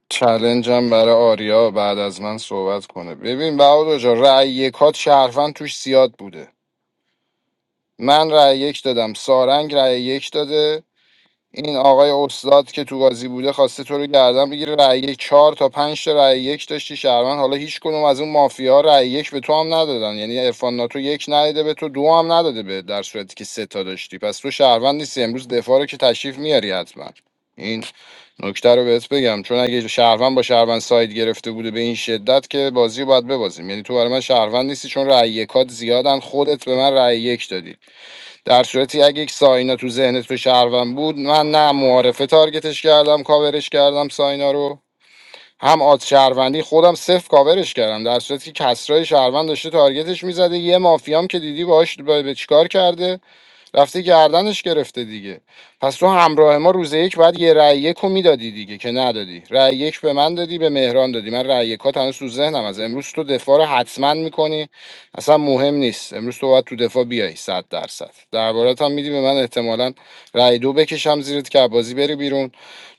L: چلنجم برای آریا بعد از من صحبت کنه ببین بهادر جا رأی یکات شرفن توش زیاد بوده من رأی یک دادم سارنگ رأی یک داده این آقای استاد که تو قاضی بوده خواسته تو رو گردن بگیره رأی یک چهار تا پنج تا رأی یک داشتی شهروند حالا هیچ کدوم از اون مافیا رأی یک به تو هم ندادن یعنی عرفان ناتو یک نداده به تو دو هم نداده به در صورتی که سه تا داشتی پس تو شهروند نیستی امروز دفاع رو که تشریف میاری حتما این نکته رو بهت بگم چون اگه شهروند با شهروند ساید گرفته بوده به این شدت که بازی رو باید ببازیم یعنی تو برای من شهروند نیستی چون رأی یکات زیادن خودت به من رأی یک دادی در صورتی اگه یک ساینا تو ذهن تو شهروند بود من نه معارفه تارگتش کردم کاورش کردم ساینا رو هم آد شهروندی خودم صفر کاورش کردم در صورتی که کسرای شهروند داشته تارگتش میزده یه مافیام که دیدی باهاش به به چیکار کرده رفته گردنش گرفته دیگه پس تو همراه ما روز یک بعد یه رأی یک رو میدادی دیگه که ندادی رأی یک به من دادی به مهران دادی من رأی یکات هنوز تو ذهنم از امروز تو دفاع رو حتما میکنی اصلا مهم نیست امروز تو باید تو دفاع بیای صد درصد دربارت هم میدی به من احتمالا رأی دو بکشم زیرت که بازی بری بیرون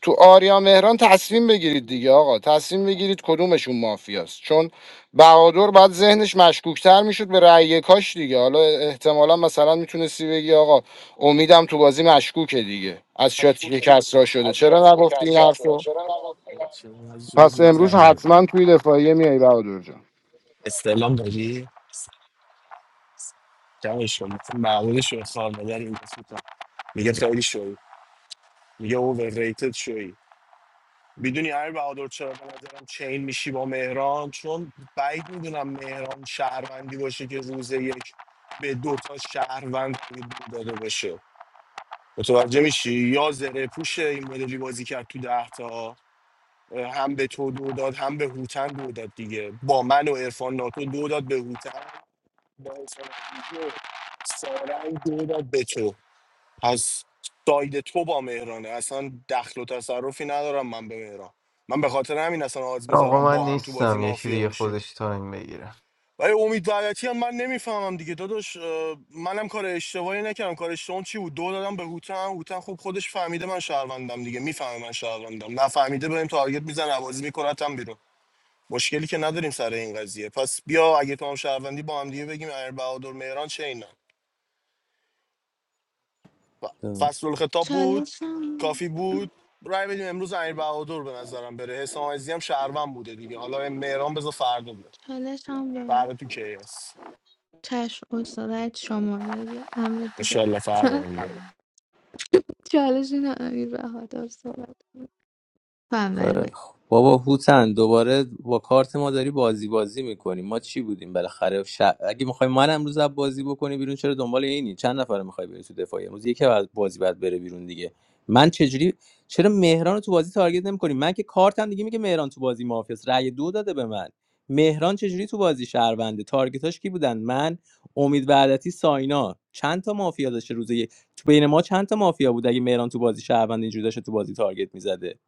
L: تو آریا مهران تصمیم بگیرید دیگه آقا تصمیم بگیرید کدومشون مافیاست چون بهادر بعد ذهنش مشکوکتر میشد به رأی کاش دیگه حالا احتمالا مثلا میتونستی بگی آقا امیدم تو بازی مشکوکه دیگه از شاتی که کسرا شده چرا نگفتی این حرفو
A: چرا زور
L: پس امروز
A: میزنی
L: حتما توی دفاعیه میای بهادر جان
A: استعلام داری جمعش کن معمولش رو سال مادر این دست میگه خیلی شوی میگه اوور ریتد شوی میدونی امیر بهادر چرا به نظرم چین میشی با مهران چون بعید میدونم مهران شهروندی باشه که روز یک به دو تا شهروند تبدیل داده باشه متوجه میشی یا زره پوش این مدلی بازی کرد تو ده تا هم به تو دو داد هم به هوتن دو داد دیگه با من و عرفان ناتو دو داد به هوتن با عرفان عزیزی و سارنگ دو داد به تو از ساید تو با مهرانه اصلا دخل و تصرفی ندارم من به مهران من به خاطر همین اصلا آز
I: آقا
A: میذارم
I: من
A: با هم تو بازی
I: نیستم یکی
A: مافیا
I: دیگه
A: باشیم
I: خودش تایم بگیرم
A: ولی امید وحدتی هم من نمیفهمم دیگه داداش اه، منم کار اشتباهی نکردم کار اشتباهم چی بود دو دادم به هوتن هوتن خوب خودش فهمیده من شهروندم دیگه میفهمه من شهروندم نفهمیده بهم تارگت میزنه عوضی میکنتم بیرون مشکلی که نداریم سر این قضیه پس بیا اگه تو هم شهروندی با هم دیگه بگیم امیر بهادر مهران چه اینا ف- فصل الخطاب بود
D: چالشم
A: کافی بود رای بدیم امروز امیر بهادر به نظرم بره حسام عزیزی هم شهروند بوده دیگه حالا مهران بذار فردا بره
D: چالشم به
A: فردا تو کیاس
D: چشم استادت شما بگه امر دیگه
A: انشالله فردا بره
D: چالش این امیر بهادر صحبت کنه. تو
O: خیلی
D: اول بگه
O: خوب. بابا هوتن دوباره با کارت ما داری بازی بازی میکنی ما چی بودیم بالاخره ش... اگه میخوای من امروز از بازی بکنی بیرون چرا دنبال اینی چند نفر میخوای بری تو دفاعی امروز یکی از بازی بعد بره بیرون دیگه من چجوری چرا مهران رو تو بازی تارگت نمیکنی من که کارتم دیگه میگه مهران تو بازی مافیاس رأی دو داده به من مهران چجوری تو بازی شهرونده تارگتاش کی بودن من امید وعدتی ساینا چند تا مافیا داشته روزه یک تو بین ما چند تا مافیا بود اگه مهران تو بازی شهروند اینجوری داشته تو بازی تارگت میزده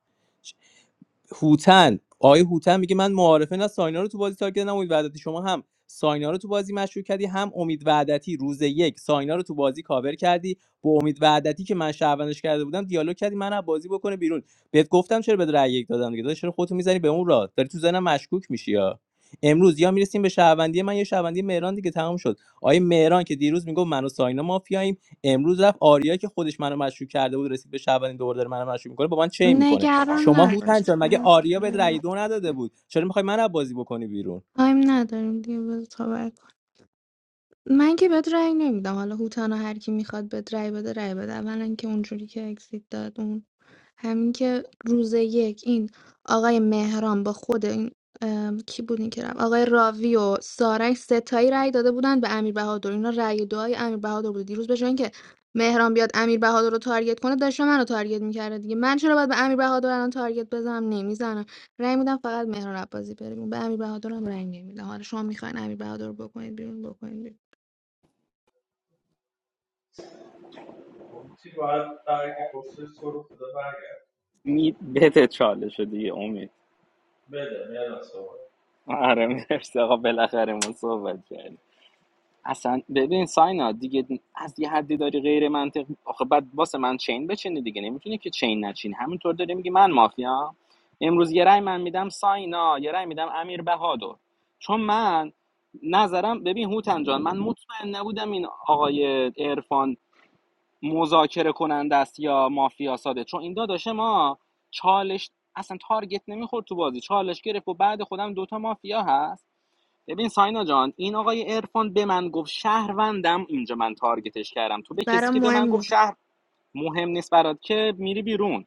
O: هوتن آقای هوتن میگه من معارفه نه ساینا رو تو بازی تارگت نه امید وعدتی شما هم ساینا رو تو بازی مشروع کردی هم امید وعدتی روز یک ساینا رو تو بازی کاور کردی با امید وعدتی که من شهروندش کرده بودم دیالوگ کردی من از بازی بکنه بیرون بهت گفتم چرا به رأی یک دادم دیگه داداش چرا خودتو میزنی به اون راه داری تو زنم مشکوک میشی یا امروز یا میرسیم به شهروندی من یا شهروندی مهران دیگه تمام شد آیه مهران که دیروز میگفت من و ساینا مافیاییم امروز رفت آریا که خودش منو مشکوک کرده بود رسید به شهروندی دوباره داره منو مشکوک میکنه با من چین میکنه
D: نگران
O: شما هوتن
D: نباش
O: جان مگه آریا به رأی دو نداده بود چرا میخوای من از بازی بکنی بیرون
D: تایم نداریم دیگه بذار من که بهت رأی نمیدم حالا هوتانا هر کی میخواد بهت رأی بده رأی بده اولا که اونجوری که اکسیت داد اون همین که روز یک این آقای مهران با خود این ام، کی بود این که رفت آقای راوی و سارنگ ستایی رأی داده بودن به امیر بهادر اینا رأی دعای امیر بهادر بود دیروز به جای اینکه مهران بیاد امیر بهادر رو تارگت کنه داشته منو تارگت میکرده دیگه من چرا باید به امیر بهادر الان تارگت بزنم نمیزنم رأی میدم فقط مهران عباسی بره بیرون. به امیر بهادر هم رأی نمیدم حالا شما میخواین امیر بهادر رو بکنید بیرون بکنید بیرون.
H: خب چی باید برگ پستش تو رو خدا برگرد
N: می بده چالش دیگه امید
H: بده مهران صحبت
N: آره مرسی آقا بالاخره ما صحبت کردیم اصلا ببین ساینا دیگه از یه حدی داری غیر منطق آخه بعد واسه من چین بچینی دیگه نمیتونی که چین نچین همینطور داری میگی من مافیا امروز یه رای من میدم ساینا یه رای میدم امیر بهادر چون من نظرم ببین هوتن جان من مطمئن نبودم این آقای عرفان مذاکره کننده است یا مافیا ساده چون این داداش ما چالش اصلا تارگت نمیخورد تو بازی چالش گرفت و بعد خودم دوتا مافیا هست ببین ساینا جان این آقای عرفان به من گفت شهروندم اینجا من تارگتش کردم تو به کسی
D: برام
N: که به
D: مهم
N: من گفت
D: نیست
N: شهر مهم نیست برات که میری بیرون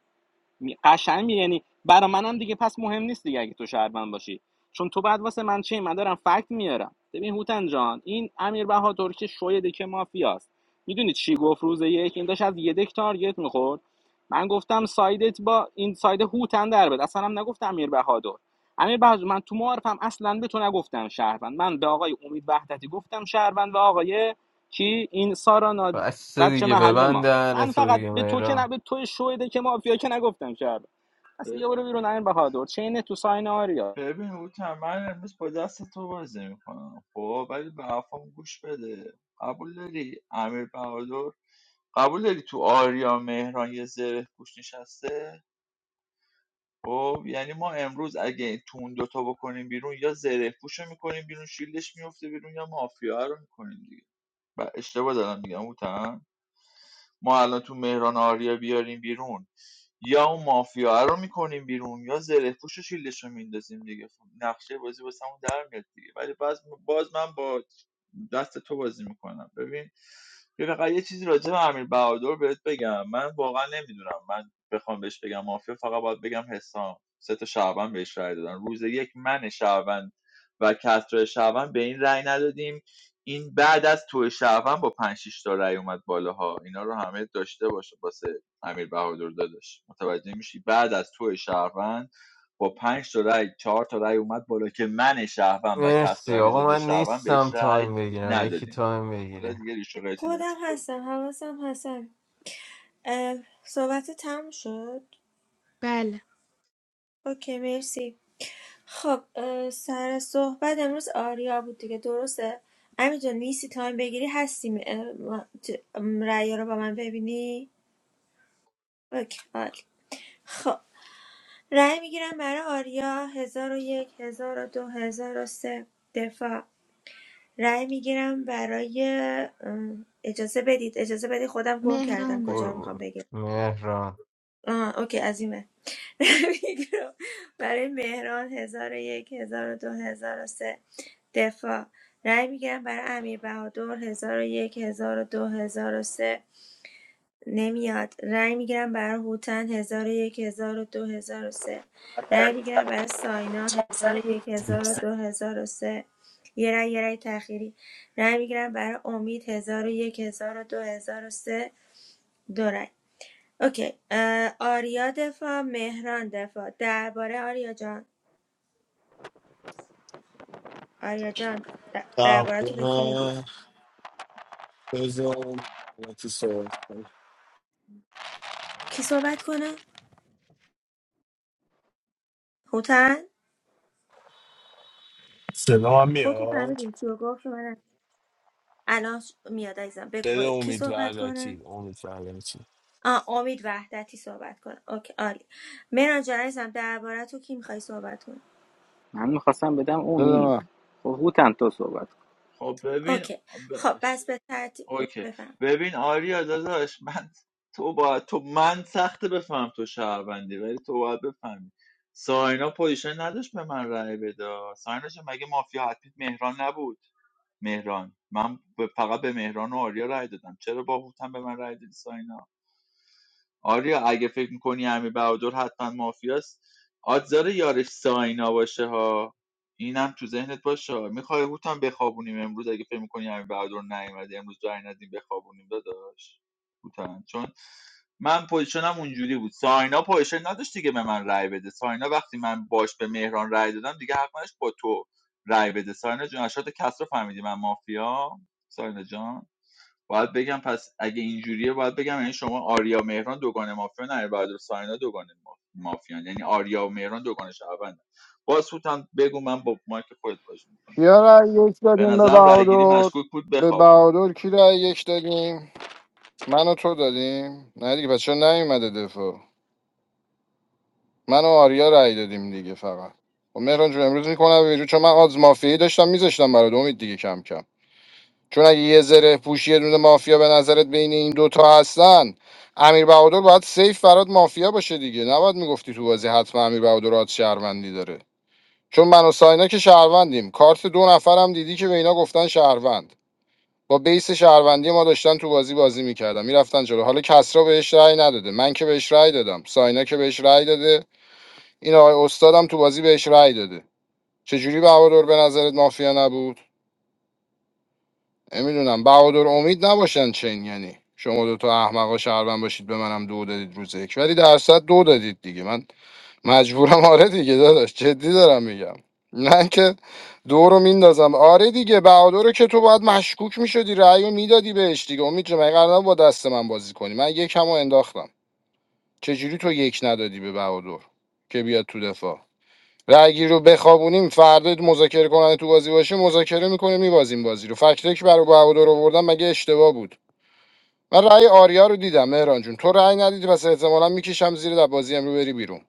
N: می- قشنگ می یعنی برا منم دیگه پس مهم نیست دیگه اگه تو شهروند باشی چون تو بعد واسه من چی من دارم فکت میارم ببین هوتن جان این امیر بهادر که شوی دکه مافیاست میدونی چی گفت روز یک این داشت از یه دک تارگت میخورد من گفتم سایدت با این ساید هوتن در بد اصلا هم نگفتم امیر بهادر امیر بهادر من تو معارفم اصلا به تو نگفتم شهروند من به آقای امید وحدتی گفتم شهروند و آقای کی این سارا
I: بس
N: بچه
I: دیگه
N: محل ما
I: ببندن
N: من
I: تو
N: فقط
I: دیگه
N: به تو که نه
I: مهران
N: به توی شویده که مافیا که نگفتم شهر پس یه برو بیرون امیر بهادر چین تو ساین آریا
H: ببین هوتن من امروز با دست تو بازی میکنم خب ولی به حرفام گوش بده قبول داری امیر بهادر قبول داری تو آریا مهران یه زره پوش نشسته خب یعنی ما امروز اگه تو اون دوتا بکنیم بیرون یا زره پوش رو میکنیم بیرون شیلدش میفته بیرون یا مافیا رو میکنیم دیگه و اشتباه دارم میگم هوتن ما الان تو مهران آریا بیاریم بیرون یا اون مافیا رو میکنیم بیرون یا زره پوش و شیلش رو میندازیم دیگه خب نقشه بازی واسه همون در میاد دیگه ولی باز, باز من با دست تو بازی میکنم ببین یه فقط یه چیزی راجع به امیر بهادر بهت بگم من واقعا نمیدونم من بخوام بهش بگم مافیا فقط باید بگم حسام سه تا شعبان بهش رای دادن روز یک من شعبان و کسرای شعبان به این رای ندادیم این بعد از تو شعبان با 5 6 تا رأی اومد بالاها اینا رو همه داشته باشه واسه امیر بهادر داداش متوجه میشی بعد از تو شعبان با پنج تا رأی 4 تا رأی اومد بالا که من شعبان و کسرا
I: مرسی آقا
H: علیزاده
I: من
H: شعبان
I: نیستم
H: بهش رأی
I: تایم بگیرم یکی
H: ندادیم
I: تایم
H: حالا
I: بگیره
H: دیگه ریش و قیچی
G: خودم
H: دست خود
G: هستم حواسم هستم اه، صحبت تم شد
D: بله
G: اوکی مرسی خب اه، سر صحبت امروز آریا بود دیگه درسته امی جان نیستی تایم بگیری هستیم رأی رو با من ببینی اوکی عالی. خب رأی میگیرم برای آریا هزار و یک هزار و دو هزار و سه دفاع رأی میگیرم برای اه، اجازه بدید اجازه بدید خودم گم کردم کجا
I: برو
G: رو
D: مهرانم
G: میخوام
I: برو
G: بگم
I: مهران
G: آه اوکی عظیمه رأی میگیرم برای مهران هزار و یک هزار و دو هزار و سه دفاع رأی میگیرم برای امیر بهادر هزار و یک هزار و دو هزار و سه نمیاد رای میگیرم برای هوتن هزار و یک هزار و دو هزار و سه رأی میگیرم برای ساینا هزار و یک هزار و دو هزار و سه یه رای یه رای تأخیری رای میگیرم برای امید هزار و یک هزار و دو هزار و سه دو رای. اوکی اه، آریا دفاع مهران دفاع درباره آریا جان آریا جان د- درباره تو به کی میدی
A: تقریبا بذار تو صحبت کنم.
G: کی صحبت کنه هوتن
A: صدا هم
G: خودتون
A: میاد
G: فهمیدین کیو گفت و من الان ش- میاد عزیزم بگو
A: دل
G: با... کی
A: امید
G: صحبت کنه
A: وحدتی امید وحدتی
G: آ امید وحدتی صحبت کنه اوکی عالی مهران جان عزیزم درباره تو کی میخوای صحبت کنی
N: من میخواستم بدم
L: بده
N: امید
L: من
N: خب هوتن تو صحبت کن
H: خب ببین
G: اوکی خب بس به ترتیب
H: اوکی
G: بفهم
H: ببین آریا داداش من تو با تو من سخته بفهم تو شهروندی ولی تو باید بفهمی ساینا پوزیشن نداشت به من رأی بده ساینا جان، مگه مافیا حتمی مهران نبود مهران من به- فقط به مهران و آریا رأی دادم چرا با باهوتم به من رأی دادی ساینا آریا اگه فکر میکنی امیر بهادر حتما مافیاست آدزار یارش ساینا باشه ها اینم تو ذهنت باشه میخوای هوتم بخوابونیم امروز اگه فکر میکنی امیر بهادر نیومده امروز جای ندیم بخوابونیم داداش هوتم چون من پوزیشنم اونجوری بود ساینا پوزیشن نداشت دیگه به من رای بده ساینا وقتی من باش به مهران رای دادم دیگه حق نداشت با تو رای بده ساینا جون اشات کس رو فهمیدی من مافیا ساینا جان باید بگم پس اگه اینجوریه باید بگم یعنی شما آریا و مهران دوگان مافیا نه بعد و ساینا دوگانه مافیا مافیان یعنی آریا و مهران دوگان شعبند باز سوت بگو من با مایک خودت بازی میکنم
L: کیا رأی یک
H: به
L: دادیم به
H: نظرم رأیگیری
L: بهادر
H: مشکوک بود
L: به
H: بخوابونی
L: بهادر کی رأی یک دادیم من و تو دادیم نه دیگه پس چرا نیومده دفاع من و آریا رأی دادیم دیگه فقط و مهران جون امروز میکنم بیرون چون من آز مافیایی داشتم میذاشتم برات امید دیگه کم کم چون اگه یه زره پوشی یه دونه مافیا به نظرت بین این دوتا هستن امیر بهادر باید سیف برات مافیا باشه دیگه نباید میگفتی تو بازی حتما امیر بهادر آت شهروندی داره چون من و ساینا که شهروندیم کارت دو نفرم دیدی که به اینا گفتن شهروند با بیس شهروندی ما داشتن تو بازی بازی میکردن میرفتن جلو حالا کسرا بهش رأی نداده من که بهش رأی دادم ساینا که بهش رأی داده این آقای استادم تو بازی بهش رأی داده چجوری بهادر به نظرت مافیا نبود نمیدونم بهادر امید نباشن چین یعنی شما دو تا احمقا شهروند باشید به منم دو دادید روز یک ولی درصد دو دادید دیگه من مجبورم آره دیگه داداش جدی دارم میگم نه که دو رو میندازم آره دیگه بهادر رو که تو باید مشکوک میشدی رأی رو میدادی بهش دیگه امید جون، مگه قرار نبود با دست من بازی کنی من یکم رو انداختم چجوری تو یک ندادی به بهادر که بیاد تو دفاع رأیگیر رو بخوابونیم فردا مذاکره کننده تو بازی باشه مذاکره میکنه میبازیم بازی رو فکتک برای به هوادار آوردم مگه اشتباه بود من رأی آریا رو دیدم مهران جون تو رأی ندیدی پس احتمالا میکشم زیر در بازی امرو بری بیرون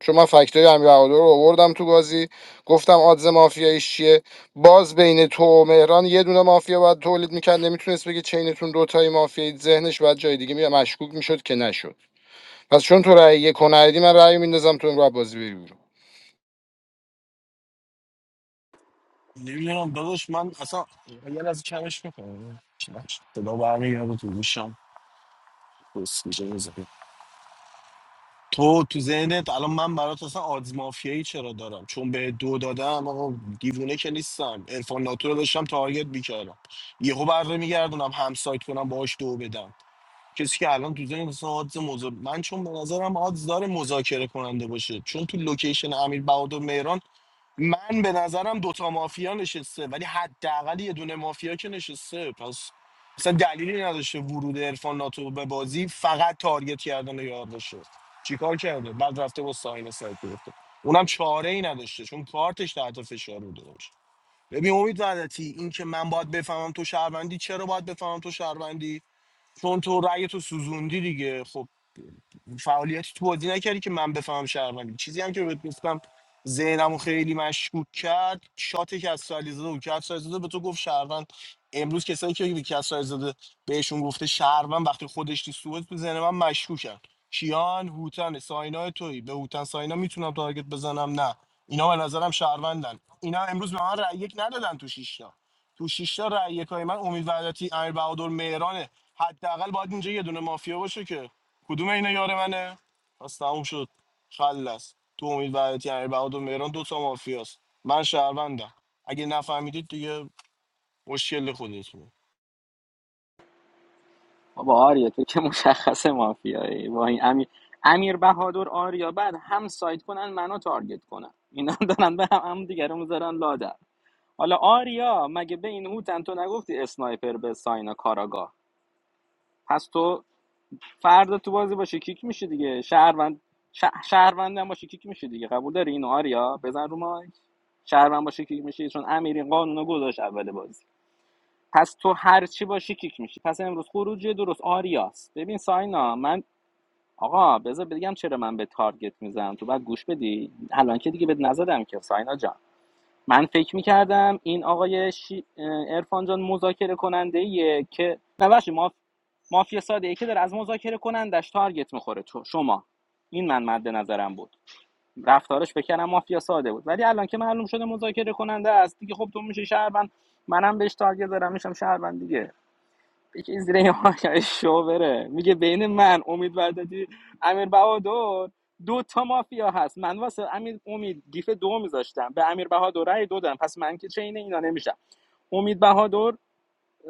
L: چون من فکتای امیر بهادر رو آوردم تو بازی گفتم آدز مافیاییش چیه باز بین تو و مهران یه دونه مافیا باید تولید میکرد نمیتونست بگه چینتون دوتایی مافیایی ذهنش باید جای دیگه می مشکوک میشد که نشد پس چون تو رأی یک رو ندیدی، من رأی میندازم تو این رو بازی بری بیرون.
A: نمیدونم داداش من اصلا یه لحظه کمش میکنم صدا برمیگرده تو گوشم تو تو ذهنت الان من برات اصلا آدز مافیایی چرا دارم چون به دو دادم آقا دیوونه که نیستم عرفان ناتو رو داشتم تارگت میکردم یهو بره میگردونم هم سایت کنم باهاش دو بدم کسی که الان تو ذهن اصلا آدز مذا- من چون به نظرم آدز داره مذاکره کننده باشه چون تو لوکیشن امیر بهادر مهران من به نظرم دوتا مافیا نشسته ولی حداقل یه دونه مافیا که نشسته پس مثلا دلیلی نداشته ورود عرفان ناتو به بازی فقط تارگت کردن یار باشه چیکار کرده بعد رفته با ساین سایت گرفته اونم چاره ای نداشته چون کارتش تحت فشار بوده باشه ببین امید وحدتی این که من باید بفهمم تو شهروندی چرا باید بفهمم تو شهروندی چون تو رأی تو سوزوندی دیگه خب فعالیتی تو بازی نکردی که من بفهمم شهروندی چیزی هم که بهت گفتم ذهنمو خیلی مشکوک کرد شاتی که از سالیزاده و کرد سالیزاده به تو گفت شهروند امروز کسایی که کسایی زاده بهشون گفته شهروند وقتی خودش تو سوئد تو ذهن من مشکوکن کیان هوتن ساینا تویی به هوتن ساینا میتونم تارگت بزنم نه اینا به نظرم شهروندن اینا امروز به من رأی یک ندادن تو شیشتا تو شیشتا رأی یکای من امید وحدتی امیر بهادر مهرانه حداقل باید اینجا یه دونه مافیا باشه که کدوم اینا یار منه پس تموم شد خلص تو امید وحدتی امیر بهادر مهران دو تا مافیاست من شهروندم اگه نفهمیدید دیگه مشکل خودتونه
N: بابا آریا تو که مشخص مافیایی با این امیر امیر بهادر آریا بعد هم سایت کنن منو تارگت کنن اینا دارن به هم, هم دیگه رو میذارن لادر حالا آریا مگه به این هوتن تو نگفتی اسنایپر به ساینا کاراگاه پس تو فردا تو بازی باشه کیک میشه دیگه شهروند شه- شهروند هم باشه کیک میشه دیگه قبول داری اینو آریا بزن رو مایک شهروند باشه کیک میشه چون امیری این قانونو گذاشت اول بازی پس تو هر چی باشی کیک میشی پس امروز خروج درست آریاست ببین ساینا من آقا بذار بگم چرا من به تارگت میزنم تو بعد گوش بدی الان که دیگه بهت نزدم که ساینا جان من فکر میکردم این آقای شی... ارفان جان مذاکره کننده که نه بخشی مافیا ساده که داره از مذاکره کنندش تارگت میخوره تو شما این من مد نظرم بود رفتارش بکنم مافیا ساده بود ولی الان که معلوم شده مذاکره کننده است دیگه خب تو میشه شهروند منم بهش تارگت دارم میشم شهروند دیگه بکش زیر این آقای شو بره میگه بین من امید وحدتی امیر بهادر دو تا مافیا هست من واسه امیر امید گیف دو میذاشتم به امیر بهادر رأی دو دادم پس من که چین اینا نمیشم امید بهادر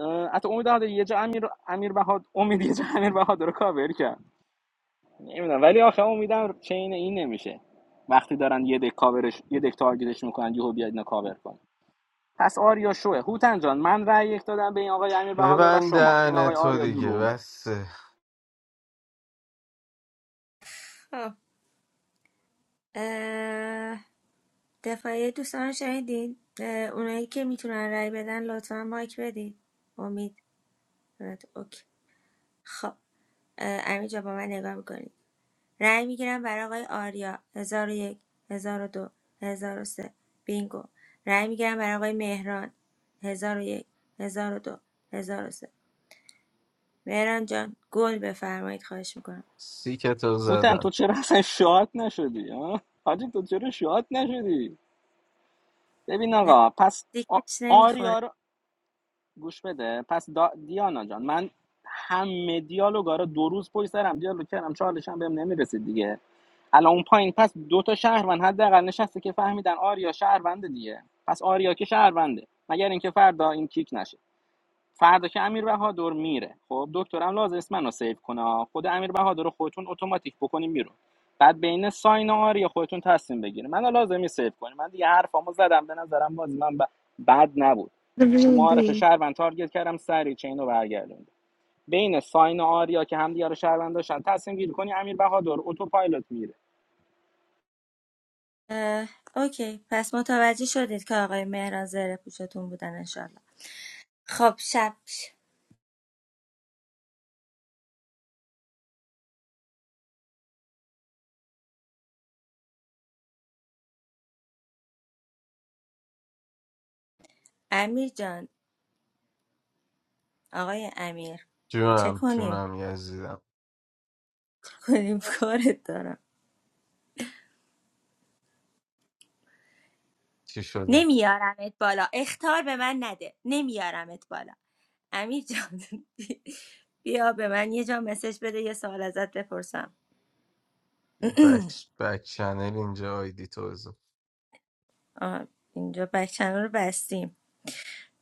N: اه، حتی امید بهادر یه جا امیر امیر بهادر امید یه جا امیر بهادر رو کاور کرد نمیدونم ولی آخه امیدم چین این نمیشه وقتی دارن یه دک کاورش یه دک تارگتش میکنن یهو بیاد اینا کاور کن پس آریا شوه هوتن جان من رأی یک دادم به این آقای امیر بهادر و شما این
I: ببندن
N: آقای
I: تو
N: آریا
I: دیگه
N: دروغ گفت
I: بس
G: خب اه، دفاعی دوستان رو شنیدین اه، اونایی که میتونن رای بدن لطفا مایک بدین امید رد- اوکی خب امید امیر با من نگاه میکنید رای میگیرم برای آقای آریا هزار و یک هزار و دو هزار و سه بینگو رای میگیرم برای آقای مهران هزار و یک هزار و دو هزار و سه مهران جان گل بفرمایید خواهش میکنم
I: سیکتو
N: هوتن تو
I: زدم
N: چرا اصلا شاد نشدی ها حاجی تو چرا شاد نشدی ببین
G: نه
N: آقا پس آ-
G: دیکش
N: آریا
G: نمیخوره
N: رو گوش بده پس دا دیانا جان من همه دیالوگا رو دو روز پشت سر هم دیالوگ کردم چالش هم بهم نمیرسید دیگه الان اون پایین پس دو تا شهروند حداقل نشسته که فهمیدن آریا شهرونده دیگه پس آریا که شهرونده مگر اینکه فردا این کیک نشه فردا که امیر بهادر میره خب دکترم لازم نیست منو سیو کنه خود امیر بهادر رو خودتون اتوماتیک بکنین بیرون بعد بین ساین و آریا خودتون تصمیم بگیرین منو لازمی نیست سیو کنین من دیگه حرفامو زدم به نظرم باز من ب... بد نبود تو معارف
D: ریدی
N: شهروند تارگت کردم سری چینو رو برگردوند بین ساین و آریا که همدیگه رو شهروند داشتن تصمیم گیری کنی امیر بهادر اتوپایلوت میره
G: اه، اوکی پس متوجه شدید که آقای مهران زره پوشتون بودن انشالله خب شب ش- امیر جان آقای امیر چه
I: جونم
G: کنیم
I: جونم یزیدم
G: چه کنیم کارت دارم
I: چی شده
G: نمیارمت بالا اختار به من نده نمیارمت بالا امیر جان بی- بیا به من یه جا مسج بده یه سوال ازت بپرسم
I: بک بک چنل اینجا آیدی تو
G: آه، اینجا بک چنل رو بستیم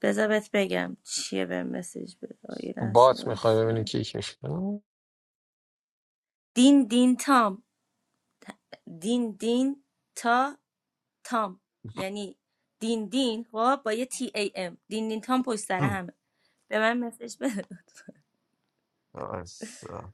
G: بذار بهت بگم چیه به مسیج بده یه لحظه
K: بات میخوای ببینی
G: وایسا.
K: کی کی میشه
G: دین دین تام دین دین تا تام یعنی دین دین خب با یه تی ای ام دین دین تام پشت سر همه به من مسیج بده
I: آسا.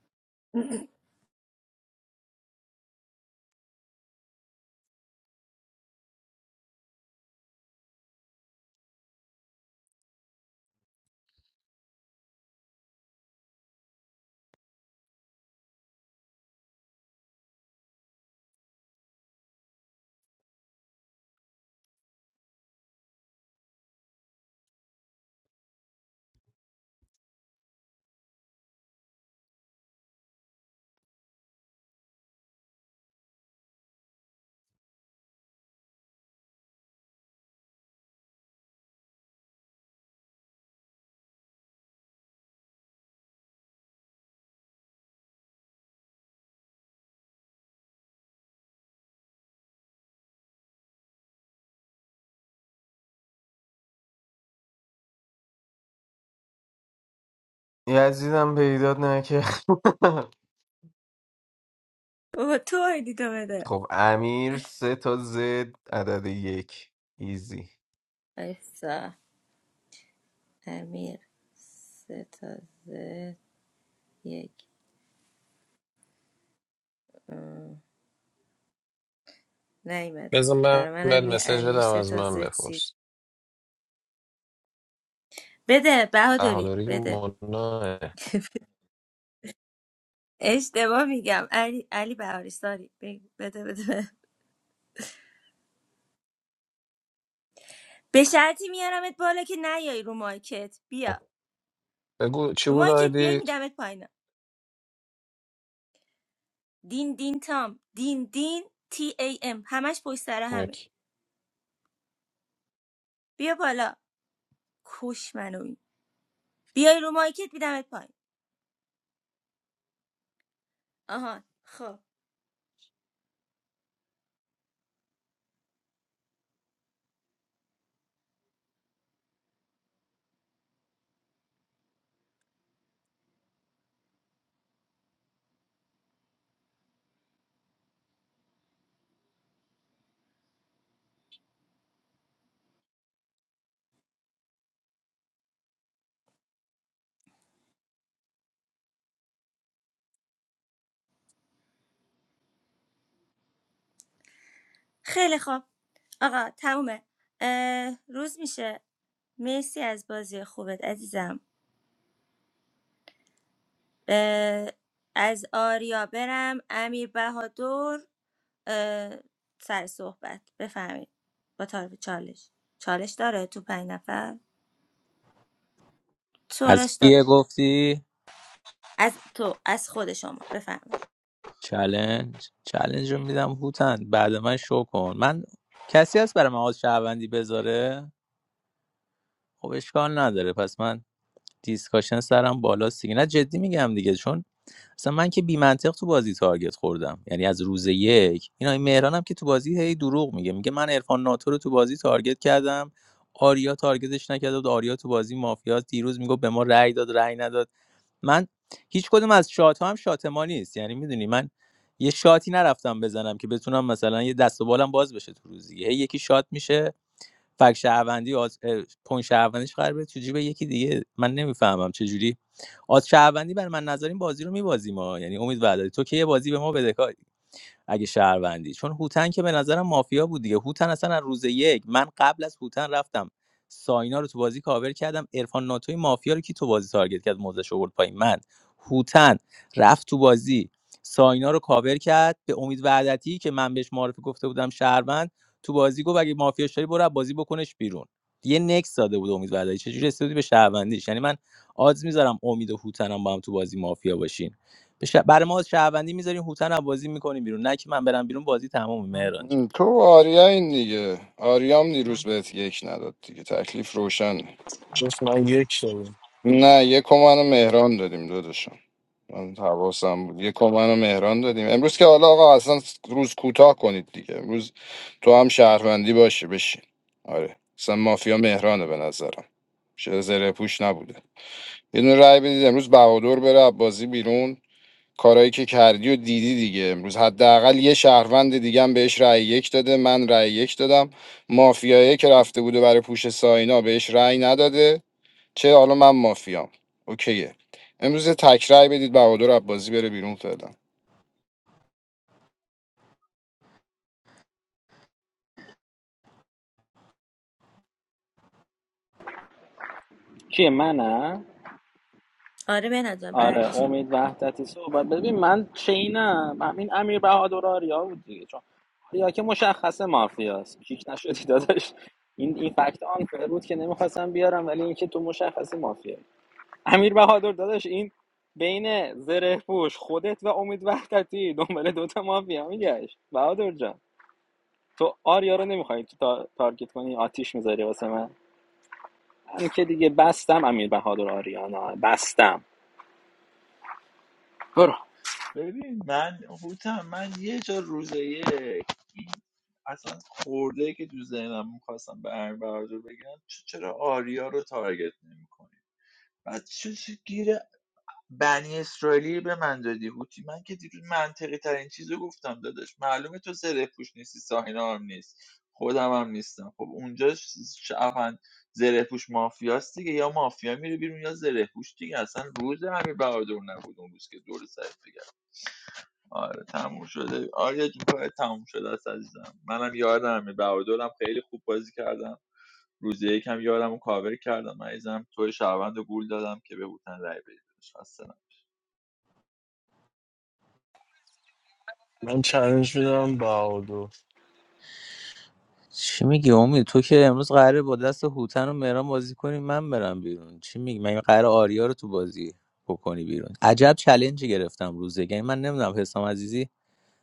I: یزیدم پیدات نکرد
G: بابا تو آیدی تو بده
I: خب امیر سه تا زد عدد یک ایزی
G: ایسا امیر سه تا زد یک ام، نیمد
K: بزن من
G: برای
K: بهت
G: منم یه
K: مسج
G: امیر
K: بدم
G: سه
K: از
G: تا
K: من
G: زد سی
K: بپرس
G: بده بهادری
K: احالوری
G: بده
K: منا
G: اشتباه میگم علی علی بهاری ساری بگو. بده بده بده. به شرطی میارمت بالا که نیای رو مارکت بیا
K: بگو چی
G: رو
K: بود
G: مارکت بیای
K: آیدید
G: میدمت پایینا دین دین تام دین دین تی ای ام همش پشت سر همه
K: یکی
G: بیا بالا کش منو این. بیای رو مارکت میدمت پایین آها خب خیلی خوب آقا تمومه اه، روز میشه مرسی از بازی خوبت عزیزم اه، از آریا برم امیر بهادر سر صحبت بفهمید با تعارف چالش چالش داره تو پنج نفر
O: از
G: چالش داره
O: کیه گفتی
G: از تو از خود شما بفهمید
O: چلنج چلنج رو میدم هوتن بعد من شو کن من کسی هست برای من آز شهروندی بذاره خب اشکال نداره پس من دیسکاشن سرم بالاست دیگه نه جدی میگم دیگه چون اصلا من که بی منطق تو بازی تارگت خوردم یعنی از روز یک اینا این آقای مهران هم که تو بازی هی دروغ میگه میگه من عرفان ناتو رو تو بازی تارگت کردم آریا تارگتش نکرده بود آریا تو بازی مافیاست. دیروز میگه به ما رأی داد رأی نداد من هیچ کدوم از شات هم شات ما نیست یعنی میدونی من یه شاتی نرفتم بزنم که بتونم مثلا یه دست و بالم باز بشه تو روز هی یکی شات میشه فک شهروندی آز... اه، پوینت شهروندیش قرار بره تو جیب یکی دیگه من نمیفهمم چه جوری آز شهروندی بر من نظر بازی رو میبازیم ما یعنی امید وعدتی تو که یه بازی به ما بده اگه شهروندی چون هوتن که به نظرم مافیا بود دیگه هوتن اصلا از روز یک من قبل از هوتن رفتم ساینا رو تو بازی کاور کردم ارفان ناتوی مافیا رو کی تو بازی تارگت کرد موزش آورد پایین من هوتن رفت تو بازی ساینا رو کاور کرد به امید وعدتی که من بهش معرفی گفته بودم شهروند تو بازی گفت اگه مافیا شدی برو از بازی بکنش بیرون یه نکس داده بود امید وعدتی چجوری رسیدی به شهروندیش یعنی من آدز میذارم امید و هوتنم با هم تو بازی مافیا باشین به شه- برای ما شهروندی میذاریم هوتن رو بازی میکنیم بیرون نه که من برم بیرون بازی تموم مهران
L: م،
O: جان
L: تو و آریا این دیگه آریام دیروز بهت یک نداد دیگه تکلیف روشنه
A: جفت من یک داریم
L: نه یه کمان مهران دادیم داداشم من حواسم بود یه کمان مهران دادیم امروز که حالا آقا اصلا روز کوتاه کنید دیگه امروز تو هم شهروندی باشه بشین آره اصلا مافیا مهرانه به نظرم چه زره پوش نبوده یه دونه رای بدید امروز بهادر بره از بازی بیرون کارایی که کردی و دیدی دیگه امروز حداقل یه شهروند دیگه هم بهش رأی یک داده من رأی یک دادم مافیایی که رفته بوده برای پوش ساینا بهش رأی نداده چه حالا من مافیام اوکیه امروز یه تک رأی بدید بهادر عباسی بره بیرون فعلا
N: کیه منم
G: آره به نظر بعدی
N: آره
G: شما
N: امید وحدتی صحبت ببین من چینم همین امیر بهادر آریا بود دیگه چون آریا که مشخصه مافیاست کیک نشدی داداش این این فکت آن فر بود که نمیخواستم بیارم ولی اینکه تو مشخصه مافیا امیر بهادر داداش این بین زره پوش خودت و امید وحدتی دنبال دوتا مافیا میگشت بهادر جان تو آریا رو نمیخوای تو تا- تارگت کنی آتیش میذاری واسه من من که دیگه بستم امیر بهادر آریانا بستم برو
H: ببین من هوتم من یه جا روزه یک اصلا خورده که تو ذهنم میخواستم به امیر بهادر بگم چ- چرا آریا رو تارگت نمیکنی بعد چه گیر بنی اسرائیلی به من دادی هوتی من که دیروز منطقی ترین چیزو گفتم داداش معلومه تو زره پوش نیستی ساهینا هم نیست خودم هم نیستم خب اونجا شعفن زره پوش مافیاست دیگه یا مافیا میره بیرون یا زره پوش دیگه اصلا روز امیر بهادر نبود اون روز که دور سر بگم آره تموم شده آره جون کار تموم شده است عزیزم منم یادم امیر بهادرم خیلی خوب بازی کردم روز یکم یادم و کاور کردم عزیزم تو شهروند و گول دادم که به بوتن رای بدید
A: من چالش میدم بهادو
O: چی میگی امید تو که امروز قراره با دست هوتن و مهران بازی کنیم من برم بیرون چی میگی من قرار آریا رو تو بازی بکنی بیرون عجب چلنجی گرفتم روزه یعنی من نمیدونم حسام عزیزی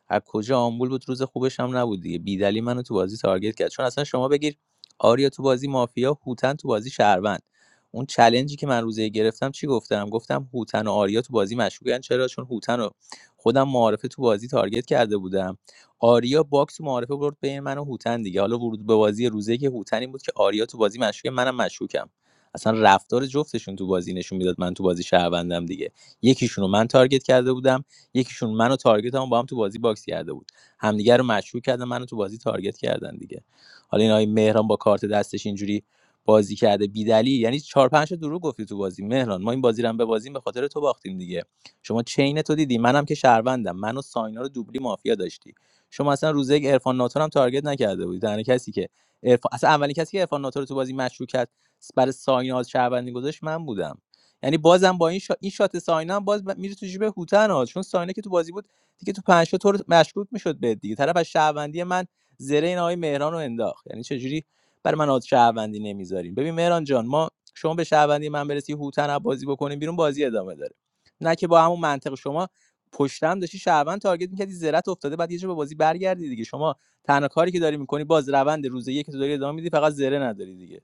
O: از کجا آمبول بود روز خوبش هم نبود دیگه بیدلی منو تو بازی تارگت کرد چون اصلا شما بگیر آریا تو بازی مافیا هوتن تو بازی شهروند اون چلنجی که من روزه گرفتم چی گفتم گفتم هوتن و آریا تو بازی مشکوکن چرا چون هوتن رو خودم معارفه تو بازی تارگت کرده بودم آریا باکس معارفه برد بین من و هوتن دیگه حالا ورود به بازی روزه که هوتن این بود که آریا تو بازی مشکوکه منم مشکوکم اصلا رفتار جفتشون تو بازی نشون میداد من تو بازی شهروندم دیگه یکیشونو من تارگت کرده بودم یکیشون منو تارگت هم با هم تو بازی باکس کرده بود همدیگه رو مشکوک کردن منو تو بازی تارگت کردن دیگه حالا این آقای مهران با کارت دستش اینجوری بازی کرده بیدلی یعنی چهار پنج تا دروغ گفتی تو بازی مهران ما این بازی رو هم به بازی به خاطر تو باختیم دیگه شما چین تو دیدی منم که شهروندم منو و ساینا رو دوبلی مافیا داشتی شما اصلا روزه یک عرفان ناتور هم تارگت نکرده بودی تنها کسی که عرفان... اصلا اولین کسی که عرفان ناتور رو تو بازی مشکوک کرد برای ساینا از شهروندی گذاشت من بودم یعنی بازم با این شات این شات ساینا هم باز ب- میره تو جیب هوتن ها چون ساینا که تو بازی بود دیگه تو پنج تا تو مشکوک میشد به دیگه طرف از شهروندی من زره این آقای مهران رو انداخت یعنی چجوری برای من آد شهروندی نمیذاریم ببین مهران جان ما شما به شهروندی من برسی هوتن رو بازی بکنیم بیرون بازی ادامه داره نه که با همون منطق شما پشتم داشتی شهروند تارگت میکردی زرت افتاده بعد یه جا به بازی برگردی دیگه شما تنها کاری که داری میکنی باز روند روز یک تو داری ادامه میدی فقط زره نداری دیگه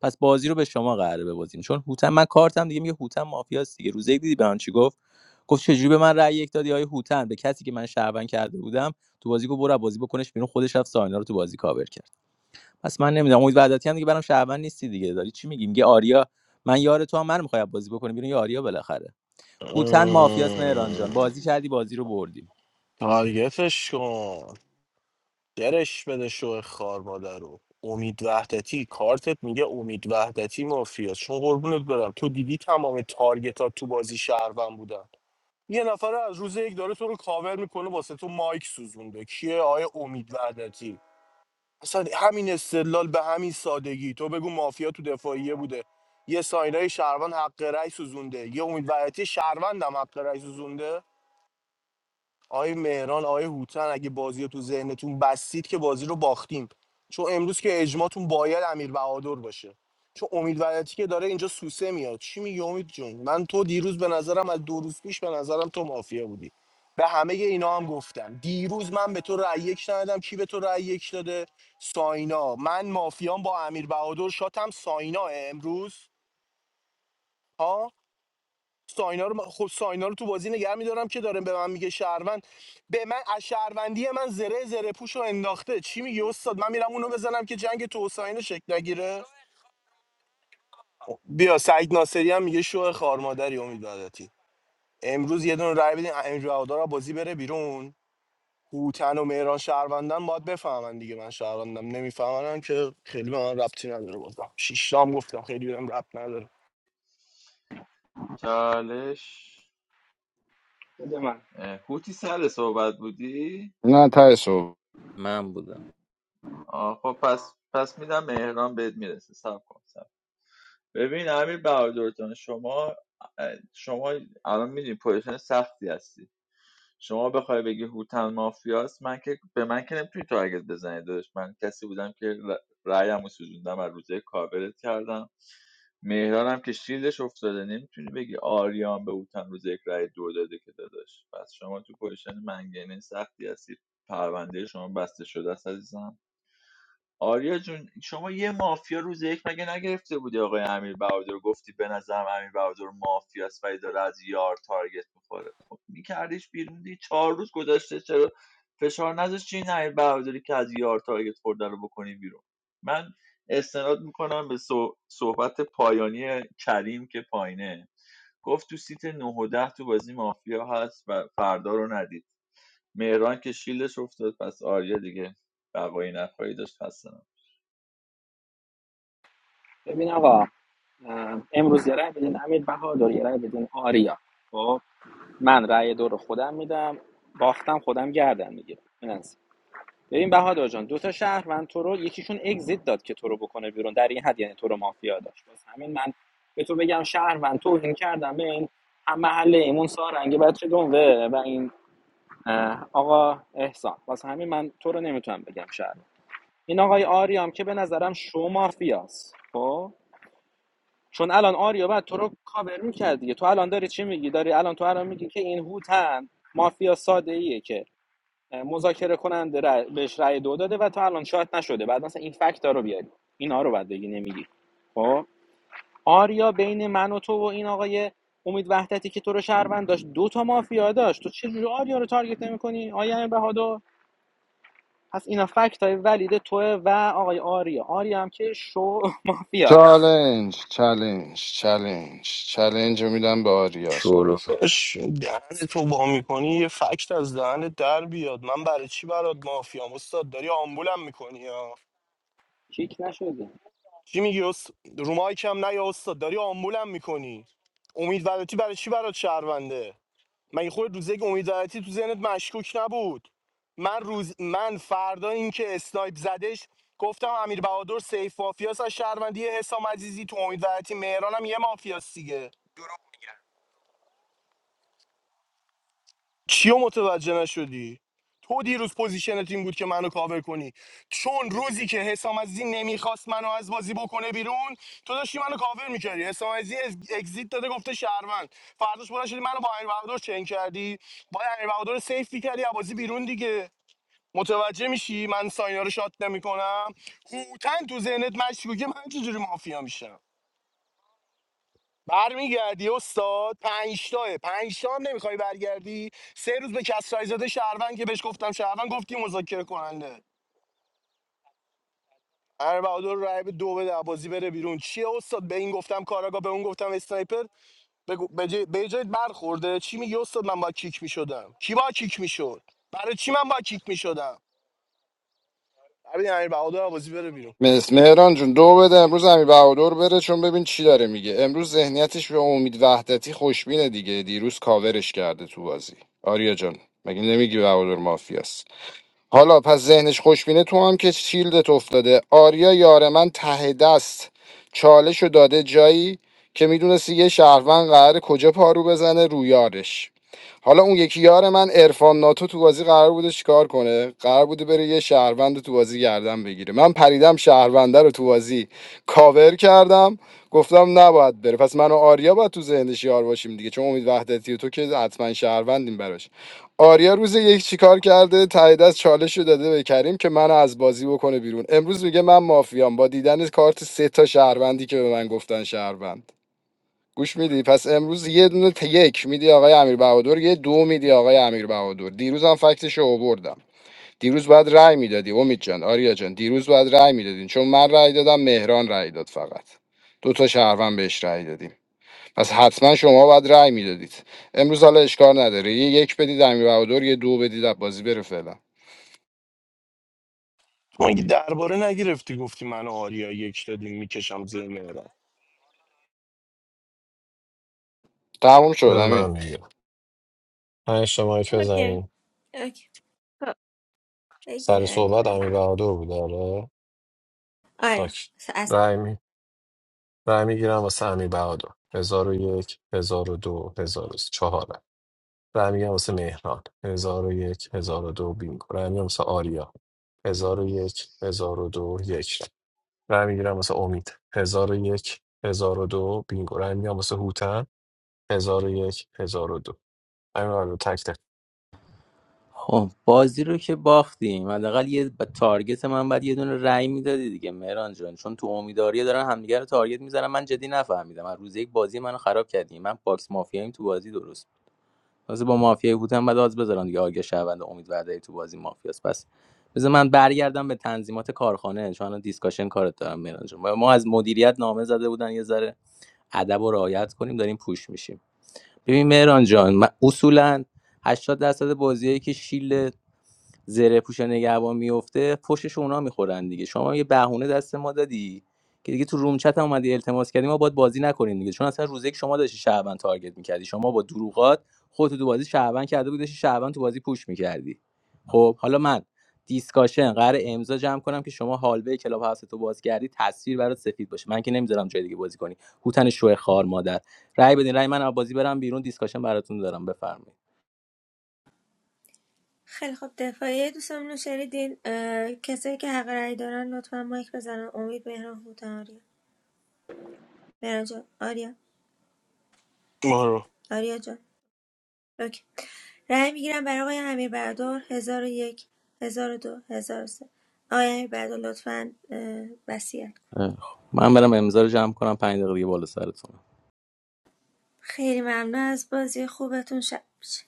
O: پس بازی رو به شما قراره ببازیم چون هوتن من کارتم دیگه میگه هوتن مافیاست دیگه روزه یک دیدی به من چی گفت گفت چجوری به من رأی یک دادی آیه هوتن به کسی که من شهروند کرده بودم تو بازی گفت برو بازی بکنش بیرون خودش رفت ساینا رو تو بازی کاور کرد پس من نمیدونم امید وحدتی هم دیگه برام شهروند نیستی دیگه داری چی میگی میگه آریا من یار تو هم من میخوام بازی بکنیم بیرون یا آریا بالاخره هوتن مافیاست مهران جان
A: ام،
O: بازی کردی بازی رو بردیم
A: تارگتش کن درش بده شو خار مادر رو امید وحدتی کارتت میگه امید وحدتی مافیاست چون قربونت برم تو دیدی تمام تارگتات تو بازی شهروند بودن یه نفر از روز یک داره تو رو کاور میکنه واسه تو مایک سوزونده کیه آیا امید وحدتی اصلا همین استدلال به همین سادگی تو بگو مافیا تو دفاعیه بوده یه ساینای شهروند حق رأی سوزونده یه امید وحدتی شهروند هم حق رأی سوزونده آقای مهران آقای هوتن اگه بازی رو تو ذهنتون بستید که بازی رو باختیم چون امروز که اجماعتون باید امیر بهادر باشه چون امید ولاتی که داره اینجا سوسه میاد چی میگی امید جون من تو دیروز به نظرم از دو روز پیش به نظرم تو مافیا بودی به همه اینا هم گفتم دیروز من به تو رأی یک ندادم کی به تو رأی یک داده ساینا من مافیام با امیر بهادر شاتم ساینا امروز ها ساینا رو من- خب ساینا رو تو بازی نگه میدارم که داره به من میگه شهروند به من از شهروندی من زره زره پوش رو انداخته چی میگه استاد من میرم اونو بزنم که جنگ تو و ساینا شکل نگیره بیا سعید ناصری هم میگه شو خارمادری امید وحدتی امروز یه دونه رای بدین امروز هوادار رو بازی بره بیرون هوتن و مهران شهروندن باید بفهمن دیگه من شهروندم نمیفهمن که خیلی به من ربطی نداره بازم شیشتام گفتم خیلی بهم ربط نداره
H: چالش
N: بده من
H: اه، هوتی سر صحبت بودی
L: نه ته صبح
O: من بودم
H: آه خب پس پس میدم مهران بهت میرسه سب کن سب. ببین امیر بهادر جان شما اه، شما الان میدونی پوزیشن سختی هستی شما بخوای بگی هوتن مافیاست من که به من که نمیتونی تارگت بزنی داداش من کسی بودم که ر- رأیمو سوزوندم از روزه کاورت کردم مهران هم که شیلدش افتاده نمیتونی بگی آریان به اوتن روز یک رای دو داده که داداش پس شما تو پوزیشن منگنه سختی هستی پرونده شما بسته شده است عزیزم آریا جون شما یه مافیا روز یک مگه نگرفته بودی آقای امیر بهادر گفتی به نظرم امیر بهادر مافیاست ولی داره از یار تارگت میخوره خب میکردیش بیرون دی چهار روز گذشته چرا فشار نذاشتی این امیر بهادری که از یار تارگت خورده رو بکنی بیرون من استناد میکنم به صح- صحبت پایانی کریم که پایینه گفت تو سیت 9 و 10 تو بازی مافیا هست و فردا رو ندید مهران که شیلش افتاد پس آریا دیگه بقایی نخواهی داشت هستن
N: ببین آقا امروز یه رای بدین امیر بهادر یه رای بدین آریا خب من رای دو رو خودم میدم باختم خودم گردن میگیرم این از این. ببین بهادر جان دو تا شهروند تو رو یکیشون اگزیت داد که تو رو بکنه بیرون در این حد یعنی تو رو مافیا داشت باز همین من به تو بگم شهروند توهین کردم به این هم محله ایمون سارنگی بچه دنوه و این آقا احسان باز همین من تو رو نمیتونم بگم شهروند این آقای آریام که به نظرم شو مافیاست خب چون الان آریا بعد تو رو کاور میکرد دیگه تو الان داری چی میگی داری الان تو الان میگی که این هوتن مافیا ساده ایه که مذاکره کننده رأی- بهش رأی دو داده و تو الان شاید نشده بعد مثلا این فکت رو بیاری اینا رو بعد بگی نمیگی خب آریا بین من و تو و این آقای امید وحدتی که تو رو شهروند داشت دو تا مافیا داشت تو چجوری آریا رو تارگت نمیکنی آیا امیر بهادر پس اینا فکت های ولید توه و آقای آریا آریا هم که شو مافیاست
L: چالنج چالنج چالنج چالنج رو میدم به آریا صحبت
O: شورو
L: کن.
A: داداش، دهن تو وا میکنی یه فکت از دهنت در بیاد من برای چی برات مافیام استاد داری آمبولم میکنی یا
N: کیک نشده
A: چی میگی است... رو مایک هم نه یا استاد داری آمبولم میکنی امید ولاتی برای چی برات شهرونده من خود روزه که امید ولاتی تو ذهنت مشکوک نبود من روز من فردا اینکه اسنایپ زدش گفتم امیر بهادر سیف مافیاس از شهروندی حسام عزیزی تو امید ولاتی مهرانم یه مافیاس دیگه چیو متوجه نشدی تو دیروز پوزیشن تیم بود که منو کاور کنی چون روزی که حسام عزیزی نمیخواست منو از بازی بکنه بیرون تو داشتی منو کاور میکردی حسام عزیزی از- اگزیت داده گفته شهروند فرداش بلند شدی منو با امیر بهادر چنگ کردی با امیر بهادر رو سیف میکردی از بازی بیرون دیگه متوجه میشی من ساینا رو شات نمیکنم هوتن تو ذهنت مشکوکه من چجوری مافیا میشم برمیگردی استاد پنج تاه هم نمیخوای برگردی سه روز به کسرای زاده شهروند که بهش گفتم شهروند گفتی مذاکره کننده هر بهادر رای به دو بده بازی بره بیرون چیه استاد به این گفتم کاراگا به اون گفتم اسنایپر بگو- به جای به جایت برخورده چی میگی استاد من با کیک میشدم کی با کیک میشد برای چی من با کیک میشدم ببین امیر بهادر بازی بره بیرون
L: مس مهران جون دو بده امروز امیر بهادر بره چون ببین چی داره میگه امروز ذهنیتش به امید وحدتی خوشبینه دیگه دیروز کاورش کرده تو بازی آریا جان مگه نمیگی بهادر مافیاست حالا پس ذهنش خوشبینه تو هم که شیلدت افتاده آریا یار من ته دست چالشو داده جایی که میدونستی یه شهروند قراره کجا پارو بزنه رو یارش حالا اون یکی یار من عرفان ناتو تو بازی قرار بوده چیکار کنه قرار بوده بره یه شهروند رو تو بازی گردن بگیره من پریدم شهرونده رو تو بازی کاور کردم گفتم نباید بره پس من و آریا باید تو ذهنش یار باشیم دیگه چون امید وحدتی و تو که حتما شهروندیم براش آریا روز یک چیکار کرده تایید از چالش رو داده به کریم که منو از بازی بکنه بیرون امروز میگه من مافیام با دیدن کارت سه تا شهروندی که به من گفتن شهروند گوش میدی پس امروز یه دونه ت- یک میدی آقای امیر بهادر یه دو میدی آقای امیر بهادر دیروز هم فکتش رو آوردم دیروز باید رأی میدادی امید جان آریا جان دیروز باید رأی میدادین چون من رأی دادم مهران رأی داد فقط دو تا شهروند بهش رأی دادیم پس حتما شما باید رأی میدادید امروز حالا اشکار نداره یه یک بدید امیر بهادر یه دو بدید از بازی بره فعلا
A: تو مگه درباره نگرفتی گفتی من و آریا یک دادیم میکشم زیر مهران
L: تموم شد
K: بزن
L: امیر
K: من میگم پنج شمایی که
G: اوکی
K: بزنیم
G: اوکی خب بگیر
K: سر
G: علی
K: صحبت
G: بر
K: امیر بهادر بود آره
G: آره
K: ساک
G: س- از
K: رای می رای میگیرم واسه امیر بهادر هزار و یک هزار و دو هزار و سه. چهار رای رای میگیرم واسه مهران هزار و یک هزار و دو بینگو رای میگیرم واسه آریا هزار و یک هزار و دو یک رای رای میگیرم واسه امید هزار و یک هزار و دو بینگو رای میگیرم واسه هوتن هزار و یک هزار و دو امیر بهادر تک تک
O: خب بازی رو که باختیم حداقل یه ب- تارگت من بعد یه دونه رأی میدادی دیگه مهران جان چون تو امیدواری دارن همدیگه رو تارگت میزنن من جدی نفهمیدم از روز یک بازی منو خراب کردیم من باکس مافیاییم تو بازی درست واسه با مافیایی بودم بعد آز بذارن دیگه آگه شهروند امید وردایی تو بازی مافیاست پس بذار من برگردم به تنظیمات کارخانه چون الان دیسکاشن کارت دارم مهران جان ما از مدیریت نامه زده بودن یه ذره ادب و رعایت کنیم داریم پوش میشیم ببین مهران جان من اصولا 80 درصد بازیایی که شیل زره پوش نگهبان میفته پشتش اونا میخورن دیگه شما یه بهونه دست ما دادی که دیگه تو روم چت هم اومدی التماس کردی ما باید بازی نکنیم دیگه چون اصلا روزی که شما داشتی شعبان تارگت میکردی شما با دروغات خودتو تو بازی شعبان کرده بودی داشتی شعبان تو بازی پوش میکردی خب حالا من دیسکاشن قرار امضا جمع کنم که شما هالوی کلاب هاست تو باز کردی تصویر برات سفید باشه من که نمیذارم جای دیگه بازی کنی هوتن شوه خار مادر رأی بدین رأی من از بازی برم بیرون دیسکاشن براتون دارم بفرمایید
G: خیلی خوب دفاعی دوستان رو شنیدین اه، کسایی که حق رأی دارن لطفا مایک بزنن امید مهران هوتن آریا مهران جان آریا
A: برو
G: آریا جان اوکی رای میگیرم برای آقای امیر بردار 1001 1002 1003 آقای امیر بردار لطفاً اه، وصیت
O: اه، خب. من برم امضا رو جمع کنم پنج دقیقه دیگه بالا سرتون
G: خیلی ممنون از بازی خوبتون شب بشه.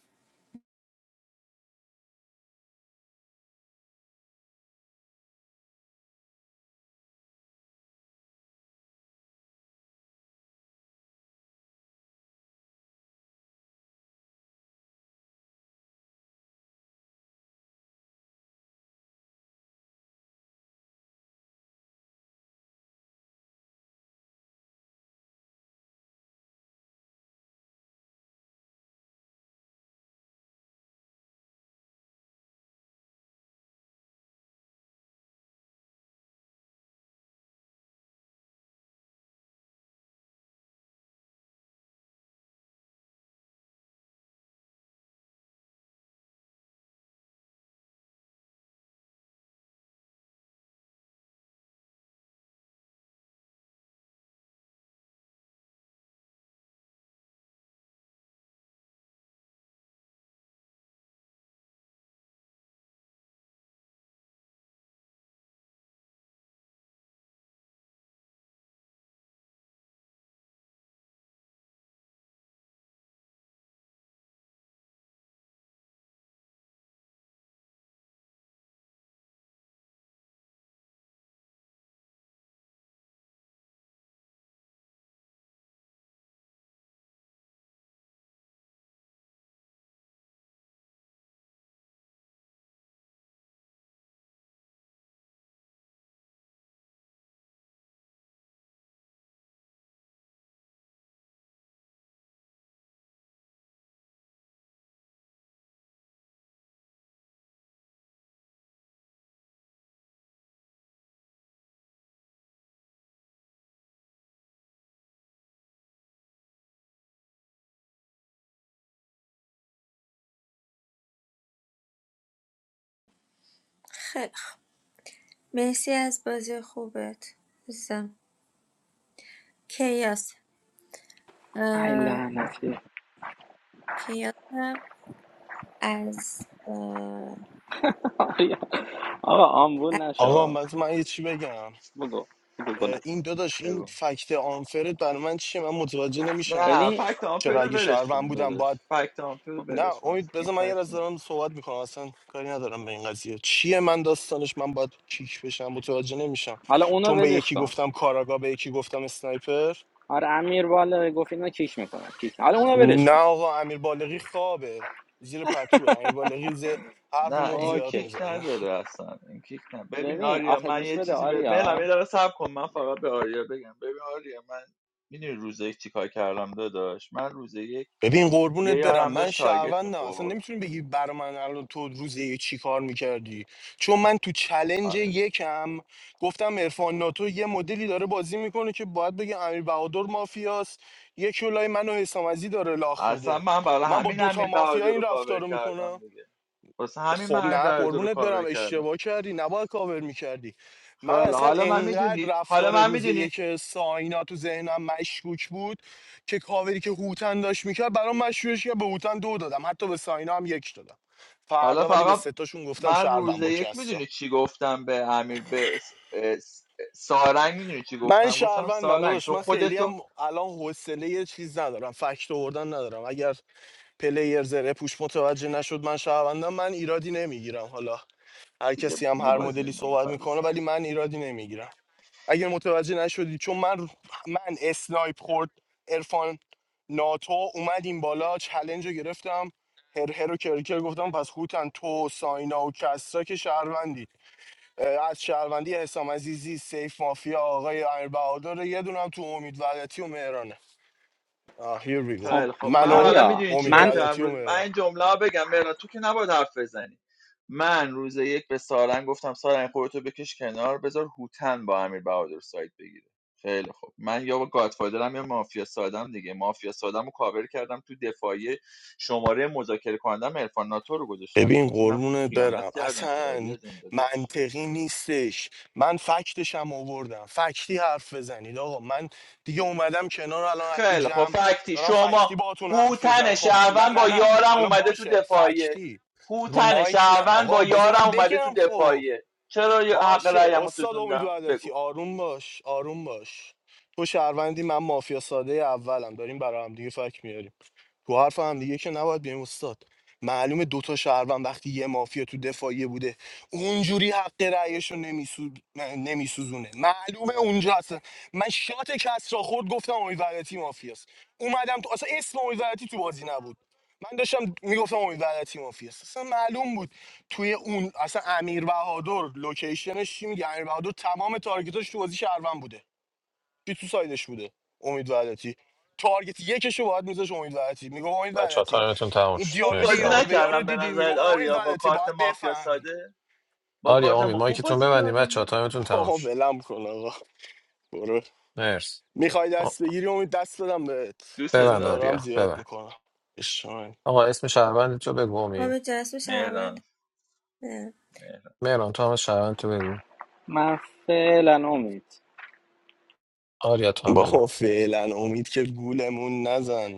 G: خیلی خوب مرسی از بازی خوبت عزیزم کیاس
N: ای
G: اه،
N: لعنتی
G: کیاس از اه،
N: آقا
G: از
N: آمبول
A: آقا
N: نشو
A: من من یه چی بگم
N: بگو بگو بلند
A: این داداش این فکت آنفرت برای من چیه من متوجه نمیشم
H: نه
N: ببین
H: فکت آمپر
A: چرا
H: رو
A: اگه
H: ولش
A: شهروند
H: کن
A: بودم باید
H: داداش فکت آمپر رو
A: نه
H: ولش کن
A: امید
H: اصلا این
A: بذار من یه
H: فکت
A: از
H: نه
A: دارم صحبت میکنم اصلا کاری ندارم به این قضیه چیه من داستانش من باید کیک بشم متوجه نمیشم
N: حالا اونا
A: چون به
N: ولش
A: یکی
N: کن
A: گفتم کاراگا به یکی گفتم اسنایپر
N: آره امیر والا گفت اینا کیک میکنن کیک حالا اونا ولش
A: نه
N: کن
A: آقا امیر بالغی خوابه زیر پتوه امیر بالغی زیر حرف
H: نه
A: مفت
H: این
A: زیاد
N: اوکی
H: کیک
A: میزنه
H: نداره اصلا این کیک نه ببین
N: ببین
H: آریا
N: آخه
H: من
N: گوش
H: یه
N: بده
H: چیزی به بلم
N: آریا
H: یه دقیقه صبر کن من فقط به آریا بگم ببین آریا من میدونی روز یک چیکار کردم داداش من روز یک
A: ببین
H: یه
A: قربونت برم
H: یارم
A: من
H: داشت تارگت
A: شهروندم اصلا
H: میخورد
A: نمیتونی بگی بر من الان تو روز یک چی کار میکردی چون من تو چلنج
H: آره.
A: یکم گفتم ارفان ناتو یه مدلی داره بازی میکنه که باید بگه امیر بهادر مافیاست یه کلای منو حسام عزیزی داره لاخ
H: اصلا
A: میده
H: من برای
A: من با
H: همین همین
A: دوتا مافیا
H: برادر رو
A: این
H: کاور
A: رفتار رو میکنم
H: کردم دیگه واسه همین
A: خب
H: من همین
A: نه
H: برادر رو
A: قربونت
H: کاور
A: برم
H: کردم
A: اشتباه کردی نباید کاور میکردی من
H: خیلی
A: اصلا
H: حالا من میدونی
A: انقدر
H: حالا
A: رفتار
H: من
A: روز
H: میدونی
A: یک ساینا تو ذهنم مشکوک بود که کاوری که هوتن داشت میکرد برام مشکوکش که به هوتن دو دادم حتی به ساینا هم یک دادم
H: حالا
A: فردا ولی به
H: فقط
A: ستاشون گفتم
H: من روز
A: شهروند با
H: یک
A: کسرا
H: میدونی چی گفتم به امیر به س- س- سارنگ میدونی چی
A: من
H: گفتم گفتم
A: شهروندم
H: سارنگ
A: داداش
H: تو
A: من خیلی
H: خودتو
A: هم الان حوصله یه چیز ندارم فکت آوردن ندارم اگر پلیر زره پوش متوجه نشد من شهروندم من ایرادی نمیگیرم حالا هر
H: دیگه
A: کسی هم هر
H: میبازیم
A: مدلی
H: دیگه
A: صحبت
H: فردا
A: میکنه
H: سرت
A: ولی من ایرادی نمیگیرم اگر متوجه نشدی چون من من اسنایپ خورد ارفان ناتو اومد این بالا چلنج رو گرفتم هر هر و کرکر گفتم پس خوتن تو ساینا و کسا که شهروندی اه، از شهروندی حسام عزیزی سیف مافیا آقای امیر بهادر یه دونم تو امید وحدتی و مهرانه آه here we go
N: خب
H: خیلی خب
A: من
H: من
A: و
H: حالا
N: آریا
H: میدونی
A: امید
H: چیکار
N: من
H: کردم
A: وحدتی و
H: روز من
A: مهران
H: این جمله رو بگم مهران تو که نباید حرف بزنی من روز یک به سارنگ گفتم سارنگ خودتو بکش کنار بذار هوتن با امیر بهادر سایت بگیره خیلی خب من یا با گادفادرم یا مافیا سادم دیگه مافیا سادم رو کاور کردم تو دفاعی شماره مذاکره کنندم عرفان ناتو رو گذاشتم تو
A: ببین
H: تیمم که
A: قربونت
H: خیانت
A: برم
H: کردم که رادی
A: اصلا
H: از این داداش.
A: منطقی نیستش من فکتشم آوردم فکتی حرف بزنید آقا من دیگه اومدم کنار الان از تو
H: خیلی خب
A: جمع
H: فکتی
A: دارم
H: شما
A: فکتی باهاتون حرف
H: هوتن
A: میزنم خب نه
H: شهروند
A: نه
H: با
A: نه
H: یارم
A: حالا
H: اومده تو
A: باشه
H: دفاعیه
A: فکتی رو
H: هوتن
A: مایک نه
H: شهروند با
A: آقا بذار
H: یارم
A: من
H: اومده تو
A: بگم خب
H: دفاعیه چرا ی- حق
A: باشه
H: رأیمو
A: استاد امید
H: سوزوندم بگو
A: وحدتی آروم باش آروم باش تو شهروندی من مافیا ساده اولم داریم برای هم دیگه فک میاریم تو حرف هم دیگه که نباید بیم استاد معلومه دوتا شهروند وقتی یه مافیا تو دفاعیه بوده اونجوری حق رأیش رو نمیسو... نمیسوزونه معلومه اونجا هستن من شات کس را خورد گفتم امید وحدتی مافیاست اومدم تو اصلا اسم امید وحدتی تو بازی نبود من داشتم میگفتم امید وحدتی مافیاست اصلا معلوم بود توی اون اصلا امیر بهادر لوکیشنش چی میگه امیر بهادر تمام تارگتاش تو بازی شهروند بوده چی تو سایدش بوده امید وحدتی تارگت یکش رو باید میذاش امید وحدتی میگه امید
K: بچه ها
A: وحدتی
K: تایمتون تموم
A: این
K: شد
H: خوب
A: دیالوگ
K: مرسی
H: بازی
A: یار
K: آریا
A: به یار رو
H: نکردم به
A: دیدی میگه
H: نظرت
A: امید
H: آریا با
A: وحدتی
H: کارت
A: باید
H: مافیا
A: بفهمی
H: ساده با
K: آریا
H: کارت
K: امید
H: ما خوب
K: مایکتون
H: بازی
K: ببندیم
H: کردم
K: بچه ها
H: دیگه
K: تایمتون
H: داداش
K: تموم
A: آقا
K: شد
A: ولم کن آقا برو
K: مرسی
A: میخوای
K: آ-
A: دست بگیری امید دست دادم بهت
H: دوست
A: از این
K: ببند
A: کارا
H: دارم
A: هم
K: آریا
A: زیاد
K: ببند
A: میکنم اشان
K: آقا اسم شهروند تو بگو امین
G: آب جرس شهروند
H: مهران
G: نه.
H: مهران
K: مهران تو هم از شهروند تو بگو
N: من فعلا امید
K: آریا تو هم بگو
A: بابا فعلا امید که گولمون نزن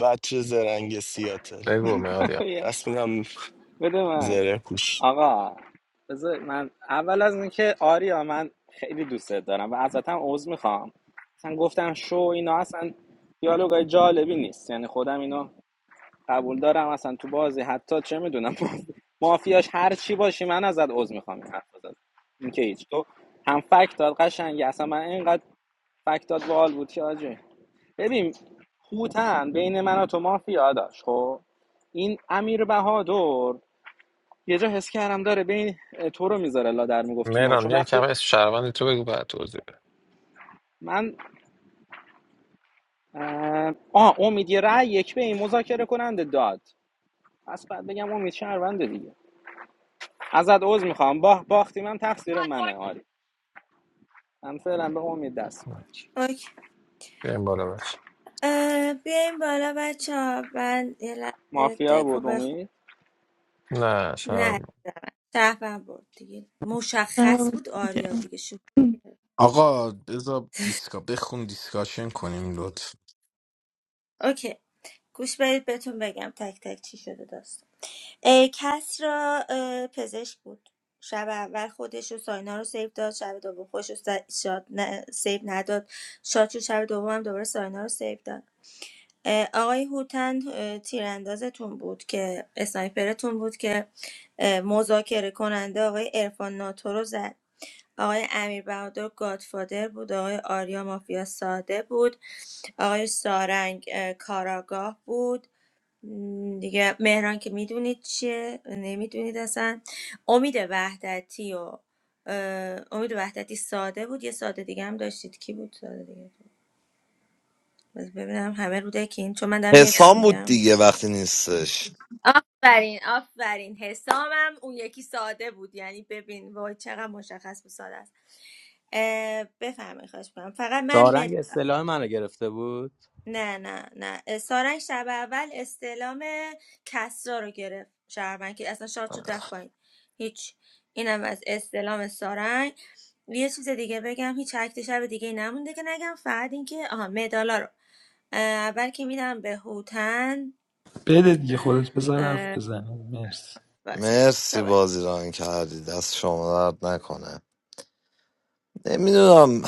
A: بچه زرنگ سیاتل
K: بگو می آریا
N: بیا،
A: دست میدم
N: بده من
A: زره پوش
N: آقا بذار من اول از اینکه آریا من خیلی دوست دارم و ازت هم عذر میخوام مثلا گفتم شو اینا اصلا دیالوگای جالبی نیست یعنی خودم اینو قبول دارم اصلا تو بازی حتی چه میدونم مافیاش هر چی باشی من ازت عذر میخوام این حرف بزن این که هیچ تو هم فکت داد قشنگی اصلا من اینقدر فکت داد باحال بود که آجی ببین هوتن بین من و تو مافیا داشت خب این امیر بهادر یه جا حس کردم داره بین تو رو میذاره لا در میگفت تو نو
K: مهران
N: چون
K: یه کم
N: وقتی
K: اسم شهروند تو بگو بعد توضیح بده
N: من اه آه، امید یه رأی یک به این مذاکره کننده داد پس بعد بگم امید شهرونده دیگه ازت عذر میخوام با باختیم هم تقصیر منه آری هم فعلا به امید دست
G: اوکی
K: بریم بالا بش
G: اه، بالا بچه ها من یه لحظه
N: مافیا
G: دکو
N: بود
G: بخونم
N: امید
G: نه
K: نه
G: شهروند برد دیگه مشخص بود آریا
D: جان.
G: دیگه شو
B: آقا بذار دیسکا بخون دیسکاشن کنیم لطف
G: اوکی گوش برید بهتون بگم تک تک چی شده داستان اه، کس را اه، پزشک بود شب اول خودش و ساینا رو سیو داد شب دوم خودش رو س- شاد ن... سیو نداد شاد شد شب دوم هم دوباره ساینا رو سیو داد اه، آقای هوتن اه، تیراندازتون بود که اسنایپرتون بود که اه، مذاکره کننده آقای عرفان ناتو رو زد آقای امیر امیربهادر گادفادر بود آقای آریا مافیا ساده بود آقای سارنگ اه، کاراگاه بود م، دیگه مهران که میدونید چیه نمیدونید اصلا امید وحدتی و اه، امید وحدتی ساده بود یه ساده دیگه هم داشتید کی بود ساده دیگه بس ببینم همه رو که این چون من دارم حفظ
E: حسام بود
G: میگم
E: دیگه وقتی نیستش
G: آفرین آفرین حسامم اون یکی ساده بود یعنی ببین وای چقدر مشخص و ساده است اه، بفرمایید خواهش میکنم فقط من
O: سارنگ
G: مدال
O: اصطلاح منو گرفته بود
G: نه نه نه سارنگ شب اول استعلام کسرا رو گرفت شهروند که اصلا شاد شد رفت پایین هیچ اینم از استعلام سارنگ یه چیز دیگه بگم هیچ اکت شب دیگه نمونده که نگم فقط اینکه آها مدالا رو اه، اول که میدم به هوتن
C: بده دیگه خودت بذار حرف بزنی مرسی
G: باش
E: مرسی
G: صحبت
E: بازی ران کردی دست شما درد نکنه نمیدونم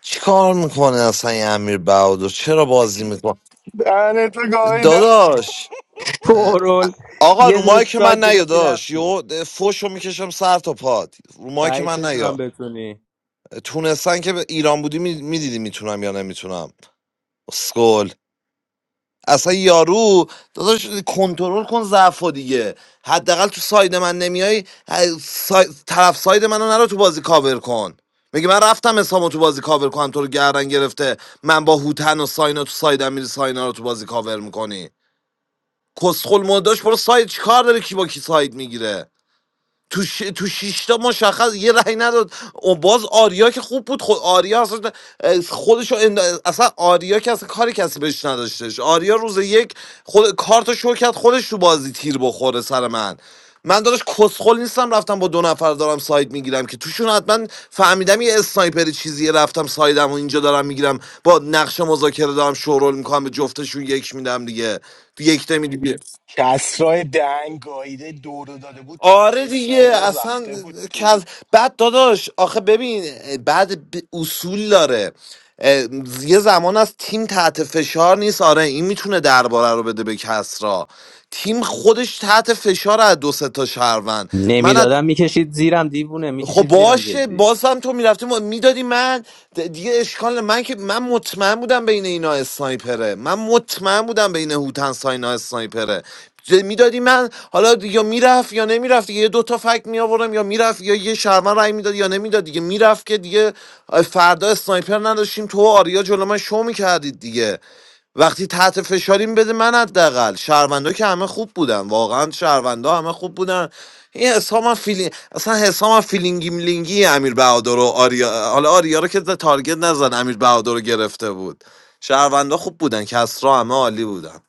E: چی کار میکنه اصلا این امیر بهادر چرا بازی میکنه
A: دهنتو گاییدم
E: داداش اه،
O: پرول
E: آقا
O: یه دونه
E: رو که
O: سایت
E: من نیا
O: گرفتی
E: داش
O: رفتی
E: یو فوشو میکشم سر تا پاد رو که
O: بعید
E: من
O: بدونم
E: نیا
O: بتونی
E: تونستن که به ایران بودی میدیدی میتونم یا نمیتونم اسکل اصلا یارو داداش کنترل کن ضعفو دیگه حداقل تو ساید من نمیای ه- سای... طرف ساید منو نرو تو بازی کاور کن میگه من رفتم اسامو تو بازی کاور کنم تو رو گردن گرفته من با هوتن و ساینا تو سایدم میری ساینا رو تو بازی کاور میکنی کسخل مداش برو ساید چیکار داره کی با کی ساید میگیره تو, ش... تو شیشتا مشخص یه رأی نداد و باز آریا که خوب بود خود آریا اصلا خودشو اند... اصلا آریا که اصلا کاری کسی بهش نداشتش آریا روز یک خود کارت شو کرد خودش تو بازی تیر بخوره سر من من داداش کسخل نیستم رفتم با دو نفر دارم ساید میگیرم که توشون حتما فهمیدم یه اسنایپری چیزیه رفتم سایدم و اینجا دارم میگیرم با نقش مذاکره دارم شورول میکنم به جفتشون یک میدم دیگه یک نمیدی
A: کسرای دهن گاییده دورو داده بود
E: آره دیگه
A: اسنایپر
E: اصلا
A: رفته بود
E: کل
A: دیگه
E: بعد داداش آخه ببین بعد ب- اصول داره اه، یه زمان از تیم تحت فشار نیست آره این میتونه درباره رو بده به کسرا تیم خودش تحت فشار از دو سه تا شهروند من از
O: نمیدادم میکشید زیرم دیوونه
E: خب
O: میکشید زیرم
E: باشه
O: جدی
E: باز هم تو میرفتی میدادی من د- دیگه اشکال نه. من که من مطمئن بودم بین اینا اسنایپره من مطمئن بودم بین هوتن ساینا اسنایپره میدادی من حالا یا میرفت یا نمیرفت یه دوتا فکت می آوردم یا میرفت یا یه شرمن رای میداد یا نمیداد دیگه میرفت که دیگه فردا اسنایپر نداشتیم تو و آریا جلو من شو میکردید دیگه وقتی تحت فشاریم بده من حداقل شهروندا که همه خوب بودن واقعا شهروندا همه خوب بودن این حسام هم فیلینگ اصلا حسام هم فیلینگی ملینگی امیر بهادر و آریا حالا آریا رو که تارگت نزن امیر بهادر رو گرفته بود شهروندا خوب بودن کسرا همه عالی بودن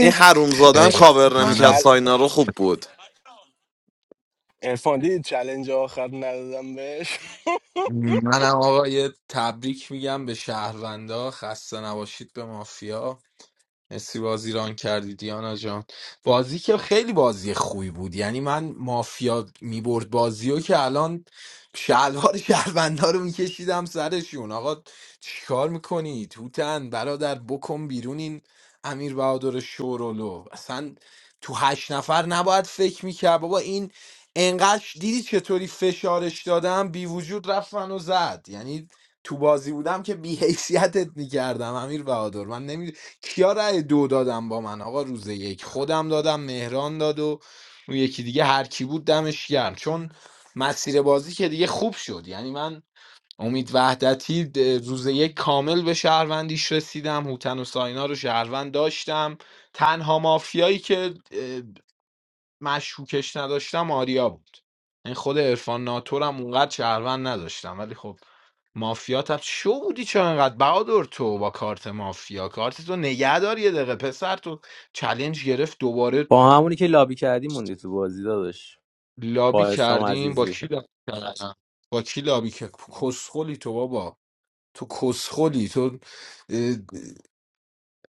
E: این حرومزاده هم
B: خیلی
A: چ...
B: خوب
E: کاور نمیکرد
B: منم
A: چل
E: ساینا رو خوب بود
A: ارفان دیدی چلنج آخر ندادم بهش
B: منم آقا یه تبریک میگم به شهروندا خسته نباشید به مافیا مسی بازی ران کردی دیانا جان بازی که خیلی بازی خوبی بود یعنی من مافیا میبرد بازی و که الان شلوار شهروندا رو میکشیدم سرشون آقا چیکار میکنی توتن برادر بکن بیرون این امیر بهادر شورولو اصلا تو هشت نفر نباید فکر میکرد بابا این انقدر دیدی چطوری فشارش دادم بی وجود رفت منو زد یعنی تو بازی بودم که بی حیثیتت میکردم امیر بهادر من نمیدونم کیا رأی دو دادم با من آقا روز یک خودم دادم مهران داد و اون یکی دیگه هر کی بود دمش گرم چون مسیر بازی که دیگه خوب شد یعنی من امید وحدتی د- روز یک کامل به شهروندیش رسیدم هوتن و ساینا رو شهروند داشتم تنها مافیایی که اه، مشکوکش نداشتم آریا بود این خود عرفان ناتورم اونقدر شهروند نداشتم ولی خب مافیات هم شو بودی چرا انقدر بهادر تو با کارت مافیا کارت تو نگه دار یه دقیقه پسر تو چلنج گرفت دوباره
O: با همونی که لابی کردی موندی تو بازی داداش
B: لابی
O: با اسلام
B: کردیم با
O: عزیزی
B: کی لابی کردم با کی لابی که کسخلی تو بابا تو کسخلی تو اه،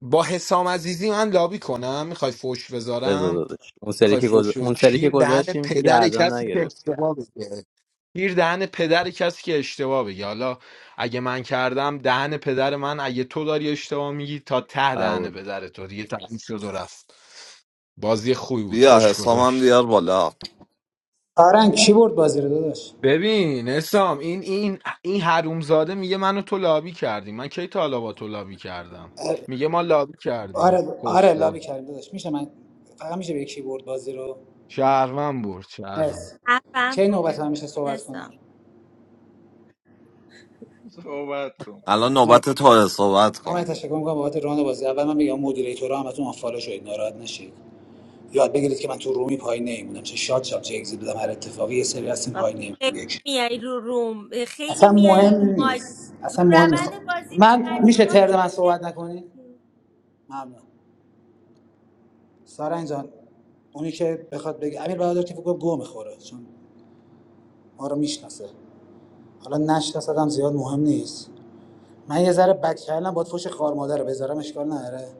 B: با حسام عزیزی من لابی کنم میخوای فوش
O: بزا
B: بذارم
O: داداش اون سری
B: میخوای
O: که
B: فوش
O: گذ-
B: بدی؟
O: اون سری که
B: کیر دهن
O: گذاشتیم که
B: پدر
O: گردن
B: کسی که
O: نگرفتی
B: اشتباه بگه کیر دهن پدر کسی که اشتباه بگه حالا اگه من کردم دهن پدر من اگه تو داری اشتباه میگی تا ته دهن
O: قبول
B: پدر تو دیگه تموم شد و رفت بازی خوبی بود
E: بیا
B: خوش
E: حسام هم
B: گذشت
E: بیار بالا
F: آرنگ کی برد بازی رو داداش
B: ببین اسام این این این حرومزاده میگه منو تو لابی کردیم من کی تا حالا با تو لابی کردم میگه ما لابی کردیم
F: آره
B: کس
F: آره
B: خود
F: لابی کردیم داداش میشه من فقط میشه به کیبورد بازی رو
B: شهرون برد شهرون
F: مرسی
G: حرفم
F: کی
G: بود
F: نوبت من میشه صحبت
G: حسام.
F: کنم
H: صحبت کن بابا.
E: الان
F: مرسی
E: نوبت تو صحبت
F: آقا من
E: کن
F: تشکر میکنم بابت راند بازی اول من میگم مدیریتورا همتون آنفالو شدید ناراحت نشید یاد بگیرید که من تو رومی پای نمیمونم چه شاد شاد چه اگزیت بدم هر اتفاقی یه سری هستیم
G: بابا
F: پای نمیمونم
G: خیلی
F: یک
G: میای رو روم خیلی
F: اصلا
G: میای
F: مهم
G: رو مایک
F: نیست
G: رو
F: اصلا مهم نیست
G: روند بازی
F: من
G: میمدی رو
F: میشه
G: مایک
F: ترد من
G: آخه،
F: صحبت نکنی ممنون سارنج جان اونی که بخواد بگه امیر بهادر که فکر کنم گو میخوره چون ما رو میشناسه حالا نشناسه هم زیاد مهم نیست من یه ذره بک کردم باید فوش خار مادر رو بذارم اشکال نداره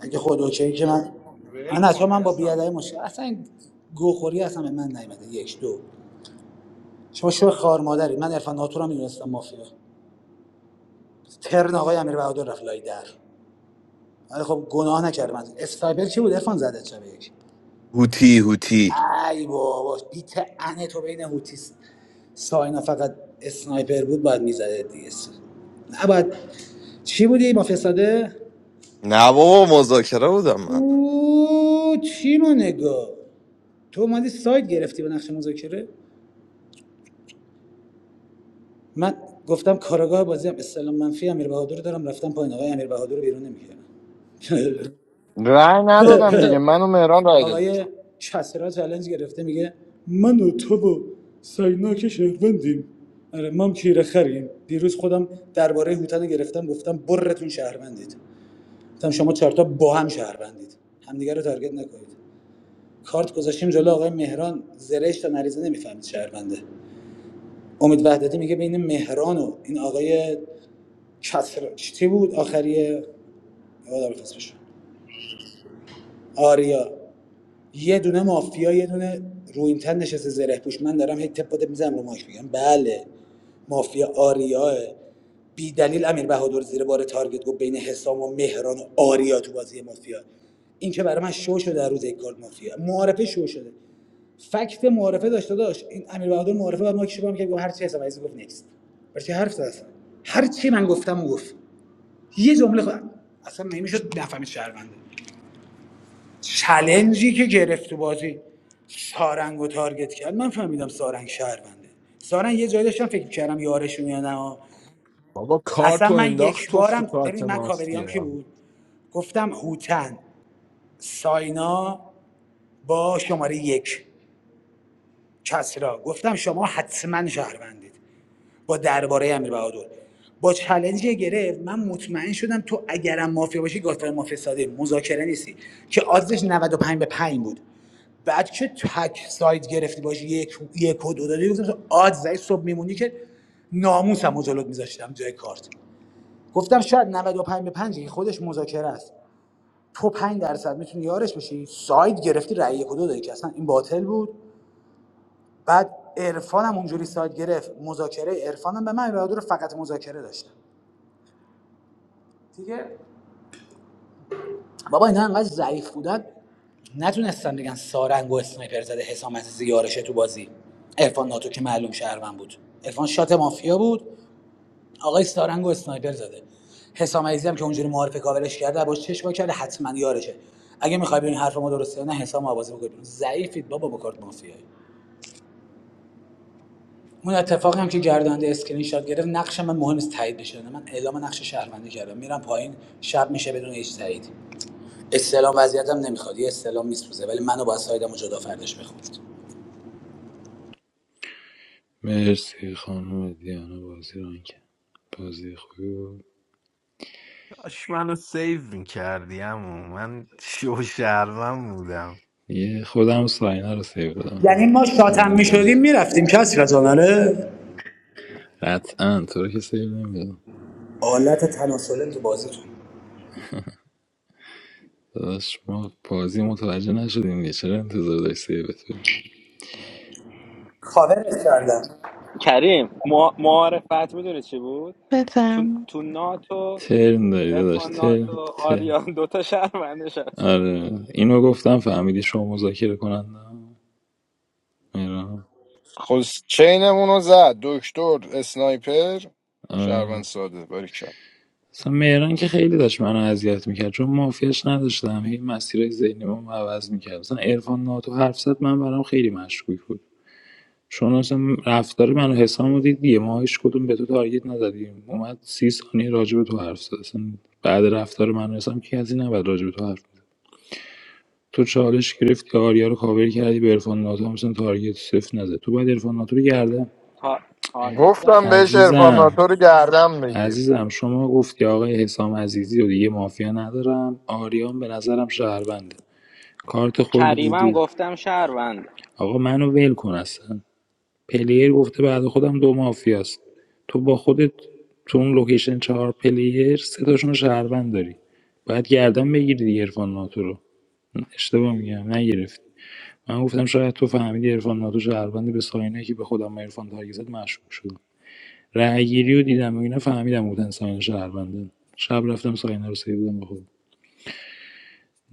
F: اگه خود اوکی که من من
H: ول
F: نه،
H: کن
F: من با
H: حسام
F: بیادای مشکل
H: داداش
F: اصلا این گوخوری اصلا به من نیومده یک دو شما شو خار مادری من عرفان ناتور رو میدونستم مافیا ترن آقای امیر بهادر رفت لای در ولی خب گناه نکردم از اسنایپر کی بود عرفان زده شب یک
E: هوتی هوتی
F: ای بابا بیت انه تو بین هوتیس ساینا فقط اسنایپر بود باید میزده دیگه نباید چی بودی مافیا ساده
E: نه بابا مذاکره بودم من
F: اوه چی رو نگاه تو اومدی ساید گرفتی با نقش مذاکره من گفتم کارگاه بازی هم استلام منفی امیر بهادر رو دارم رفتم پایین آقای امیر بهادر رو بیرون نمیکردم
L: رأی ندادم دیگه من و مهران رأی دادم
F: آقای چسرا چالش گرفته میگه من و تو و ساینا شهروندیم آره مام کیره خریم دیروز خودم درباره هوتن رو گرفتم گفتم برتون شهروندید گفتم شما چهارتا با هم شهروندید همدیگه رو تارگت نکنید کارت گذاشتیم جلو آقای مهران زرشت تا نریزه نمیفهمید شهرونده امید وحدتی میگه بین مهران و این آقای شطرنج چی بود آخریه یادم نیست اسمش آریا یه دونه مافیا یه دونه رو این تن نشسته زره پوش من دارم هی تپ بده میزنم رو ماش میگم بله مافیا آریاه بی دلیل امیر بهادر زیر بار تارگت گفت بین حسام و مهران و آریا تو بازی مافیا این که برای من شو شده در روز یک کار مافیا معارفه شو شده فکت معارفه داشته داشت این امیر بهادر معارفه بعد ما کشی با که گفت هر چی حساب عزیز گفت نکست برای چی حرف زد هر چی من گفتم او گفت یه جمله خود اصلا نمیشد نفهمید شهرونده چلنجی که گرفت تو بازی سارنگ و تارگت کرد من فهمیدم سارنگ شهرونده سارنگ یه جایی داشتم فکر کردم یارشون یا نه
B: بابا کار
F: اصلا
B: تو
F: من
B: انداخت
F: یک
B: توف تو
F: بارم
B: کارت
F: ببین من
B: ماست
F: کاوریام کی بود گفتم هوتن ساینا با شماره یک کسرا گفتم شما حتما شهروندید با درباره امیر بهادر با چلنجی که گرفت من مطمئن شدم تو اگرم مافیا باشی گاتار مافیا ساده مذاکره نیستی که آدرس 95 به 5 بود بعد که تک ساید گرفتی باشی یک یک و دو دادی گفتم تو آد زای صبح میمونی که ناموسم و جلوت میذاشتم جای کارت گفتم شاید 95 به 5 که خودش مذاکره است تو 5 درصد میتونی یارش بشی ساید گرفتی رأی یک و دو دادی که اصلا این باطل بود بعد عرفانم اونجوری ساید گرفت مذاکره عرفانم به من بهادر رو فقط مذاکره داشتم دیگه بابا اینا انقدر ضعیف بودن نتونستن بگن سارنگ و اسنایپر زده حسام عزیزی یارشه تو بازی عرفان ناتو که معلوم شهروند بود عرفان شات مافیا بود آقای سارنگ و اسنایپر زده حسام عزیزی هم که اونجوری معارف کاورش کرده باش چشم وا کرده حتما یارشه اگه میخوای ببین حرف ما درسته یا نه حسام آوازی بکنید ضعیفید بابا با کارت مافیایی اون اتفاقی هم که گردنده اسکرین شات گرفت نقش من مهم نیست تایید بشه من اعلام نقش شهروندی کردم میرم پایین شب میشه بدون هیچ تایید استلام وضعیتم نمیخواد یه استلام میسوزه ولی منو با سایدمو جدا فردش بخورد
C: مرسی خانم دیانا بازی ران کرد بازی خوبی بود.
B: کاش منو سیو میکردی اما من شو شهروند بودم
C: یه خودم و ساینا رو سیو
F: یعنی
C: بودیم
F: ما شاتم میشدیم میرفتیم کسی را آره
C: رد که
F: آلت تناسلم تو بازیتون
C: صداش ما بازی متوجه نشدیم دیگه چرا انتظار داشت سیوت بدیم
F: کاورت کردم
N: کریم مع- معارفت میدونی چی بود تو,
D: بفرم
N: تو ناتو
C: یه داداش
N: ارفان
C: ته
N: ناتو آریان دوتا شهروندش هست
C: آره اینو گفتم فهمیدی شما مذاکره کننده مهران
L: خب چینمون رو زد دکتر اسنایپر شهروند
C: آره
L: ساده باریکلا
C: مثلا مهران که خیلی داشت منو اذیت میکرد چون مافیاش نداشتم هی مسیرهای ذهنی ما عوض میکرد مثلا عرفان ناتو حرف زد من برام خیلی مشکوک بود چون اصلا رفتار من و حسام رو دید دیگه ما هیچ کدوم به تو تارگت نزدیم اومد سی ثانیه راجع به تو حرف زد اصلا بعد رفتار من و حسام کی از این نباید راجع به تو حرف بزنه. تو چالش گرفتی آریا رو کاور کردی به عرفان ناتو هم مثلا تارگت صفر نزد تو باید عرفان ناتو رو گردن
N: تا... تارگت
L: گفتم
N: زدم
L: بهش عرفان
C: عزیزم
L: ناتو رو گردم بگیر
C: عزیزم شما گفتی آقای حسام عزیزی و دیگه مافیا ندارم آریان به نظرم شهربنده کارت خود رو
N: کریمم
C: دیدی
N: گفتم شهروند
C: آقا منو ول کن اصلا پلیر گفته بعد خودم دو مافیاست تو با خودت تو اون لوکیشن چهار پلیر سه تاشون شهروند داری باید گردن بگیری دیگه عرفان ناتو رو اشتباه میگم نگرفتی من گفتم شاید تو فهمیدی عرفان ناتو شهروند به ساینه که به خودم عرفان تارگت زد مشکوک شدم رأیگیری رو دیدم و اینا فهمیدم بودن ساینه شهرونده شب رفتم ساینه رو سیدم به خودم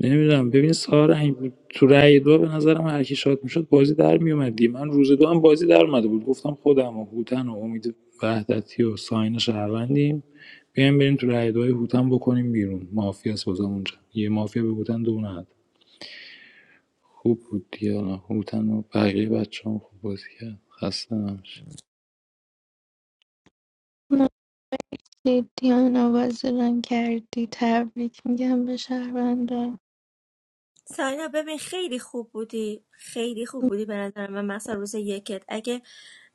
C: نمیدونم ببین سارنگ تو رأی دو به نظرم هر کی شات میشد بازی در میومد من روز دو هم بازی در اومده بود گفتم خودم و هوتن و امید وحدتی و ساین شهروندیم بیایم بریم تو رأی دوهای هوتن بکنیم بیرون مافیا سازم اونجا یه مافیا به هوتن دو نداد خوب بود دیالا هوتن و بقیه بچه خوب بازی کرد خسته نباش
D: دیان آواز رنگ کردی تبریک میگم به شهروندا
G: ساینا ببین خیلی خوب بودی خیلی خوب بودی به نظر من مثلا روز یکت اگه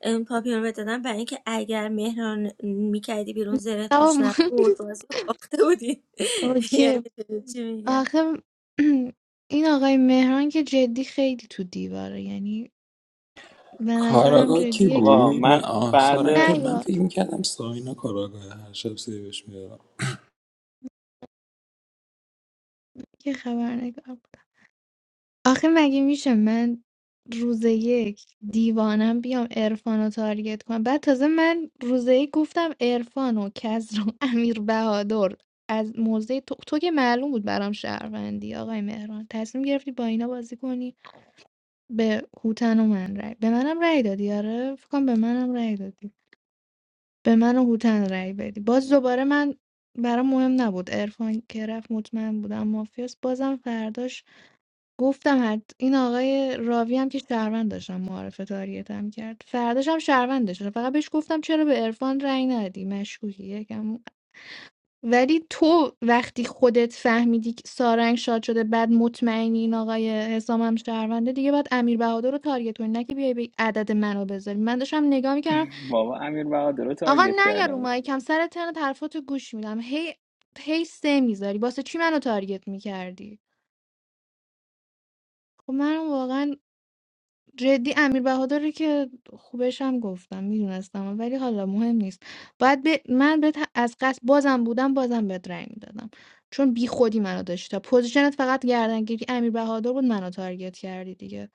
G: ام، پاپیون رو دادن برای اینکه اگر مهران میکردی بیرون زره
D: آقا
G: پوش
D: مهم
G: نبود
D: نیست.
G: بازی رو باخته بودی یعنی
D: اوکی
G: چی میگم
D: آخه این آقای مهران که جدی خیلی تو دیواره یعنی به نظرم
C: کاراگاه
D: جدی
C: کی
N: بابا
D: یکم
C: بود من
N: من
C: آه
N: بعد
C: سارنگ تو
D: نه
C: من
D: یا
C: فکر میکردم ساینا کاراگاه هر شب سیبش
D: یه خبرنگار آخه مگه میشه من روز یک دیوانم بیام عرفان رو تارگت کنم بعد تازه من روز یک گفتم عرفان و کزر و امیر بهادر از موضع تو, تو که معلوم بود برام شهروندی آقای مهران تصمیم گرفتی با اینا بازی کنی به هوتن و من رای به منم رای دادی آره فکر کنم به منم رای دادی به من و هوتن رای بدی باز دوباره من برام مهم نبود عرفان که رفت مطمئن بودم مافیاس بازم فرداش گفتم حت این آقای راوی هم که شهروند داشتم معارفه تاریتم کرد فرداش هم شهروند داشتم فقط بهش گفتم چرا به عرفان رأی ندی مشکوکی یکم ولی تو وقتی خودت فهمیدی که سارنگ شاد شده بعد مطمئنی این آقای حسام هم شهرونده دیگه باید امیر بهادر رو تارگت کنی نه که بیای به عدد منو بذاری من داشتم نگاه میکردم
N: بابا امیر بهادر رو
D: آقا
N: تارگت
D: نه یا رو
N: کردم
D: مایکم سر ترن حرفاتو گوش میدم هی هی سه میذاری واسه چی منو تارگت میکردی خب من واقعا جدی امیر بهادری که خوبش هم گفتم میدونستم ولی حالا مهم نیست باید به من بهت از قصد بازم بودم بازم بهت رأی میدادم چون بی خودی منو داشتی پوزیشنت فقط گردنگیری امیر بهادر بود منو تارگت کردی دیگه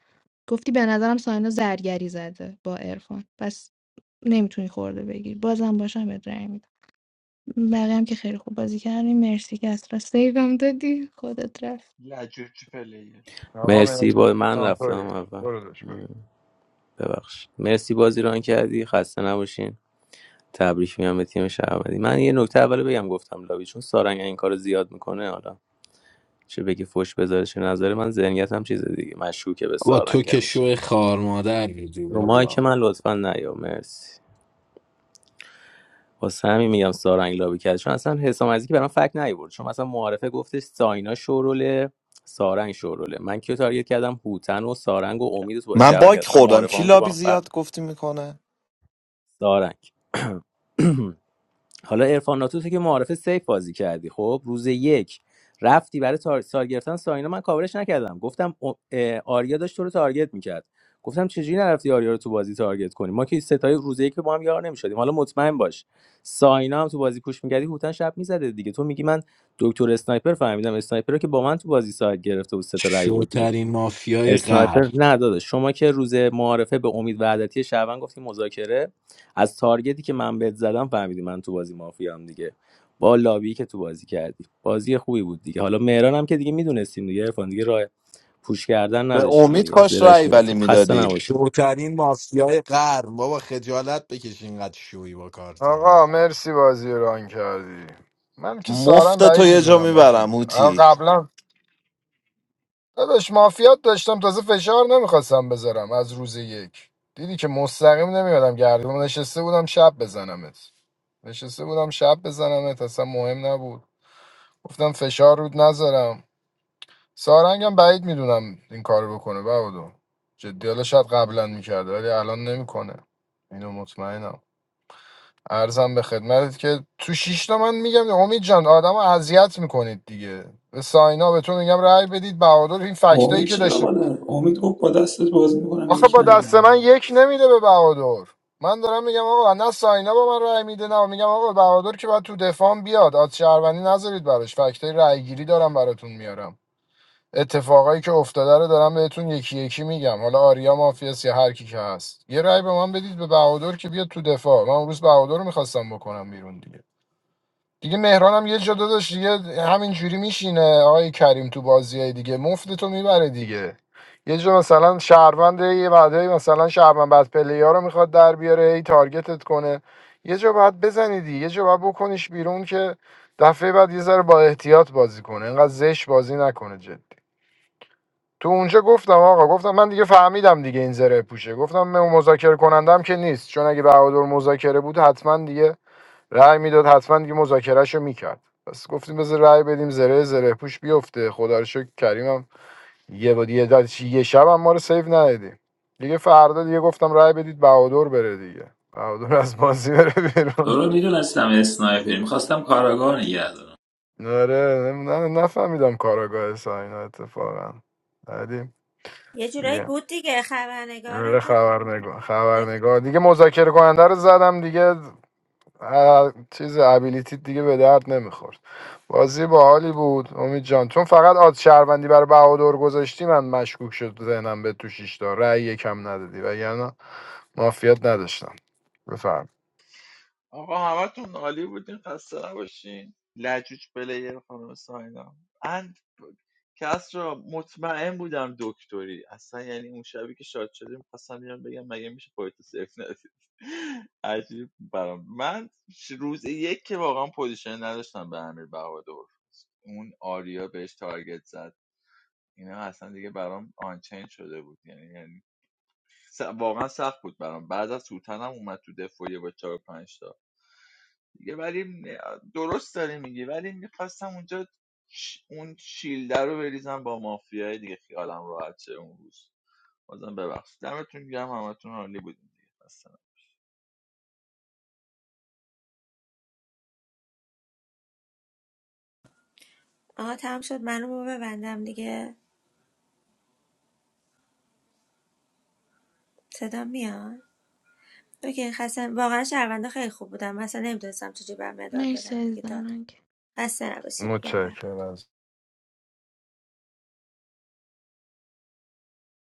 D: گفتی به نظرم ساینا زرگری زده با عرفان پس نمیتونی خورده بگیری بازم باشم بهت رأی میدم بقیه هم که خیلی خوب بازی کردیم مرسی که اصلا سیوم دادی خودت رفت
H: لجوج پلیه
L: آقا
O: مرسی
L: مرسی
O: با من
L: آه،
O: رفتم
L: توی.
O: اول
L: برو داشت برو
O: ببخش مرسی بازی ران کردی خسته نباشین تبریک میگم به تیم شهروندی من یه نکته اول بگم گفتم لابی چون سارنگ این کارو زیاد میکنه حالا چه بگی فوش بذاره چه نظره من ذهنیتم چیز دیگه مشکوکه به
B: با تو
O: سارنگ
B: که
O: همیشه
B: شو خار مادر بودی
O: رو که
B: بابا
O: من لطفا نیا مرسی واسه همین میگم سارنگ لابی کرد چون اصلا حسام عزیزی که برام فکت نیورد چون مثلا معارفه گفتش ساینا شوروله سارنگ شوروله من کیو تارگت کردم هوتن و سارنگ و امید و تو بازی
E: من
O: شهروند
E: باک
O: اصلا
E: خوردم
O: معارفه
E: کی
O: هم که با
E: لابی
O: هم فرق
E: زیاد
O: داره.
E: گفتی میکنه
O: سارنگ حالا ارفان ناتو تو که معارف سیف بازی کردی خب روز یک رفتی برای تار... سال گرفتن ساینا من کاورش نکردم گفتم آریا داشت تو رو تارگت میکرد گفتم چجوری نرفتی آریا رو تو بازی تارگت کنی ما که ستای روز یک با هم یار نمیشدیم حالا مطمئن باش ساینا هم تو بازی پوش میکردی هوتن شب میزده دیگه تو میگی من دکتر اسنایپر فهمیدم اسنایپر رو که با من تو بازی ساعت گرفته بود سه تا رأی آورد
B: شوترین مافیای غر
O: اسنایپر نه داداش شما که روز معارفه به امید وحدتی شعبان گفتی مذاکره از تارگتی که من بهت زدم فهمیدی من تو بازی مافیام دیگه با لابی که تو بازی کردی بازی خوبی بود دیگه حالا مهران هم که دیگه میدونستیم دیگه عرفان دیگه راه پوش کردن
E: به
O: نداشتیم
E: امید
O: دیگه
E: کاش
O: زیرش
E: رأی ولی
O: میافتاد خسته
E: میدادی
O: نباشین
B: شوترین مافیای غر بابا خجالت بکش اینقدر شوی با کارت
L: آقا مرسی بازی رو ران کردی من که سارن
E: مفت تو
L: بعید
E: یه جا
L: میدونم آجید
E: میبرم
L: آقا
E: هوتی
L: قبلا داداش مافیات داشتم تازه فشار نمیخواستم بذارم از روز یک دیدی که مستقیم نمیادم گردم نشسته بودم شب بزنمت نشسته بودم شب بزنمت اصلا مهم نبود گفتم فشار رود نذارم سارنگم بعید میدونم این کارو بکنه بودو جدی حالا شاید قبلا میکرده ولی الان نمیکنه اینو مطمئنم ارزم به خدمتت که تو شیش تا من میگم امید جان آدم اذیت میکنید دیگه به ساینا به تو میگم رأی بدید بهادر این فکتایی
C: امید
L: که
C: چرا
L: داشت.
C: با امید گفت با دستت بازی میکنم
L: آخه
C: یک
L: با دست
C: ندادم
L: من یک نمیده به بهادر من دارم میگم آقا نه ساینا با من رأی میده نه میگم آقا بهادر که باید تو دفاع بیاد آد شهروندی نذارید براش فکتای رأیگیری دارم براتون میارم اتفاقایی که افتاده رو دارم بهتون یکی یکی میگم حالا آریا مافیاس یا هر کی که هست یه رأی به من بدید به بهادر که بیاد تو دفاع من اون روز بهادر رو میخواستم بکنم بیرون دیگه دیگه مهران هم یه جا داداش دیگه همین جوری میشینه آقای کریم تو بازی های دیگه مفت تو میبره دیگه یه جا مثلا شهروند یه بعدی مثلا شهروند بعد پلیا رو میخواد در بیاره هی تارگتت کنه یه جا باید بزنی دیگه یه جا باید بکنیش بیرون که دفعه بعد یه ذره با احتیاط بازی کنه اینقدر زش بازی نکنه جدی تو اونجا گفتم آقا گفتم من دیگه فهمیدم دیگه این زره پوشه گفتم من مذاکره کنندم که نیست چون اگه بهادر مذاکره بود حتما دیگه رأی میداد حتما دیگه مذاکرهش میکرد پس گفتیم بذار رأی بدیم زره زره پوش بیفته خدا رو شکر کریمم یه بود یه, دل- یه شب هم ما رو سیو ندادیم دیگه فردا دیگه گفتم رأی بدید بهادر بره دیگه بهادر از بازی بره بیرون آره نم- نه- نفهمیدم کاراگاه ساینا اتفاقا بعدی
G: یه جورایی
L: دیگه
G: بود دیگه
L: آره
G: خبرنگارم کن
L: خبرنگار خبرنگار دیگه مذاکره کننده رو زدم دیگه اه، چیز ابیلیتی دیگه به درد نمیخورد بازی باحالی بود امید جان چون فقط آد شهروندی برای بهادر گذاشتی من مشکوک شد ذهنم به تو شیشتا رأی یکم ندادی وگرنه مافیات نداشتم بفرم
H: آقا همتون عالی بودین خسته نباشین لجوج پلیر خانم ساینا اند کس را مطمئن بودم دکتری اصلا یعنی اون شبی که شاد شدیم میخواستم بیان بگم مگه میشه پایتو صرف ندید عجیب برام من ش- روز یک که واقعا پوزیشن نداشتم به امیر بهادر اون آریا بهش تارگت زد اینا اصلا دیگه برام آنچین شده بود یعنی یعنی س- واقعا سخت بود برام بعد از سوتنم اومد تو دفاعیه با چهار پنج تا دیگه ولی درست داری میگی ولی میخواستم اونجا ش- اون شیلده رو بریزم با مافیای دیگه خیالم راحت شه اون روز بازم ببخشید دمتون گرم همتون عالی بودین دیگه خسته
G: آها تمام شد منو ببندم دیگه صدا میاد اوکی خسته واقعا شهرونده خیلی خوب بودم مثلا نمیدونستم چجوری بر مدال
D: مرسی
G: بدم دیگه دادم
D: عزیزم
G: خسته نباشید میگم به همه.
L: متشکرم